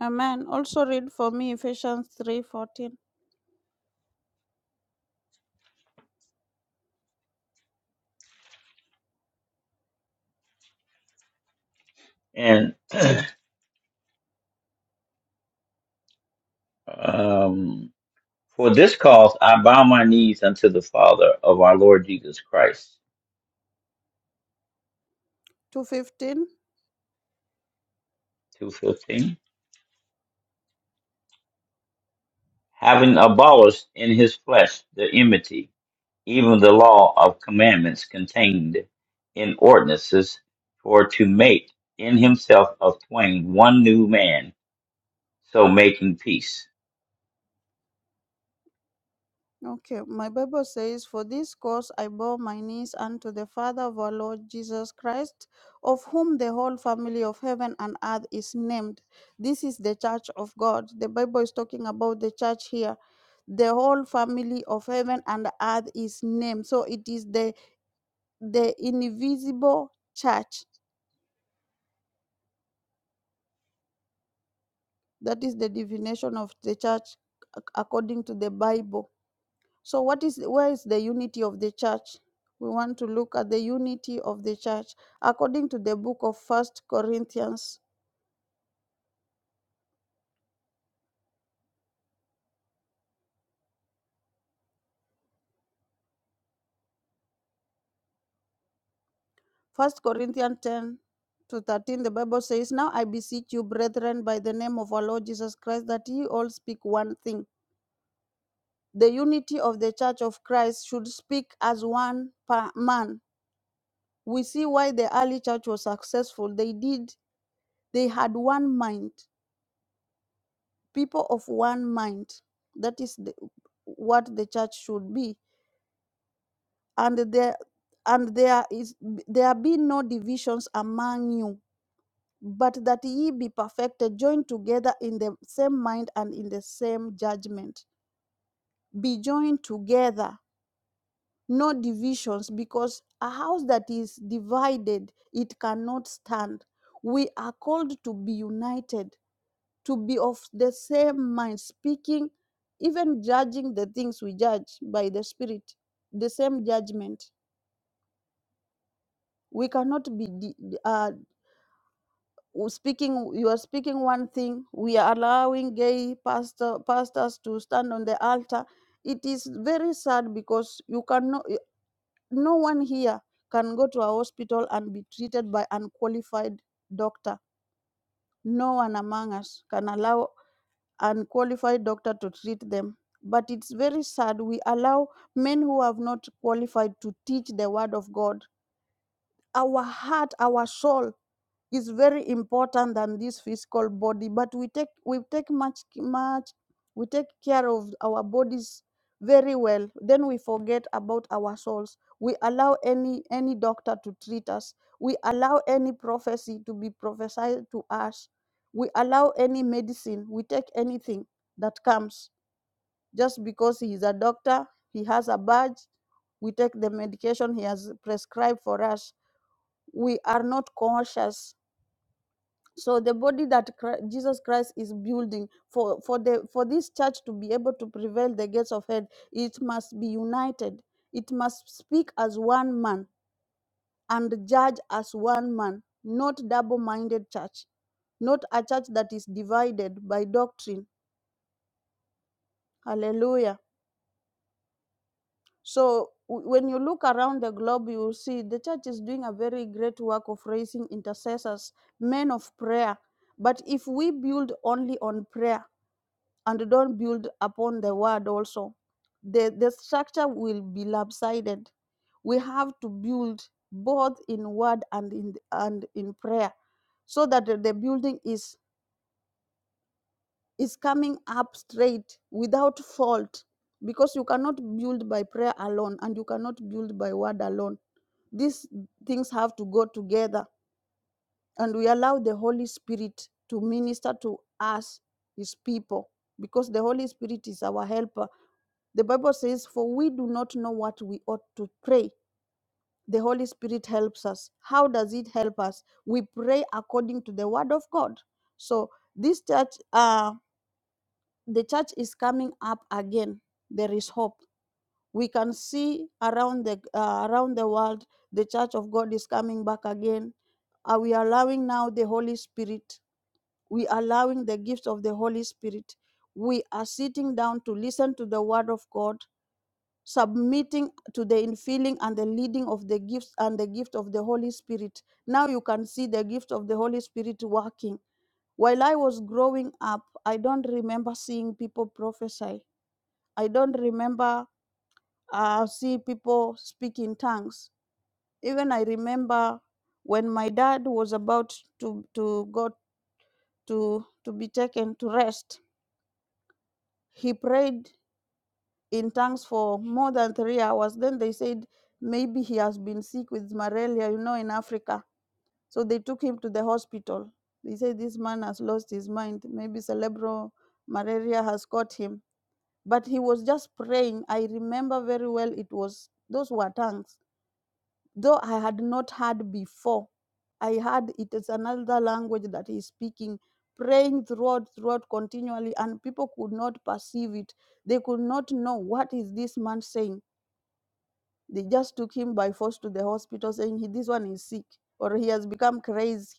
Speaker 4: amen. Also read for me Ephesians 3 14
Speaker 2: And um, for this cause I bow my knees unto the Father of our Lord Jesus Christ.
Speaker 4: to 15.
Speaker 2: Two fifteen. Having abolished in his flesh the enmity, even the law of commandments contained in ordinances, for to make in himself of twain one new man, so making peace
Speaker 4: Okay, my Bible says, For this cause I bow my knees unto the Father of our Lord Jesus Christ, of whom the whole family of heaven and earth is named. This is the church of God. The Bible is talking about the church here. The whole family of heaven and earth is named. So it is the, the invisible church. That is the divination of the church ac- according to the Bible. So what is where is the unity of the church? We want to look at the unity of the church according to the book of First Corinthians, First Corinthians 10 to 13. The Bible says, "Now I beseech you, brethren, by the name of our Lord Jesus Christ, that ye all speak one thing. The unity of the church of Christ should speak as one pa- man. We see why the early church was successful. They did. They had one mind. people of one mind. That is the, what the church should be. And there and there is there be no divisions among you, but that ye be perfected, joined together in the same mind and in the same judgment. Be joined together, no divisions, because a house that is divided, it cannot stand. We are called to be united to be of the same mind, speaking, even judging the things we judge by the Spirit, the same judgment. We cannot be di- uh, speaking. You are speaking one thing. We are allowing gay pastor pastors to stand on the altar. It is very sad because you cannot. No one here can go to a hospital and be treated by unqualified doctor. No one among us can allow unqualified doctor to treat them. But it's very sad we allow men who have not qualified to teach the word of God. Our heart, our soul is very important than this physical body but we take we take much much we take care of our bodies very well then we forget about our souls we allow any any doctor to treat us we allow any prophecy to be prophesied to us we allow any medicine we take anything that comes just because he is a doctor he has a badge we take the medication he has prescribed for us we are not conscious so the body that Chri- jesus christ is building for for the for this church to be able to prevail the gates of hell it must be united it must speak as one man and judge as one man not double-minded church not a church that is divided by doctrine hallelujah so w- when you look around the globe you will see the church is doing a very great work of raising intercessors men of prayer but if we build only on prayer and don't build upon the word also, the, the structure will be lopsided. We have to build both in word and in and in prayer so that the building is is coming up straight without fault because you cannot build by prayer alone and you cannot build by word alone these things have to go together and we allow the holy spirit to minister to us his people because the holy spirit is our helper The Bible says, For we do not know what we ought to pray. The Holy Spirit helps us. How does it help us? We pray according to the word of God. So this church, uh, the church is coming up again. There is hope. We can see around the uh, around the world, the church of God is coming back again. Are we allowing now the Holy Spirit? We are allowing the gifts of the Holy Spirit. We are sitting down to listen to the word of God submitting to the infilling and the leading of the gifts and the gift of the Holy Spirit. Now you can see the gift of the Holy Spirit working. While I was growing up, I don't remember seeing people prophesy. I don't remember uh, see people speak in tongues. Even I remember when my dad was about to, to go to, to be taken to rest, he prayed in tanks for more than three hours. Then they said maybe he has been sick with malaria, you know, in Africa. So they took him to the hospital. They said this man has lost his mind. Maybe cerebral malaria has caught him. But he was just praying. I remember very well it was those were tongues. Though I had not heard before. I heard it is another language that he's speaking, praying throughout, throughout continually, and people could not perceive it. They could not know what is this man saying they just took him by force to the hospital saying, "He- This one is sick or he has become crazy.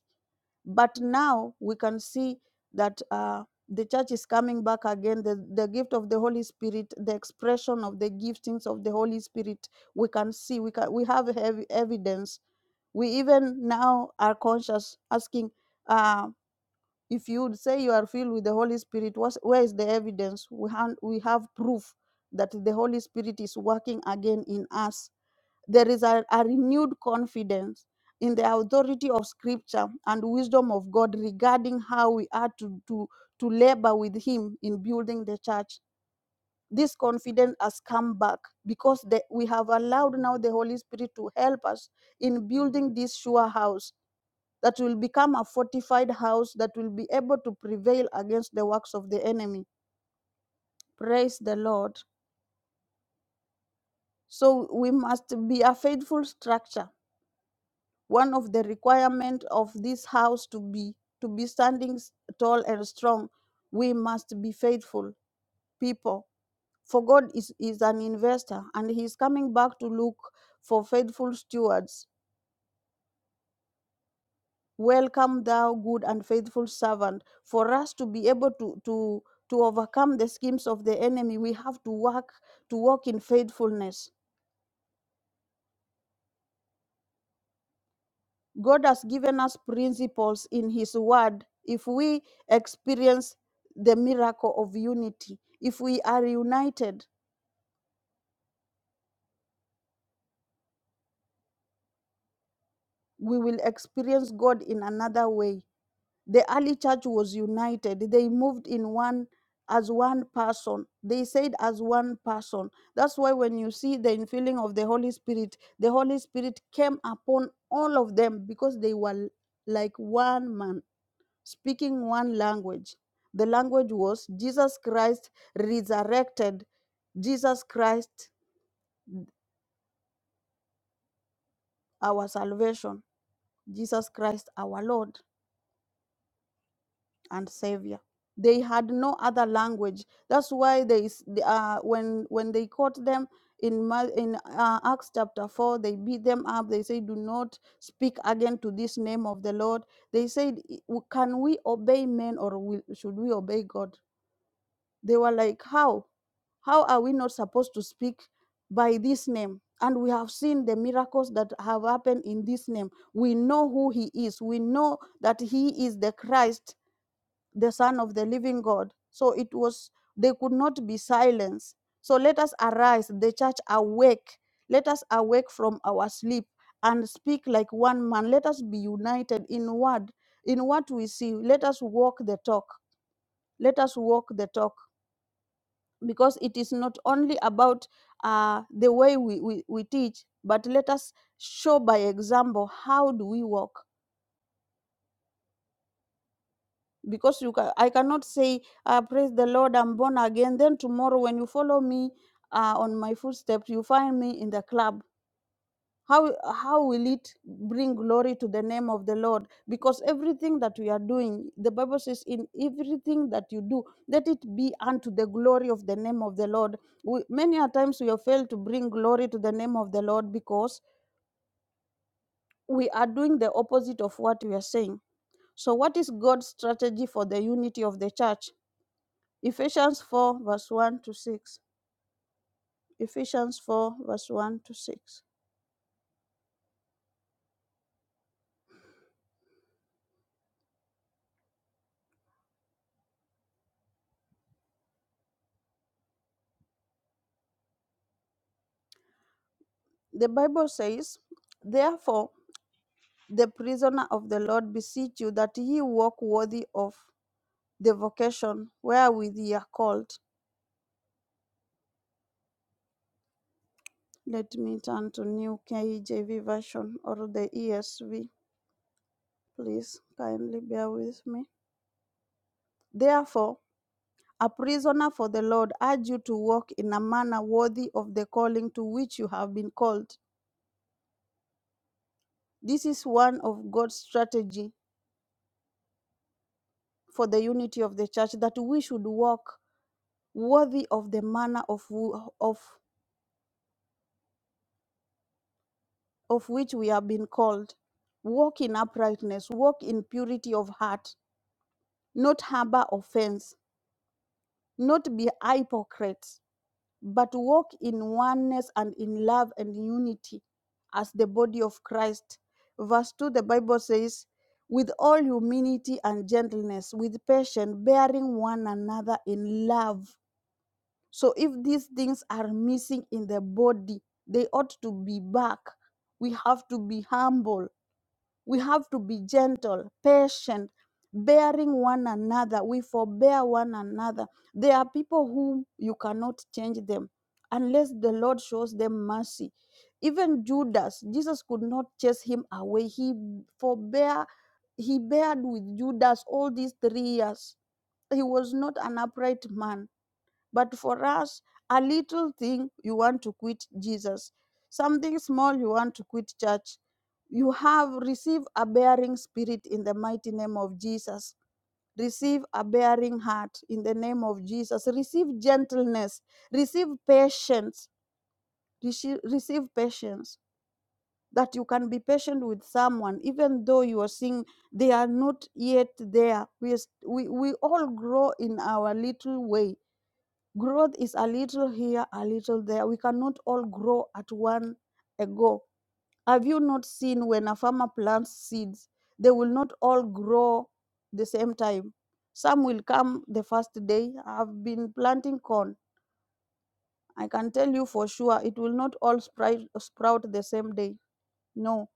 Speaker 4: But now we can see that uh, the church is coming back again. The, the gift of the Holy Spirit, the expression of the giftings of the Holy Spirit, we can see, we, can, we have heavy evidence. We even now are conscious asking, uh, if you would say you are filled with the Holy Spirit, what's, where is the evidence? We, han- we have proof that the Holy Spirit is working again in us there is a, a renewed confidence in the authority of scripture and wisdom of God regarding how we are to, to, to labor with Him in building the church. This confidence has come back because the, we have allowed now the Holy Spirit to help us in building this sure house that will become a fortified house that will be able to prevail against the works of the enemy. Praise the Lord. So we must be a faithful structure one of the requirements of this house to be to be standing s- tall and strong we must be faithful people for god is, is an investor and He is coming back to look for faithful stewards welcome thou good and faithful servant for us to be able to to to overcome the schemes of the enemy we have to work to walk in faithfulness God has given us principles in His Word. If we experience the miracle of unity, if we are united, we will experience God in another way. The early church was united, they moved in one as one person. They said as one person. That's why when you see the infilling of the Holy Spirit, the Holy Spirit came upon all of them because they were like one man speaking one language. The language was Jesus Christ resurrected, Jesus Christ our salvation, Jesus Christ our Lord and Savior. They had no other language. That's why they s- uh, when when they caught them in Ma- in uh, Acts chapter four, they beat them up. They say, "Do not speak again to this name of the Lord." They said, "I- w- "Can we obey men or will, should we obey God?" They were like, "How?" How are we not supposed to speak by this name? And we have seen the miracles that have happened in this name. We know who he is. We know that he is the Christ, the Son of the living God. So it was, they could not be silenced. So let us arise, the church awake. Let us awake from our sleep and speak like one man. Let us be united in word, in what we see. Let us walk the talk. Let us walk the talk because it is not only about uh, the way we, we, we teach, but let us show by example how do we walk. Because you ca- I cannot say, uh, praise the Lord, I'm born again. Then tomorrow when you follow me uh, on my footsteps, you find me in the club how how will it bring glory to the name of the lord because everything that we are doing the bible says in everything that you do let it be unto the glory of the name of the lord we, many a times we have failed to bring glory to the name of the lord because we are doing the opposite of what we are saying so what is god's strategy for the unity of the church ephesians 4 verse 1 to 6 ephesians 4 verse 1 to 6 the bible says therefore. the prisoner of the Lord, beseech you that ye walk worthy of the vocation wherewith ye are called. Let me turn to New KJV version or the ESV. Please kindly bear with me. Therefore, a prisoner for the Lord, urge you to walk in a manner worthy of the calling to which you have been called. This is one of God's strategy for the unity of the church that we should walk worthy of the manner of, of of which we have been called. Walk in uprightness, walk in purity of heart, not harbor offense, not be hypocrites, but walk in oneness and in love and unity as the body of Christ. Verse 2, the Bible says, with all humility and gentleness, with patience, bearing one another in love. So if these things are missing in the body, they ought to be back. We have to be humble We have to be gentle, patient, bearing one another. We forbear one another. There are people whom you cannot change them unless the Lord shows them mercy. Even Judas, Jesus could not chase him away. He forbear, he bared with Judas all these three years. He was not an upright man but for us, a little thing you want to quit Jesus, something small you want to quit church. You have received a bearing spirit in the mighty name of Jesus. Receive a bearing heart in the name of Jesus. Receive gentleness. Receive patience. Receive, receive patience that you can be patient with someone, even though you are seeing they are not yet there. We, are st- we, we all grow in our little way growth is a little here, a little there. We cannot all grow at one a go. Have you not seen when a farmer plants seeds, they will not all grow the same time? Some will come the first day. I've been planting corn. I can tell you for sure it will not all spri- sprout the same day. No,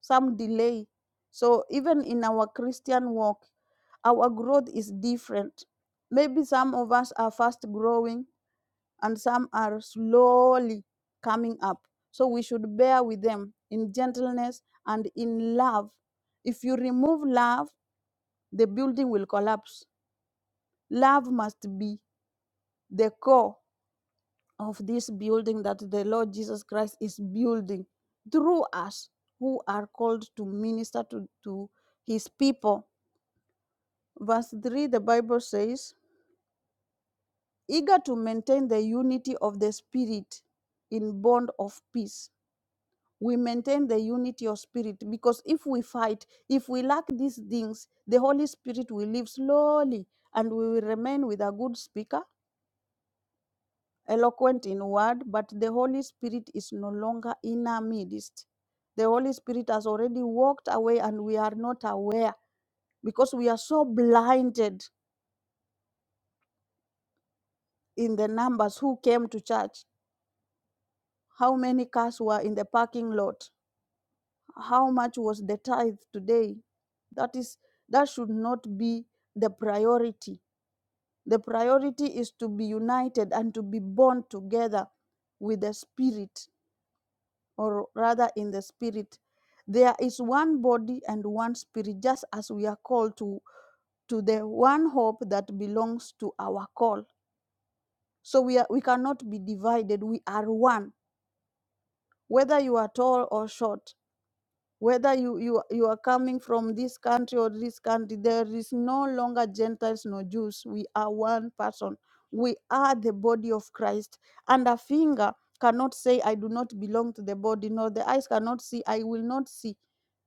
Speaker 4: some delay. So even in our Christian walk, our growth is different. Maybe some of us are fast growing, and some are slowly coming up. So we should bear with them in gentleness and in love. If you remove love, the building will collapse. Love must be the core of this building that the Lord Jesus Christ is building through us who are called to minister to, to his people. Verse 3, the Bible says, eager to maintain the unity of the Spirit in bond of peace. we maintain the unity of spirit because if we fight if we lack these things the holy spirit will leave slowly and we will remain with a good speaker eloquent in word but the holy spirit is no longer in our midst the holy spirit has already walked away and we are not aware because we are so blinded in the numbers who came to church how many cars were in the parking lot how much was the tithe today that is that should not be the priority the priority is to be united and to be born together with the spirit or rather in the spirit there is one body and one spirit just as we are called to to the one hope that belongs to our call so we are we cannot be divided we are one whether you are tall or short whether you, you you are coming from this country or this country there is no longer gentiles nor jews we are one person we are the body of christ and a finger cannot say i do not belong to the body nor the eyes cannot see i will not see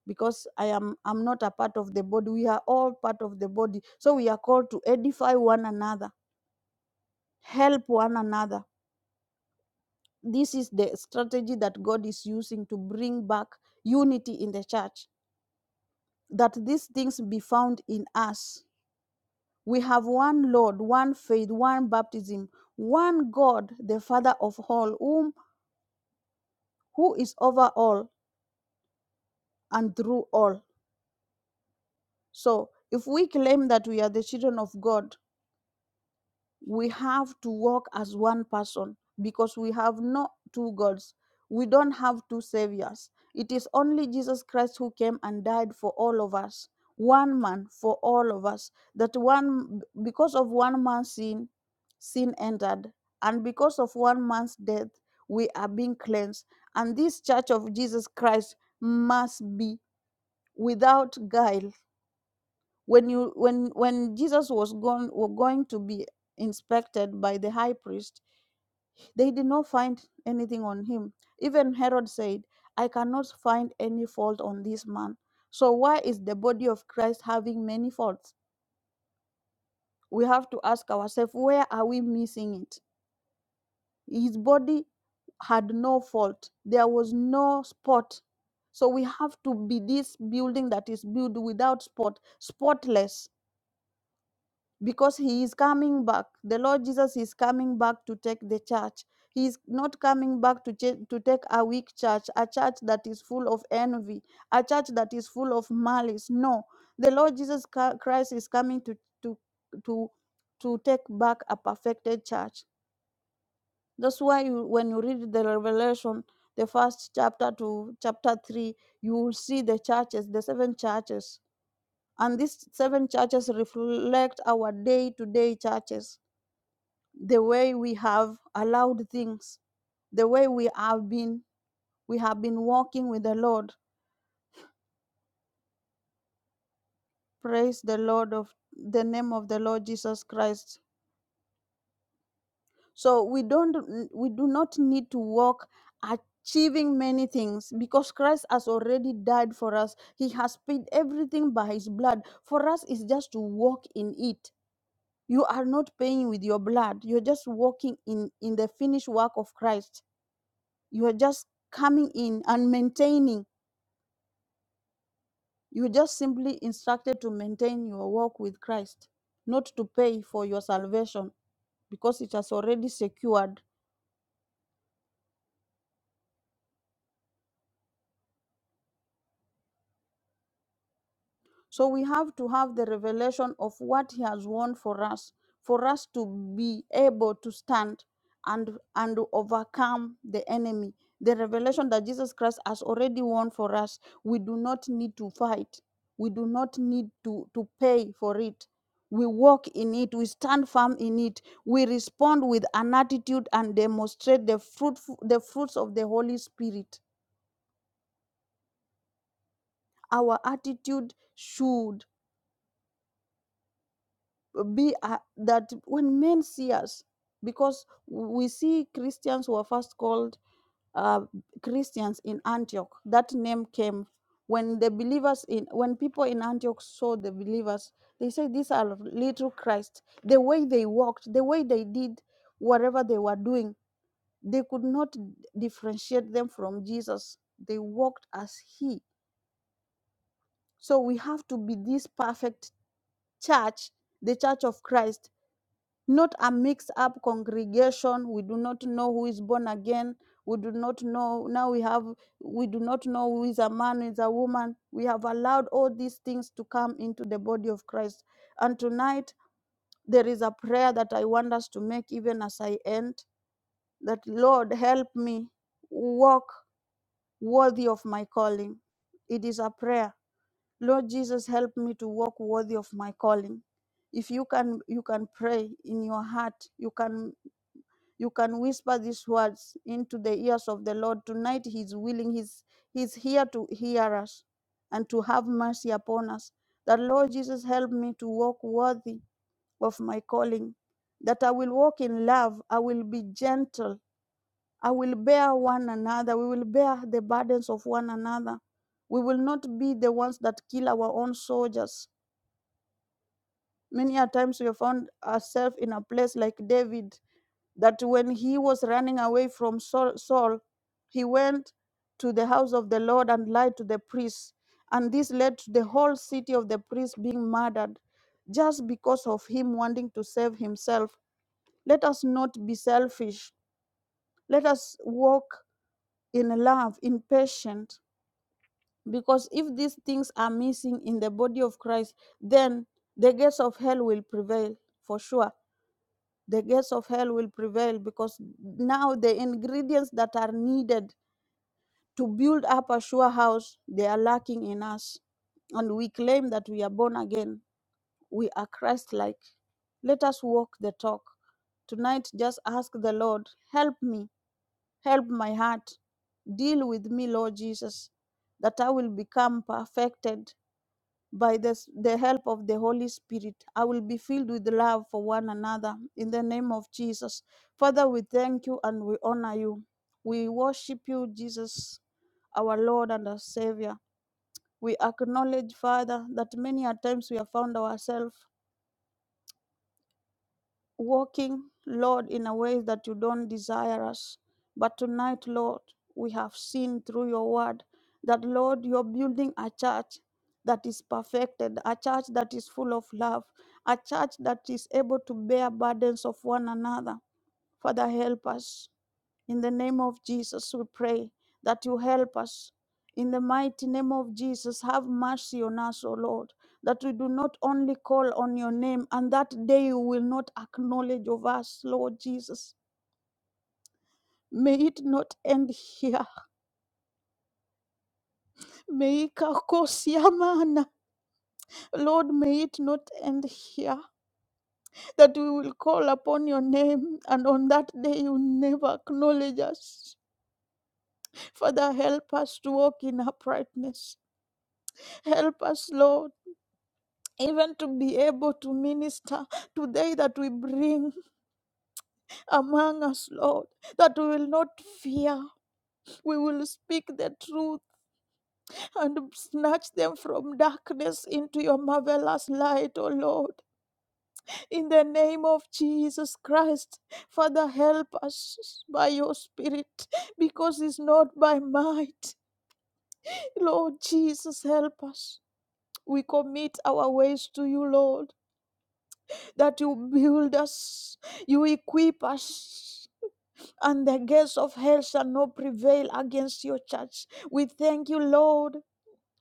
Speaker 4: because i am i'm not a part of the body we are all part of the body so we are called to edify one another help one another this is the strategy that god is using to bring back unity in the church that these things be found in us. We have one Lord, one faith, one baptism, one God, the Father of all, whom who is over all and through all. So if we claim that we are the children of God, we have to walk as one person because we have not two gods. We don't have two saviors. It is only Jesus Christ who came and died for all of us, one man for all of us. That one, because of one man's sin, sin entered, and because of one man's death, we are being cleansed. And this church of Jesus Christ must be without guile when you when when jesus was gone were going to be inspected by the high priest they did not find anything on him even herod said i cannot find any fault on this man so why is the body of christ having many faults we have to ask ourselves where are we missing it his body had no fault there was no spot so we have to be this building that is built without spot spotless because he is coming back. The Lord Jesus is coming back to take the church. He is not coming back to, cha- to take a weak church, a church that is full of envy, a church that is full of malice. No, the Lord Jesus Ca- Christ is coming to to to to take back a perfected church. That's why you, when you read the Revelation, the first chapter to chapter three, you will see the churches, the seven churches, and these seven churches reflect our day-to-day churches the way we have allowed things, the way we have been we have been walking with the Lord. Praise the Lord of the name of the Lord Jesus Christ. So we don't we do not need to walk achieving many things because Christ has already died for us. He has paid everything by his blood. For us is just to walk in it. You are not paying with your blood. You're just walking in in the finished work of Christ. You are just coming in and maintaining You just simply instructed to maintain your walk with Christ, not to pay for your salvation because it has already secured So we have to have the revelation of what he has won for us, for us to be able to stand and and to overcome the enemy. The revelation that Jesus Christ has already won for us, we do not need to fight. We do not need to, to pay for it. We walk in it, we stand firm in it, we respond with an attitude and demonstrate the fruit the fruits of the Holy Spirit. Our attitude should be uh, that when men see us, because we see Christians who are first called uh, Christians in Antioch. That name came when the believers in when people in Antioch saw the believers. They said these are little Christ. The way they walked, the way they did whatever they were doing, they could not differentiate them from Jesus. They walked as He. So we have to be this perfect church, the church of Christ not a mixed up congregation we do not know who is born again we do not know now we have we do not know who is a man who is a woman we have allowed all these things to come into the body of christ and tonight there is a prayer that i want us to make even as i end that lord help me walk worthy of my calling it is a prayer lord jesus help me to walk worthy of my calling if you can you can pray in your heart you can you can whisper these words into the ears of the Lord. Tonight He's willing, He's He's here to hear us and to have mercy upon us. That Lord Jesus help me to walk worthy of my calling. That I will walk in love, I will be gentle, I will bear one another, we will bear the burdens of one another. We will not be the ones that kill our own soldiers. Many a times we have found ourselves in a place like David that when he was running away from Saul, Saul, he went to the house of the Lord and lied to the priests. And this led to the whole city of the priests being murdered just because of him wanting to save himself. Let us not be selfish. Let us walk in love, in patience. Because if these things are missing in the body of Christ, then the gates of hell will prevail for sure. the gates of hell will prevail because now the ingredients that are needed to build up a sure house they are lacking in us and we claim that we are born again we are christ like let us walk the talk tonight just ask the lord help me help my heart deal with me lord jesus that i will become perfected by the, s- the help of the Holy Spirit. I will be filled with love for one another in the name of Jesus. Father, we thank you and we honor you. We worship you, Jesus, our Lord and our Savior. We acknowledge, Father, that many a times we have found ourselves walking, Lord, in a way that you don't desire us. But tonight, Lord, we have seen through your word that, Lord, you're building a church that is perfected, a church that is full of love, a church that is able to bear burdens of one another. Father, help us. In the name of Jesus, we pray that you help us. In the mighty name of Jesus, have mercy on us, O Lord, that we do not only call on your name and that day you will not acknowledge of us, Lord Jesus. May it not end here. May ikakosiamana. Lord, may it not end here. That we will call upon your name and on that day you never acknowledge us. Father, help us to walk in uprightness. Help us, Lord. even to be able to minister today that we bring among us, Lord, that we will not fear. We will speak the truth and snatch them from darkness into your marvelous light, O Lord. In the name of Jesus Christ, Father, help us by your Spirit because it's not by might. Lord Jesus, help us. We commit our ways to you, Lord. that you build us, you equip us, and the gates of hell shall not prevail against your church. We thank you, Lord.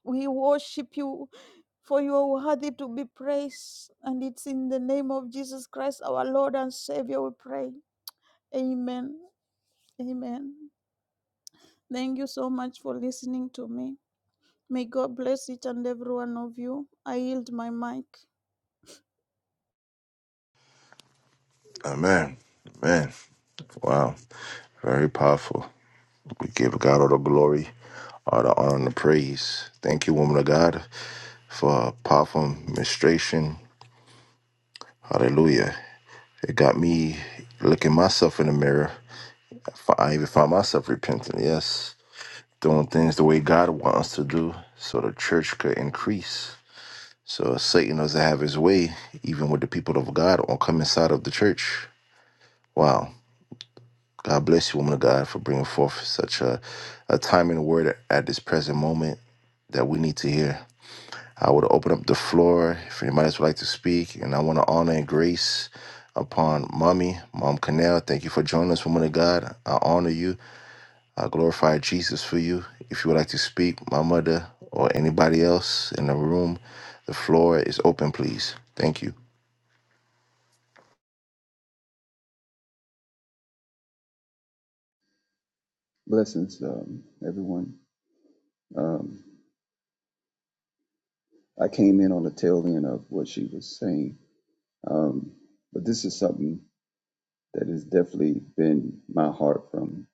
Speaker 4: We worship you, for you are worthy to be praised. And it's in the name of Jesus Christ, our Lord and Savior, we pray. Amen. Amen. Thank you so much for listening to me. May God bless each and every one of you. I yield my mic.
Speaker 1: Amen. Amen. Wow. Very powerful. We give God all the glory, all the honor, and the praise. Thank you, woman of God, for a powerful ministration. Hallelujah. It got me looking myself in the mirror. I even found myself repenting. Yes. Doing things the way God wants to do so the church could increase. So Satan doesn't have his way, even with the people of God, or come inside of the church. Wow. God bless you, woman of God, for bringing forth such a, a time and word at this present moment that we need to hear. I would open up the floor if anybody else would like to speak, and I want to honor and grace upon mommy, mom Canal. Thank you for joining us, woman of God. I honor you. I glorify Jesus for you. If you would like to speak, my mother or anybody else in the room, the floor is open, please. Thank you.
Speaker 5: Blessings, um, everyone. Um, I came in on the tail end of what she was saying, um, but this is something that has definitely been my heart from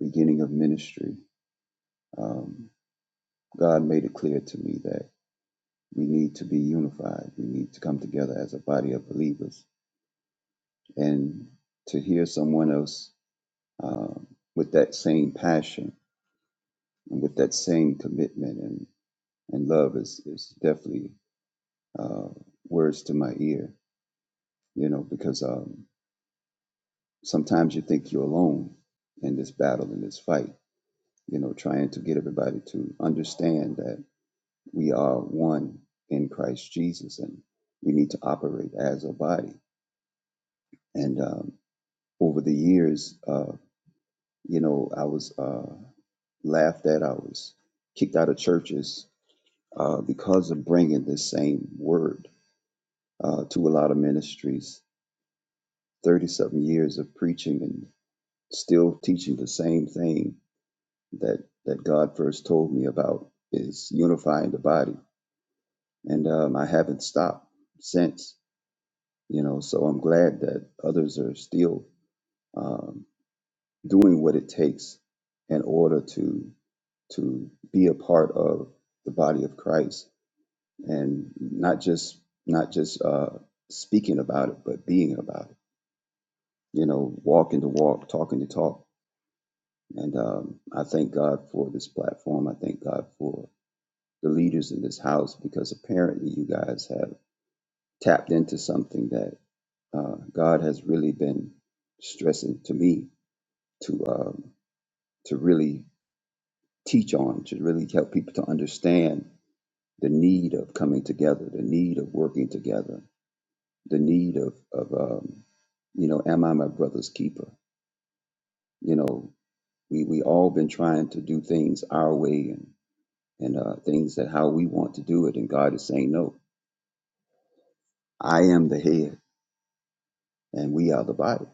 Speaker 5: beginning of ministry. Um, God made it clear to me that we need to be unified. We need to come together as a body of believers, and to hear someone else um, with that same passion and with that same commitment and, and love is is definitely uh, words to my ear you know, because um, sometimes you think you're alone in this battle, in this fight, you know, trying to get everybody to understand that we are one in Christ Jesus and we need to operate as a body. And um, over the years, uh, you know, I was uh, laughed at, I was kicked out of churches uh, because of bringing this same word uh, to a lot of ministries. 30 something years of preaching and still teaching the same thing that that God first told me about is unifying the body, and um, I haven't stopped since. You know, so I'm glad that others are still um, doing what it takes in order to to be a part of the body of Christ, and not just not just uh, speaking about it, but being about it. You know, walking the walk, talking the talk, and um, I thank God for this platform. I thank God for the leaders in this house because apparently you guys have tapped into something that uh, God has really been stressing to me to um, to really teach on, to really help people to understand the need of coming together, the need of working together, the need of of um, you know, am I my brother's keeper? You know, we we all been trying to do things our way and and uh, things that how we want to do it, and God is saying no. I am the head, and we are the body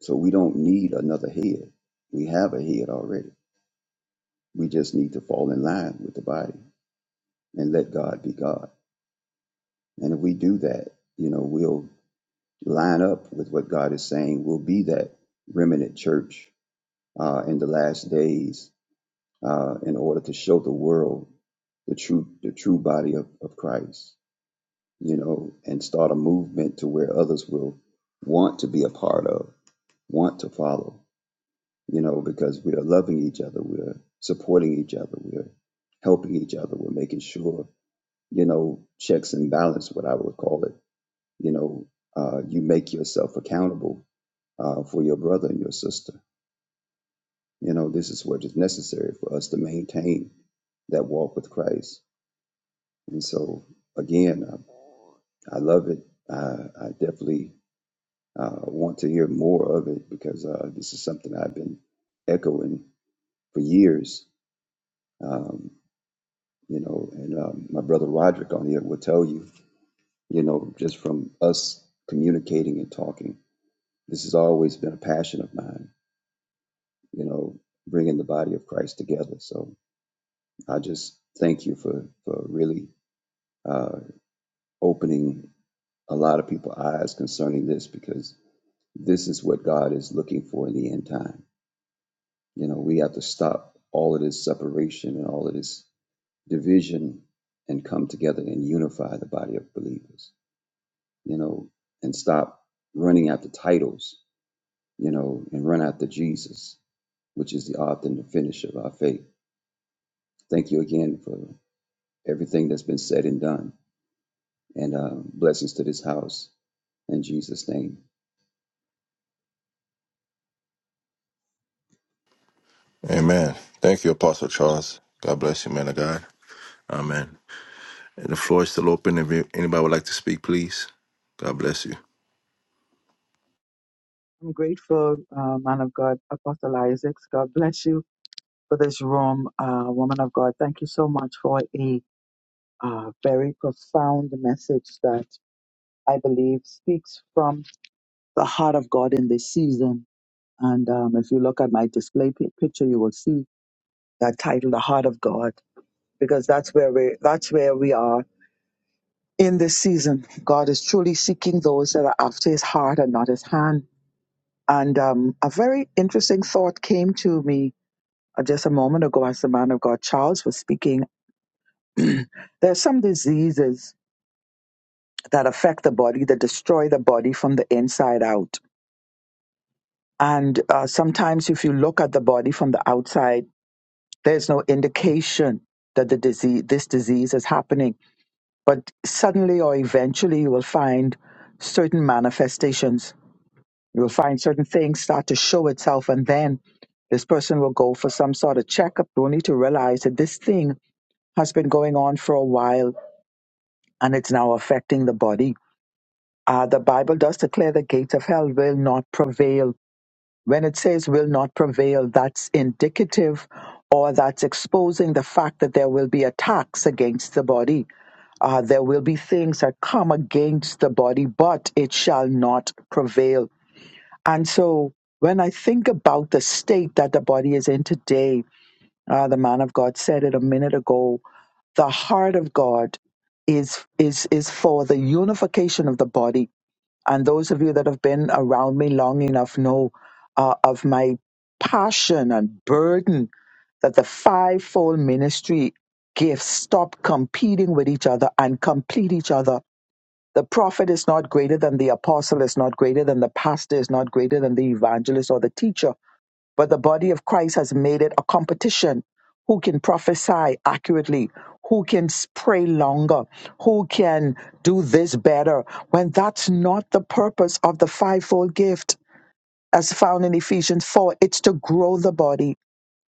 Speaker 5: So we don't need another head. We have a head already. We just need to fall in line with the body and let God be God. And if we do that, you know, we'll line up with what God is saying. We'll be that remnant church uh, in the last days uh, in order to show the world the true the true body of, of Christ, you know, and start a movement to where others will want to be a part of, want to follow. you know, because we are loving each other, we're supporting each other, we're helping each other, we're making sure, you know, checks and balance, what I would call it, you know, uh, you make yourself accountable uh, for your brother and your sister. You know, this is what is necessary for us to maintain that walk with Christ. And so, again, I, I love it. Uh, I definitely uh, want to hear more of it because uh, this is something I've been echoing for years. Um, you know, and um, my brother Roderick on here will tell you, you know, just from us communicating and talking, this has always been a passion of mine, you know, bringing the body of Christ together. So I just thank you for for really uh, opening a lot of people's eyes concerning this because this is what God is looking for in the end time. You know, we have to stop all of this separation and all of this division and come together and unify the body of believers you know, and stop running after titles, you know, and run after Jesus, which is the author and the finisher of our faith. Thank you again for everything that's been said and done, and uh, blessings to this house in Jesus' name.
Speaker 1: Amen. Thank you, Apostle Charles. God bless you, man of God. Amen. The floor is still open. If you- anybody would like to speak, please. God bless you.
Speaker 6: I'm grateful, uh, man of God, Apostle Isaacs. God bless you for this room, uh, woman of God. Thank you so much for a uh, very profound message that I believe speaks from the heart of God in this season. And um, if you look at my display pi picture, you will see that title, "The Heart of God," because that's where we that's where we are in this season. God is truly seeking those that are after His heart and not His hand. And um, a very interesting thought came to me Uh, Just a moment ago, as the man of God Charles was speaking, there are some diseases that affect the body, that destroy the body from the inside out. And uh, sometimes, if you look at the body from the outside, there's no indication that the disease, this disease is happening. But suddenly or eventually, you will find certain manifestations. You will find certain things start to show itself, and then this person will go for some sort of checkup only to realize that this thing has been going on for a while and it's now affecting the body. Uh, the Bible does declare the gates of hell will not prevail. When it says will not prevail, that's indicative or that's exposing the fact that there will be attacks against the body. Uh, there will be things that come against the body, but it shall not prevail. And so when I think about the state that the body is in today, uh, the man of God said it a minute ago the heart of God is is is for the unification of the body. And those of you that have been around me long enough know uh, of my passion and burden that the fivefold ministry gifts stop competing with each other and complete each other. The prophet is not greater than the apostle, is not greater than the pastor, is not greater than the evangelist or the teacher but the body of Christ has made it a competition. Who can prophesy accurately? Who can pray longer? Who can do this better? When that's not the purpose of the fivefold gift as found in Ephesians 4, it's to grow the body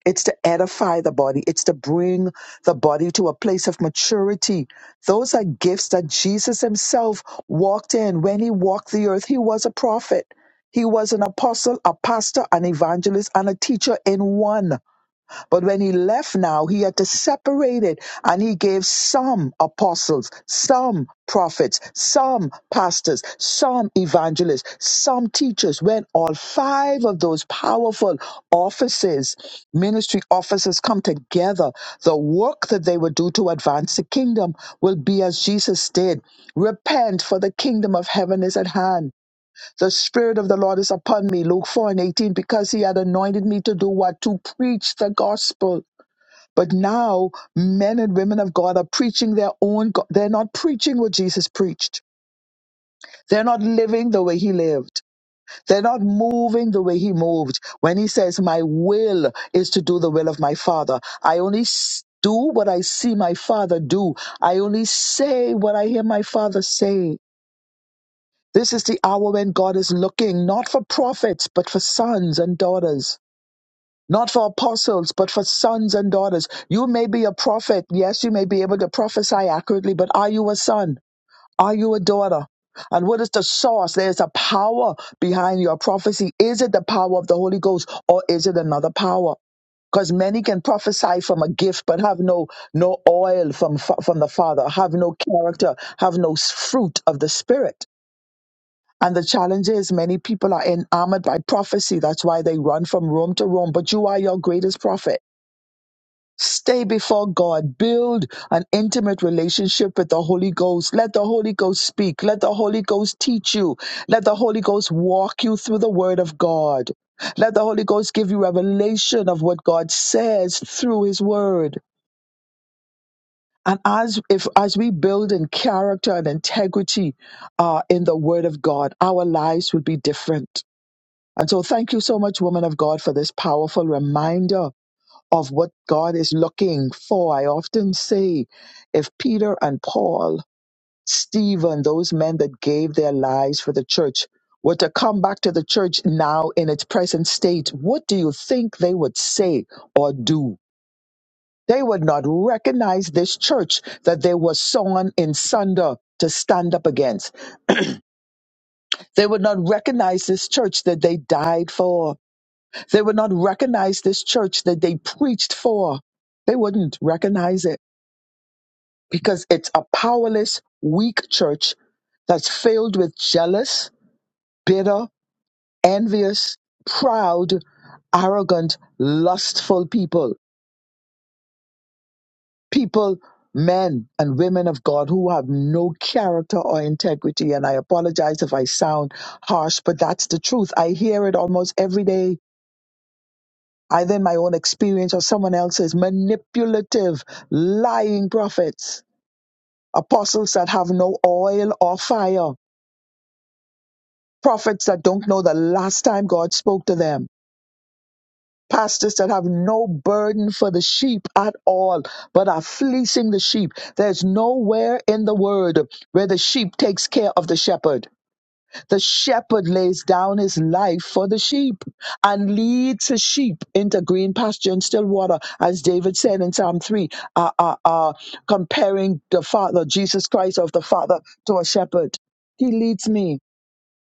Speaker 6: it's to edify the body. It's to bring the body to a place of maturity. Those are gifts that Jesus himself walked in. When he walked the earth, he was a prophet. He was an apostle, a pastor, an evangelist, and a teacher in one. But when he left now, he had to separate it and he gave some apostles, some prophets, some pastors, some evangelists, some teachers, when all five of those powerful offices, ministry offices come together, the work that they would do to advance the kingdom will be as Jesus did. Repent for the kingdom of heaven is at hand. The Spirit of the Lord is upon me, Luke 4 and 18, because He had anointed me to do what? To preach the gospel. But now, men and women of God are preaching their own, go- they're not preaching what Jesus preached. They're not living the way He lived. They're not moving the way He moved. When He says, My will is to do the will of my Father, I only s- do what I see my Father do. I only say what I hear my Father say. This is the hour when God is looking not for prophets, but for sons and daughters. Not for apostles, but for sons and daughters. You may be a prophet. Yes, you may be able to prophesy accurately, but are you a son? Are you a daughter? And what is the source? There's a power behind your prophecy. Is it the power of the Holy Ghost or is it another power? Because many can prophesy from a gift, but have no no oil from fa- from the Father, have no character, have no s- fruit of the Spirit. And the challenge is many people are enamored by prophecy. That's why they run from room to room. But you are your greatest prophet. Stay before God. Build an intimate relationship with the Holy Ghost. Let the Holy Ghost speak. Let the Holy Ghost teach you. Let the Holy Ghost walk you through the Word of God. Let the Holy Ghost give you revelation of what God says through His Word. And as if as we build in character and integrity uh, in the Word of God, our lives would be different And so, thank you so much, woman of God, for this powerful reminder of what God is looking for. I often say, if Peter and Paul, Stephen, those men that gave their lives for the church, were to come back to the church now in its present state, what do you think they would say or do? They would not recognize this church that they were sawn in sunder to stand up against. They would not recognize this church that they died for They would not recognize this church that they preached for. They wouldn't recognize it because it's a powerless, weak church that's filled with jealous, bitter, envious, proud, arrogant, lustful people. People, men and women of God who have no character or integrity. And I apologize if I sound harsh, but that's the truth. I hear it almost every day either in my own experience or someone else's, manipulative, lying prophets, apostles that have no oil or fire, prophets that don't know the last time God spoke to them, pastors that have no burden for the sheep at all, but are fleecing the sheep. There's nowhere in the word where the sheep takes care of the shepherd. The shepherd lays down his life for the sheep and leads his sheep into green pasture and still water, as David said in Psalm 3, uh, uh, uh, comparing the Father, Jesus Christ of the Father, to a shepherd. He leads me.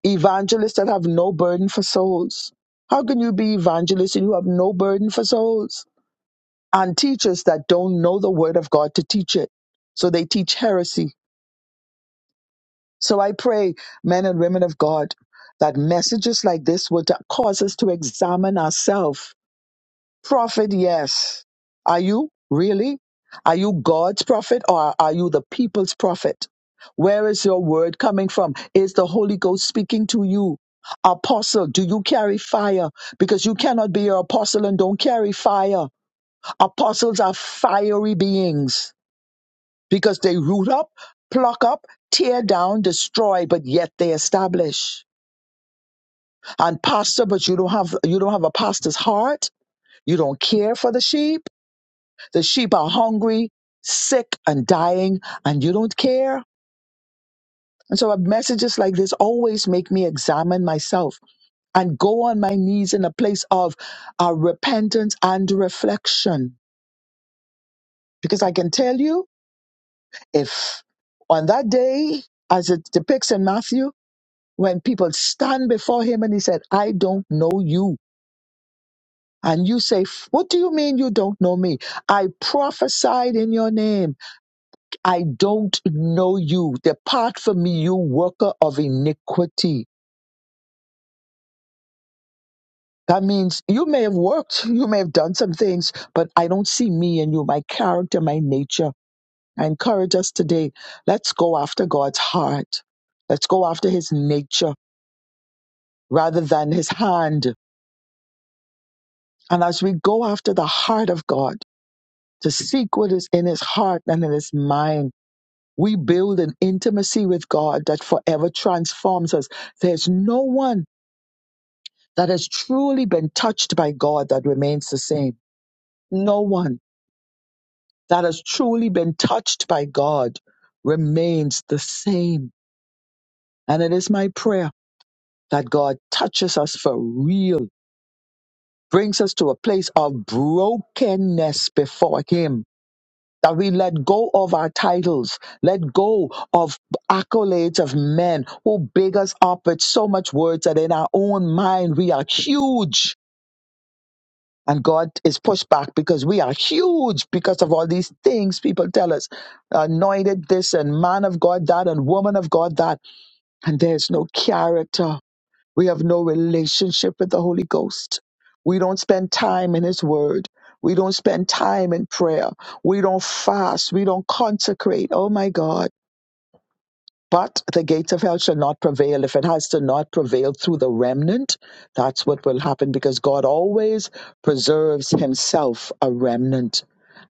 Speaker 6: Evangelists that have no burden for souls. How can you be evangelists and you have no burden for souls? And teachers that don't know the word of God to teach it. So they teach heresy so I pray, men and women of God, that messages like this would cause us to examine ourselves. Prophet, yes. Are you really? Are you God's prophet or are you the people's prophet? Where is your word coming from? Is the Holy Ghost speaking to you? Apostle, do you carry fire? Because you cannot be an apostle and don't carry fire. Apostles are fiery beings because they root up, pluck up, tear down, destroy, but yet they establish. And pastor, but you don't have you don't have a pastor's heart. You don't care for the sheep. The sheep are hungry, sick, and dying, and you don't care. And so uh, messages like this always make me examine myself and go on my knees in a place of uh, repentance and reflection. Because I can tell you, if on that day, as it depicts in Matthew, when people stand before him and he said, I don't know you. And you say, What do you mean you don't know me? I prophesied in your name. I don't know you. Depart from me, you worker of iniquity. That means you may have worked, you may have done some things, but I don't see me in you, my character, my nature. I encourage us today. Let's go after God's heart. Let's go after his nature rather than his hand. And as we go after the heart of God, to seek what is in his heart and in his mind. We build an intimacy with God that forever transforms us. There's no one that has truly been touched by God that remains the same. No one that has truly been touched by God remains the same. And it is my prayer that God touches us for real, brings us to a place of brokenness before Him that we let go of our titles, let go of accolades of men who big us up with so much words that in our own mind we are huge. And God is pushed back because we are huge because of all these things people tell us anointed this and man of God that and woman of God that. And there's no character. We have no relationship with the Holy Ghost. We don't spend time in His Word. We don't spend time in prayer. We don't fast. We don't consecrate. Oh my God. But the gates of hell shall not prevail. If it has to not prevail through the remnant, that's what will happen because God always preserves himself a remnant.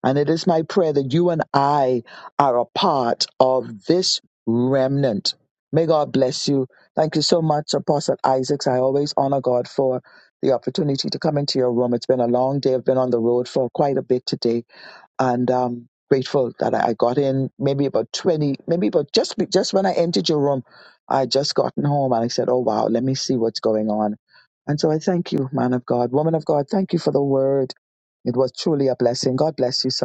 Speaker 6: And it is my prayer that you and I are a part of this remnant. May God bless you. Thank you so much, Apostle Isaacs. I always honor God for the opportunity to come into your room. It's been a long day. I've been on the road for quite a bit today and um grateful that I I got in maybe about 20 maybe about just be- just when I entered your room I had just gotten home and I said oh wow let me see what's going on and so I thank you man of God woman of God thank you for the word it was truly a blessing God bless you sir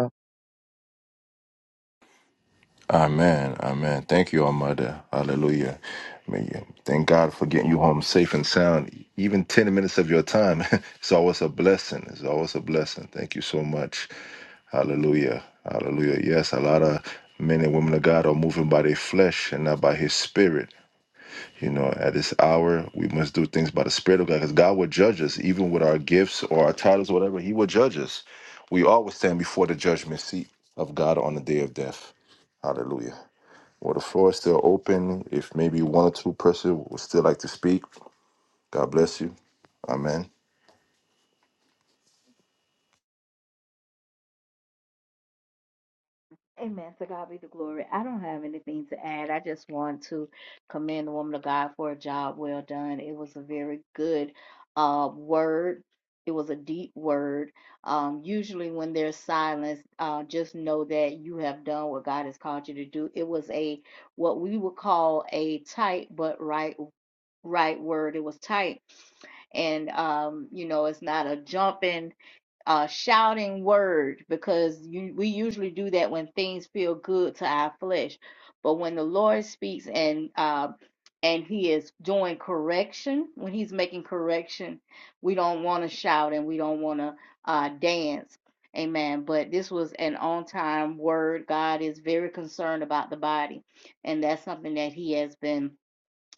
Speaker 1: Amen. Amen. Thank you, our mother. Hallelujah. May you- Thank God for getting you home safe and sound. Even 10 minutes of your time. It's always a blessing. It's always a blessing. Thank you so much. Hallelujah. Hallelujah. Yes, a lot of men and women of God are moving by their flesh and not by his spirit. You know, at this hour, we must do things by the Spirit of God because God will judge us, even with our gifts or our titles or whatever. He will judge us. We always stand before the judgment seat of God on the day of death. Hallelujah. Well, the floor is still open. If maybe one or two person would still like to speak, God bless you. Amen.
Speaker 3: Amen. To God be the glory. I don't have anything to add. I just want to commend the woman of God for a job well done. It was a very good uh, word. It was a deep word. Um, usually, when there's silence, uh, just know that you have done what God has called you to do. It was a what we would call a tight but right right word. It was tight. And um, you know, it's not a jumping, uh shouting word because you we usually do that when things feel good to our flesh. But when the Lord speaks and uh and he is doing correction, when he's making correction, we don't want to shout and we don't want to uh dance. Amen. But this was an on time word. God is very concerned about the body, and that's something that he has been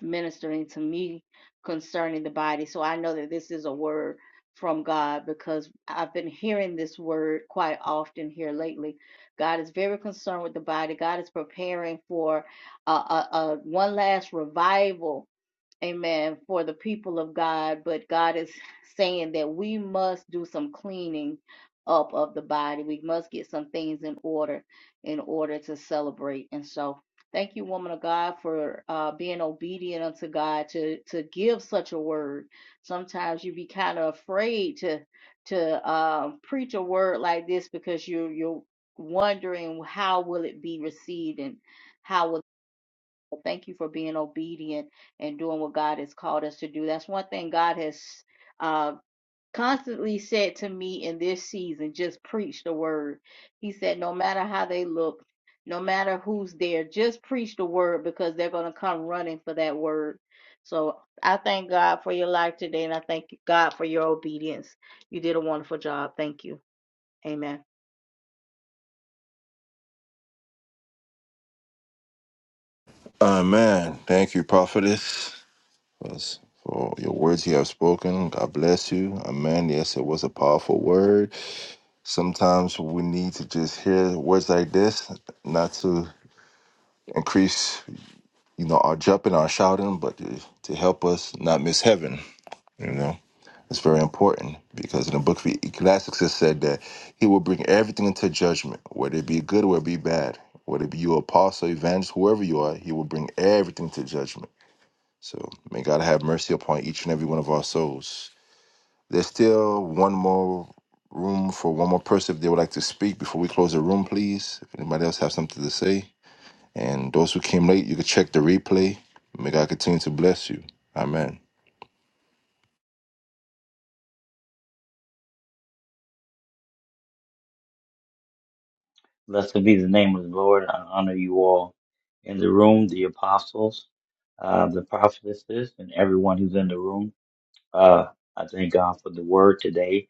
Speaker 3: ministering to me concerning the body. So I know that this is a word from God because I've been hearing this word quite often here lately. God is very concerned with the body. God is preparing for a, a, a one last revival amen, for the people of God, but God is saying that we must do some cleaning up of the body. We must get some things in order in order to celebrate. And so, thank you, woman of God, for uh, being obedient unto God to to give such a word. Sometimes you be kind of afraid to to um, preach a word like this because you're you're wondering how will it be received and how will but thank you for being obedient and doing what God has called us to do. That's one thing God has uh, constantly said to me in this season just preach the word. He said, no matter how they look, no matter who's there, just preach the word because they're going to come running for that word. So I thank God for your life today and I thank God for your obedience. You did a wonderful job. Thank you. Amen.
Speaker 1: Amen. Thank you, prophetess, for for your words you have spoken. God bless you. Amen. Yes, it was a powerful word. Sometimes we need to just hear words like this, not to increase, you know, our jumping, our shouting, but to, to help us not miss heaven. You know, it's very important because in the book of Ecclesiastes it said that he will bring everything into judgment, whether it be good whether it be bad, whether it be you apostle, evangelist, whoever you are, he will bring everything to judgment. So may God have mercy upon each and every one of our souls. There's still one more room for one more person if they would like to speak before we close the room, please. If anybody else have something to say. And those who came late, you can check the replay. May God continue to bless you. Amen.
Speaker 2: Blessed be the name of the Lord. I honor you all in the room, the apostles, uh, the prophetesses, and everyone who's in the room. Uh, I thank God for the word today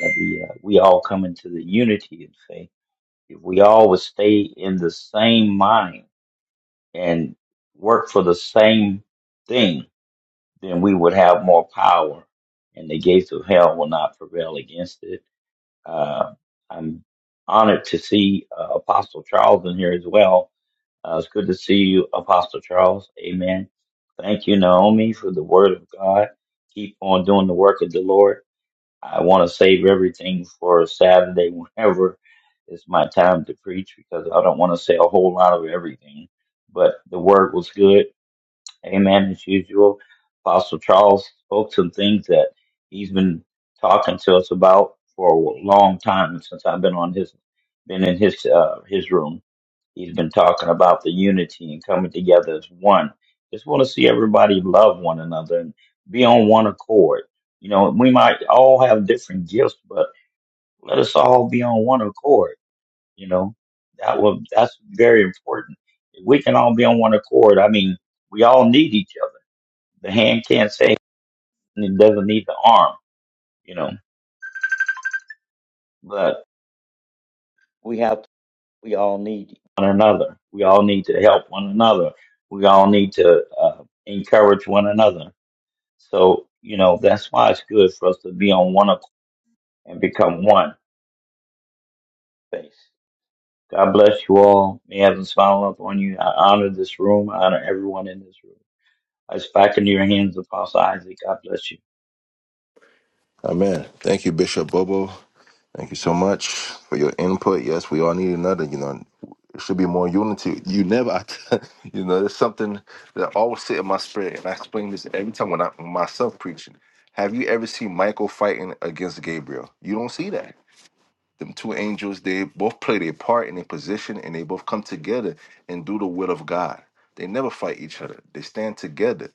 Speaker 2: that we, uh, we all come into the unity of faith. If we all would stay in the same mind and work for the same thing, then we would have more power and the gates of hell will not prevail against it. Uh, I'm honored to see uh, Apostle Charles in here as well uh, it's good to see you, Apostle Charles. Amen. Thank you, Naomi, for the word of God. Keep on doing the work of the Lord. I want to save everything for Saturday whenever it's my time to preach because I don't want to say a whole lot of everything. But the word was good. Amen. As usual, Apostle Charles spoke some things that he's been talking to us about for a long time since I've been on his been in his uh, his room He's been talking about the unity and coming together as one. Just want to see everybody love one another and be on one accord. You know, we might all have different gifts, but let us all be on one accord. You know, that will that's very important. If we can all be on one accord, I mean, we all need each other. The hand can't say and it doesn't need the arm. You know, but we have we all need one another. We all need to help one another. We all need to uh, encourage one another So, you know, that's why it's good for us to be on one accord and become one face. God bless you all. May heaven smile up on you. I honor this room. I honor everyone in this room. I back into your hands, Apostle Isaac. God bless you.
Speaker 1: Amen. Thank you, Bishop Bobo. Thank you so much for your input. Yes, we all need another. You know, it should be more unity. You never, I, you know, there's something that always sit in my spirit, and I explain this every time when I myself preaching. Have you ever seen Michael fighting against Gabriel? You don't see that. them two angels they both play their part in their position and they both come together and do the will of god they never fight each other they stand together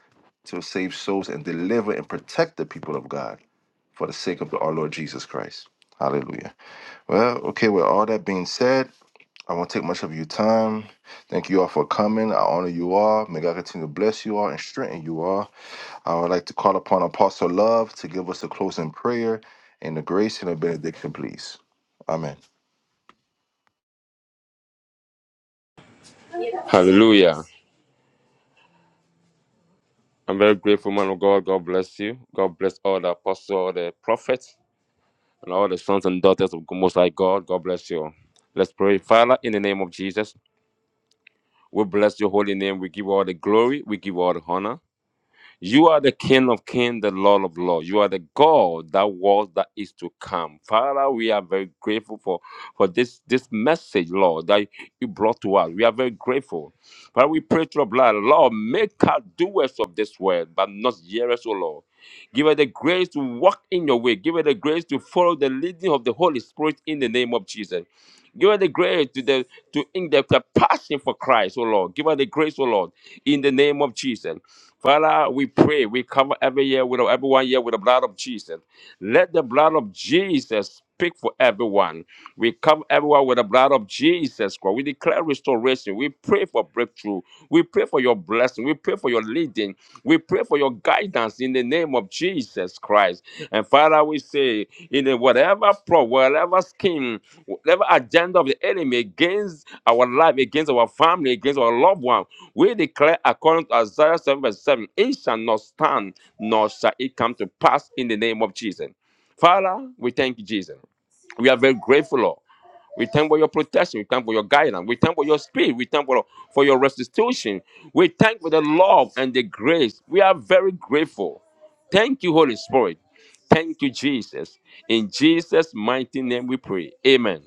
Speaker 1: to save souls and deliver and protect the people of god for the sake of the, our lord jesus christ hallelujah well okay with all that being said i won't take much of your time thank you all for coming i honor you all may god continue to bless you all and strengthen you all I would like to call upon Apostle Love to give us a closing prayer and the grace and the benediction, please. Amen.
Speaker 7: Hallelujah. I'm very grateful, man of God. God bless you. God bless all the apostles, all the prophets, and all the sons and daughters of Most High God. God bless you. all. Let's pray. Father, in the name of Jesus, we bless your holy name. We give you all the glory. We give you all the honor. You are the King of kings, the Lord of lords. You are the God that was, that is to come. Father, we are very grateful for, for this, this message, Lord, that you brought to us. We are very grateful. Father, we pray through your blood. Lord, make us doers of this word, but not hearers, O Lord. Give her the grace to walk in your way. Give her the grace to follow the leading of the Holy Spirit in the name of Jesus. Give her the grace to the to in the, the passion for Christ, oh Lord. Give her the grace, oh Lord, in the name of Jesus. Father, we pray. We cover every year with everyone here with the blood of Jesus. Let the blood of Jesus speak for everyone. We cover everyone with the blood of Jesus Christ. We declare restoration. We pray for breakthrough. We pray for your blessing. We pray for your leading. We pray for your guidance in the name of Jesus Christ. And Father, always say, in a whatever plot, whatever scheme, whatever agenda of the enemy against our life, against our family, against our loved one, we declare according to Isaiah 7 verse 7, it shall not stand, nor shall it come to pass in the name of Jesus. Father, we thank you, Jesus. We are very grateful, Lord. We thank for your protection. We thank for your guidance. We thank for your spirit. We thank for, for your restitution. We thank for the love and the grace. We are very grateful. Thank you, Holy Spirit. Thank you, Jesus. In Jesus' mighty name we pray. Amen.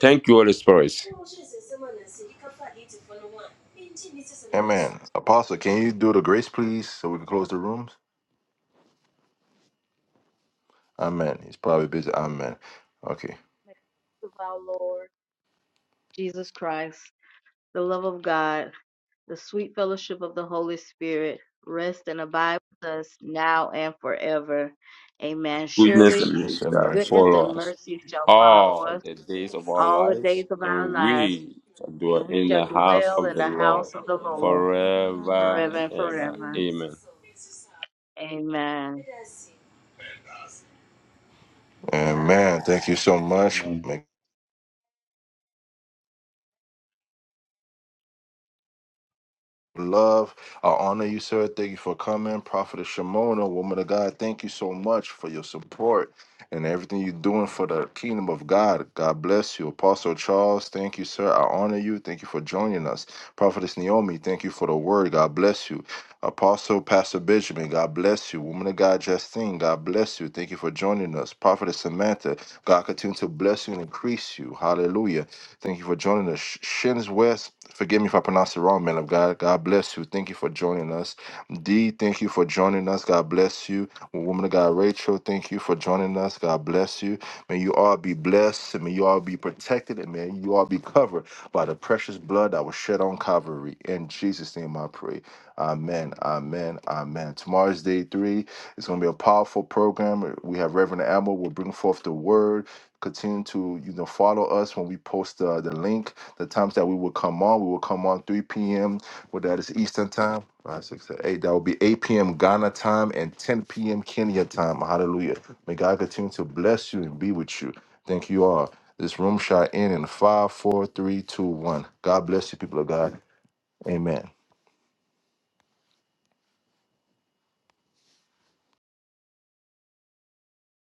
Speaker 7: Thank you, Holy Spirit.
Speaker 1: Amen. Apostle, can you do the grace, please, so we can close the rooms? Amen. He's probably busy. Amen. Okay.
Speaker 3: May the grace of our Lord Jesus Christ, the love of God The sweet fellowship of the Holy Spirit rest and abide with us now and forever. Amen.
Speaker 7: Goodness and
Speaker 3: Surely
Speaker 7: mercy
Speaker 1: Yes,
Speaker 7: shall
Speaker 1: Amen.
Speaker 3: goodness
Speaker 7: follow
Speaker 3: and
Speaker 7: us
Speaker 3: mercy shall follow
Speaker 7: all
Speaker 3: us
Speaker 7: the days of our
Speaker 3: all the
Speaker 7: lives,
Speaker 3: days of our
Speaker 7: and
Speaker 3: lives,
Speaker 7: we shall dwell
Speaker 3: and we
Speaker 7: in
Speaker 3: shall
Speaker 7: the house
Speaker 3: dwell
Speaker 7: of
Speaker 3: in
Speaker 7: the
Speaker 3: the
Speaker 7: Lord
Speaker 3: house of the Lord
Speaker 7: forever
Speaker 3: forever
Speaker 7: and
Speaker 3: and
Speaker 7: ever.
Speaker 3: forever.
Speaker 7: Amen.
Speaker 3: Amen.
Speaker 1: Amen. Thank you so much.
Speaker 2: Amen.
Speaker 1: Make love. I honor you, sir. Thank you for coming. Prophet Shimona, woman of God, thank you so much for your support and everything you're doing for the kingdom of God. God bless you. Apostle Charles, thank you, sir. I honor you. Thank you for joining us. Prophetess Naomi, thank you for the word. God bless you. Apostle Pastor Benjamin, God bless you. Woman of God, Justine, God bless you. Thank you for joining us. Prophetess Samantha, God continue to bless you and increase you. Hallelujah. Thank you for joining us. Sh- Shins West, forgive me if I pronounce it wrong, man of God. God bless you. Thank you for joining us. D, thank you for joining us. God bless you. Woman of God, Rachel, thank you for joining us. God bless you. May you all be blessed and may you all be protected and may you all be covered by the precious blood that was shed on Calvary. In Jesus' name I pray. Amen. Amen. Amen. Tomorrow's day three. It's going to be a powerful program. We have Reverend Amber will bring forth the word. Continue to you know follow us when we post uh, the link. The times that we will come on, we will come on 3 p.m. What that is Eastern time. Five, six, seven, eight. That will be 8 p.m. Ghana time and 10 p.m. Kenya time. Hallelujah. May God continue to bless you and be with you. Thank you all. This room shot in in five, four, three, two, one. God bless you, people of God. Amen.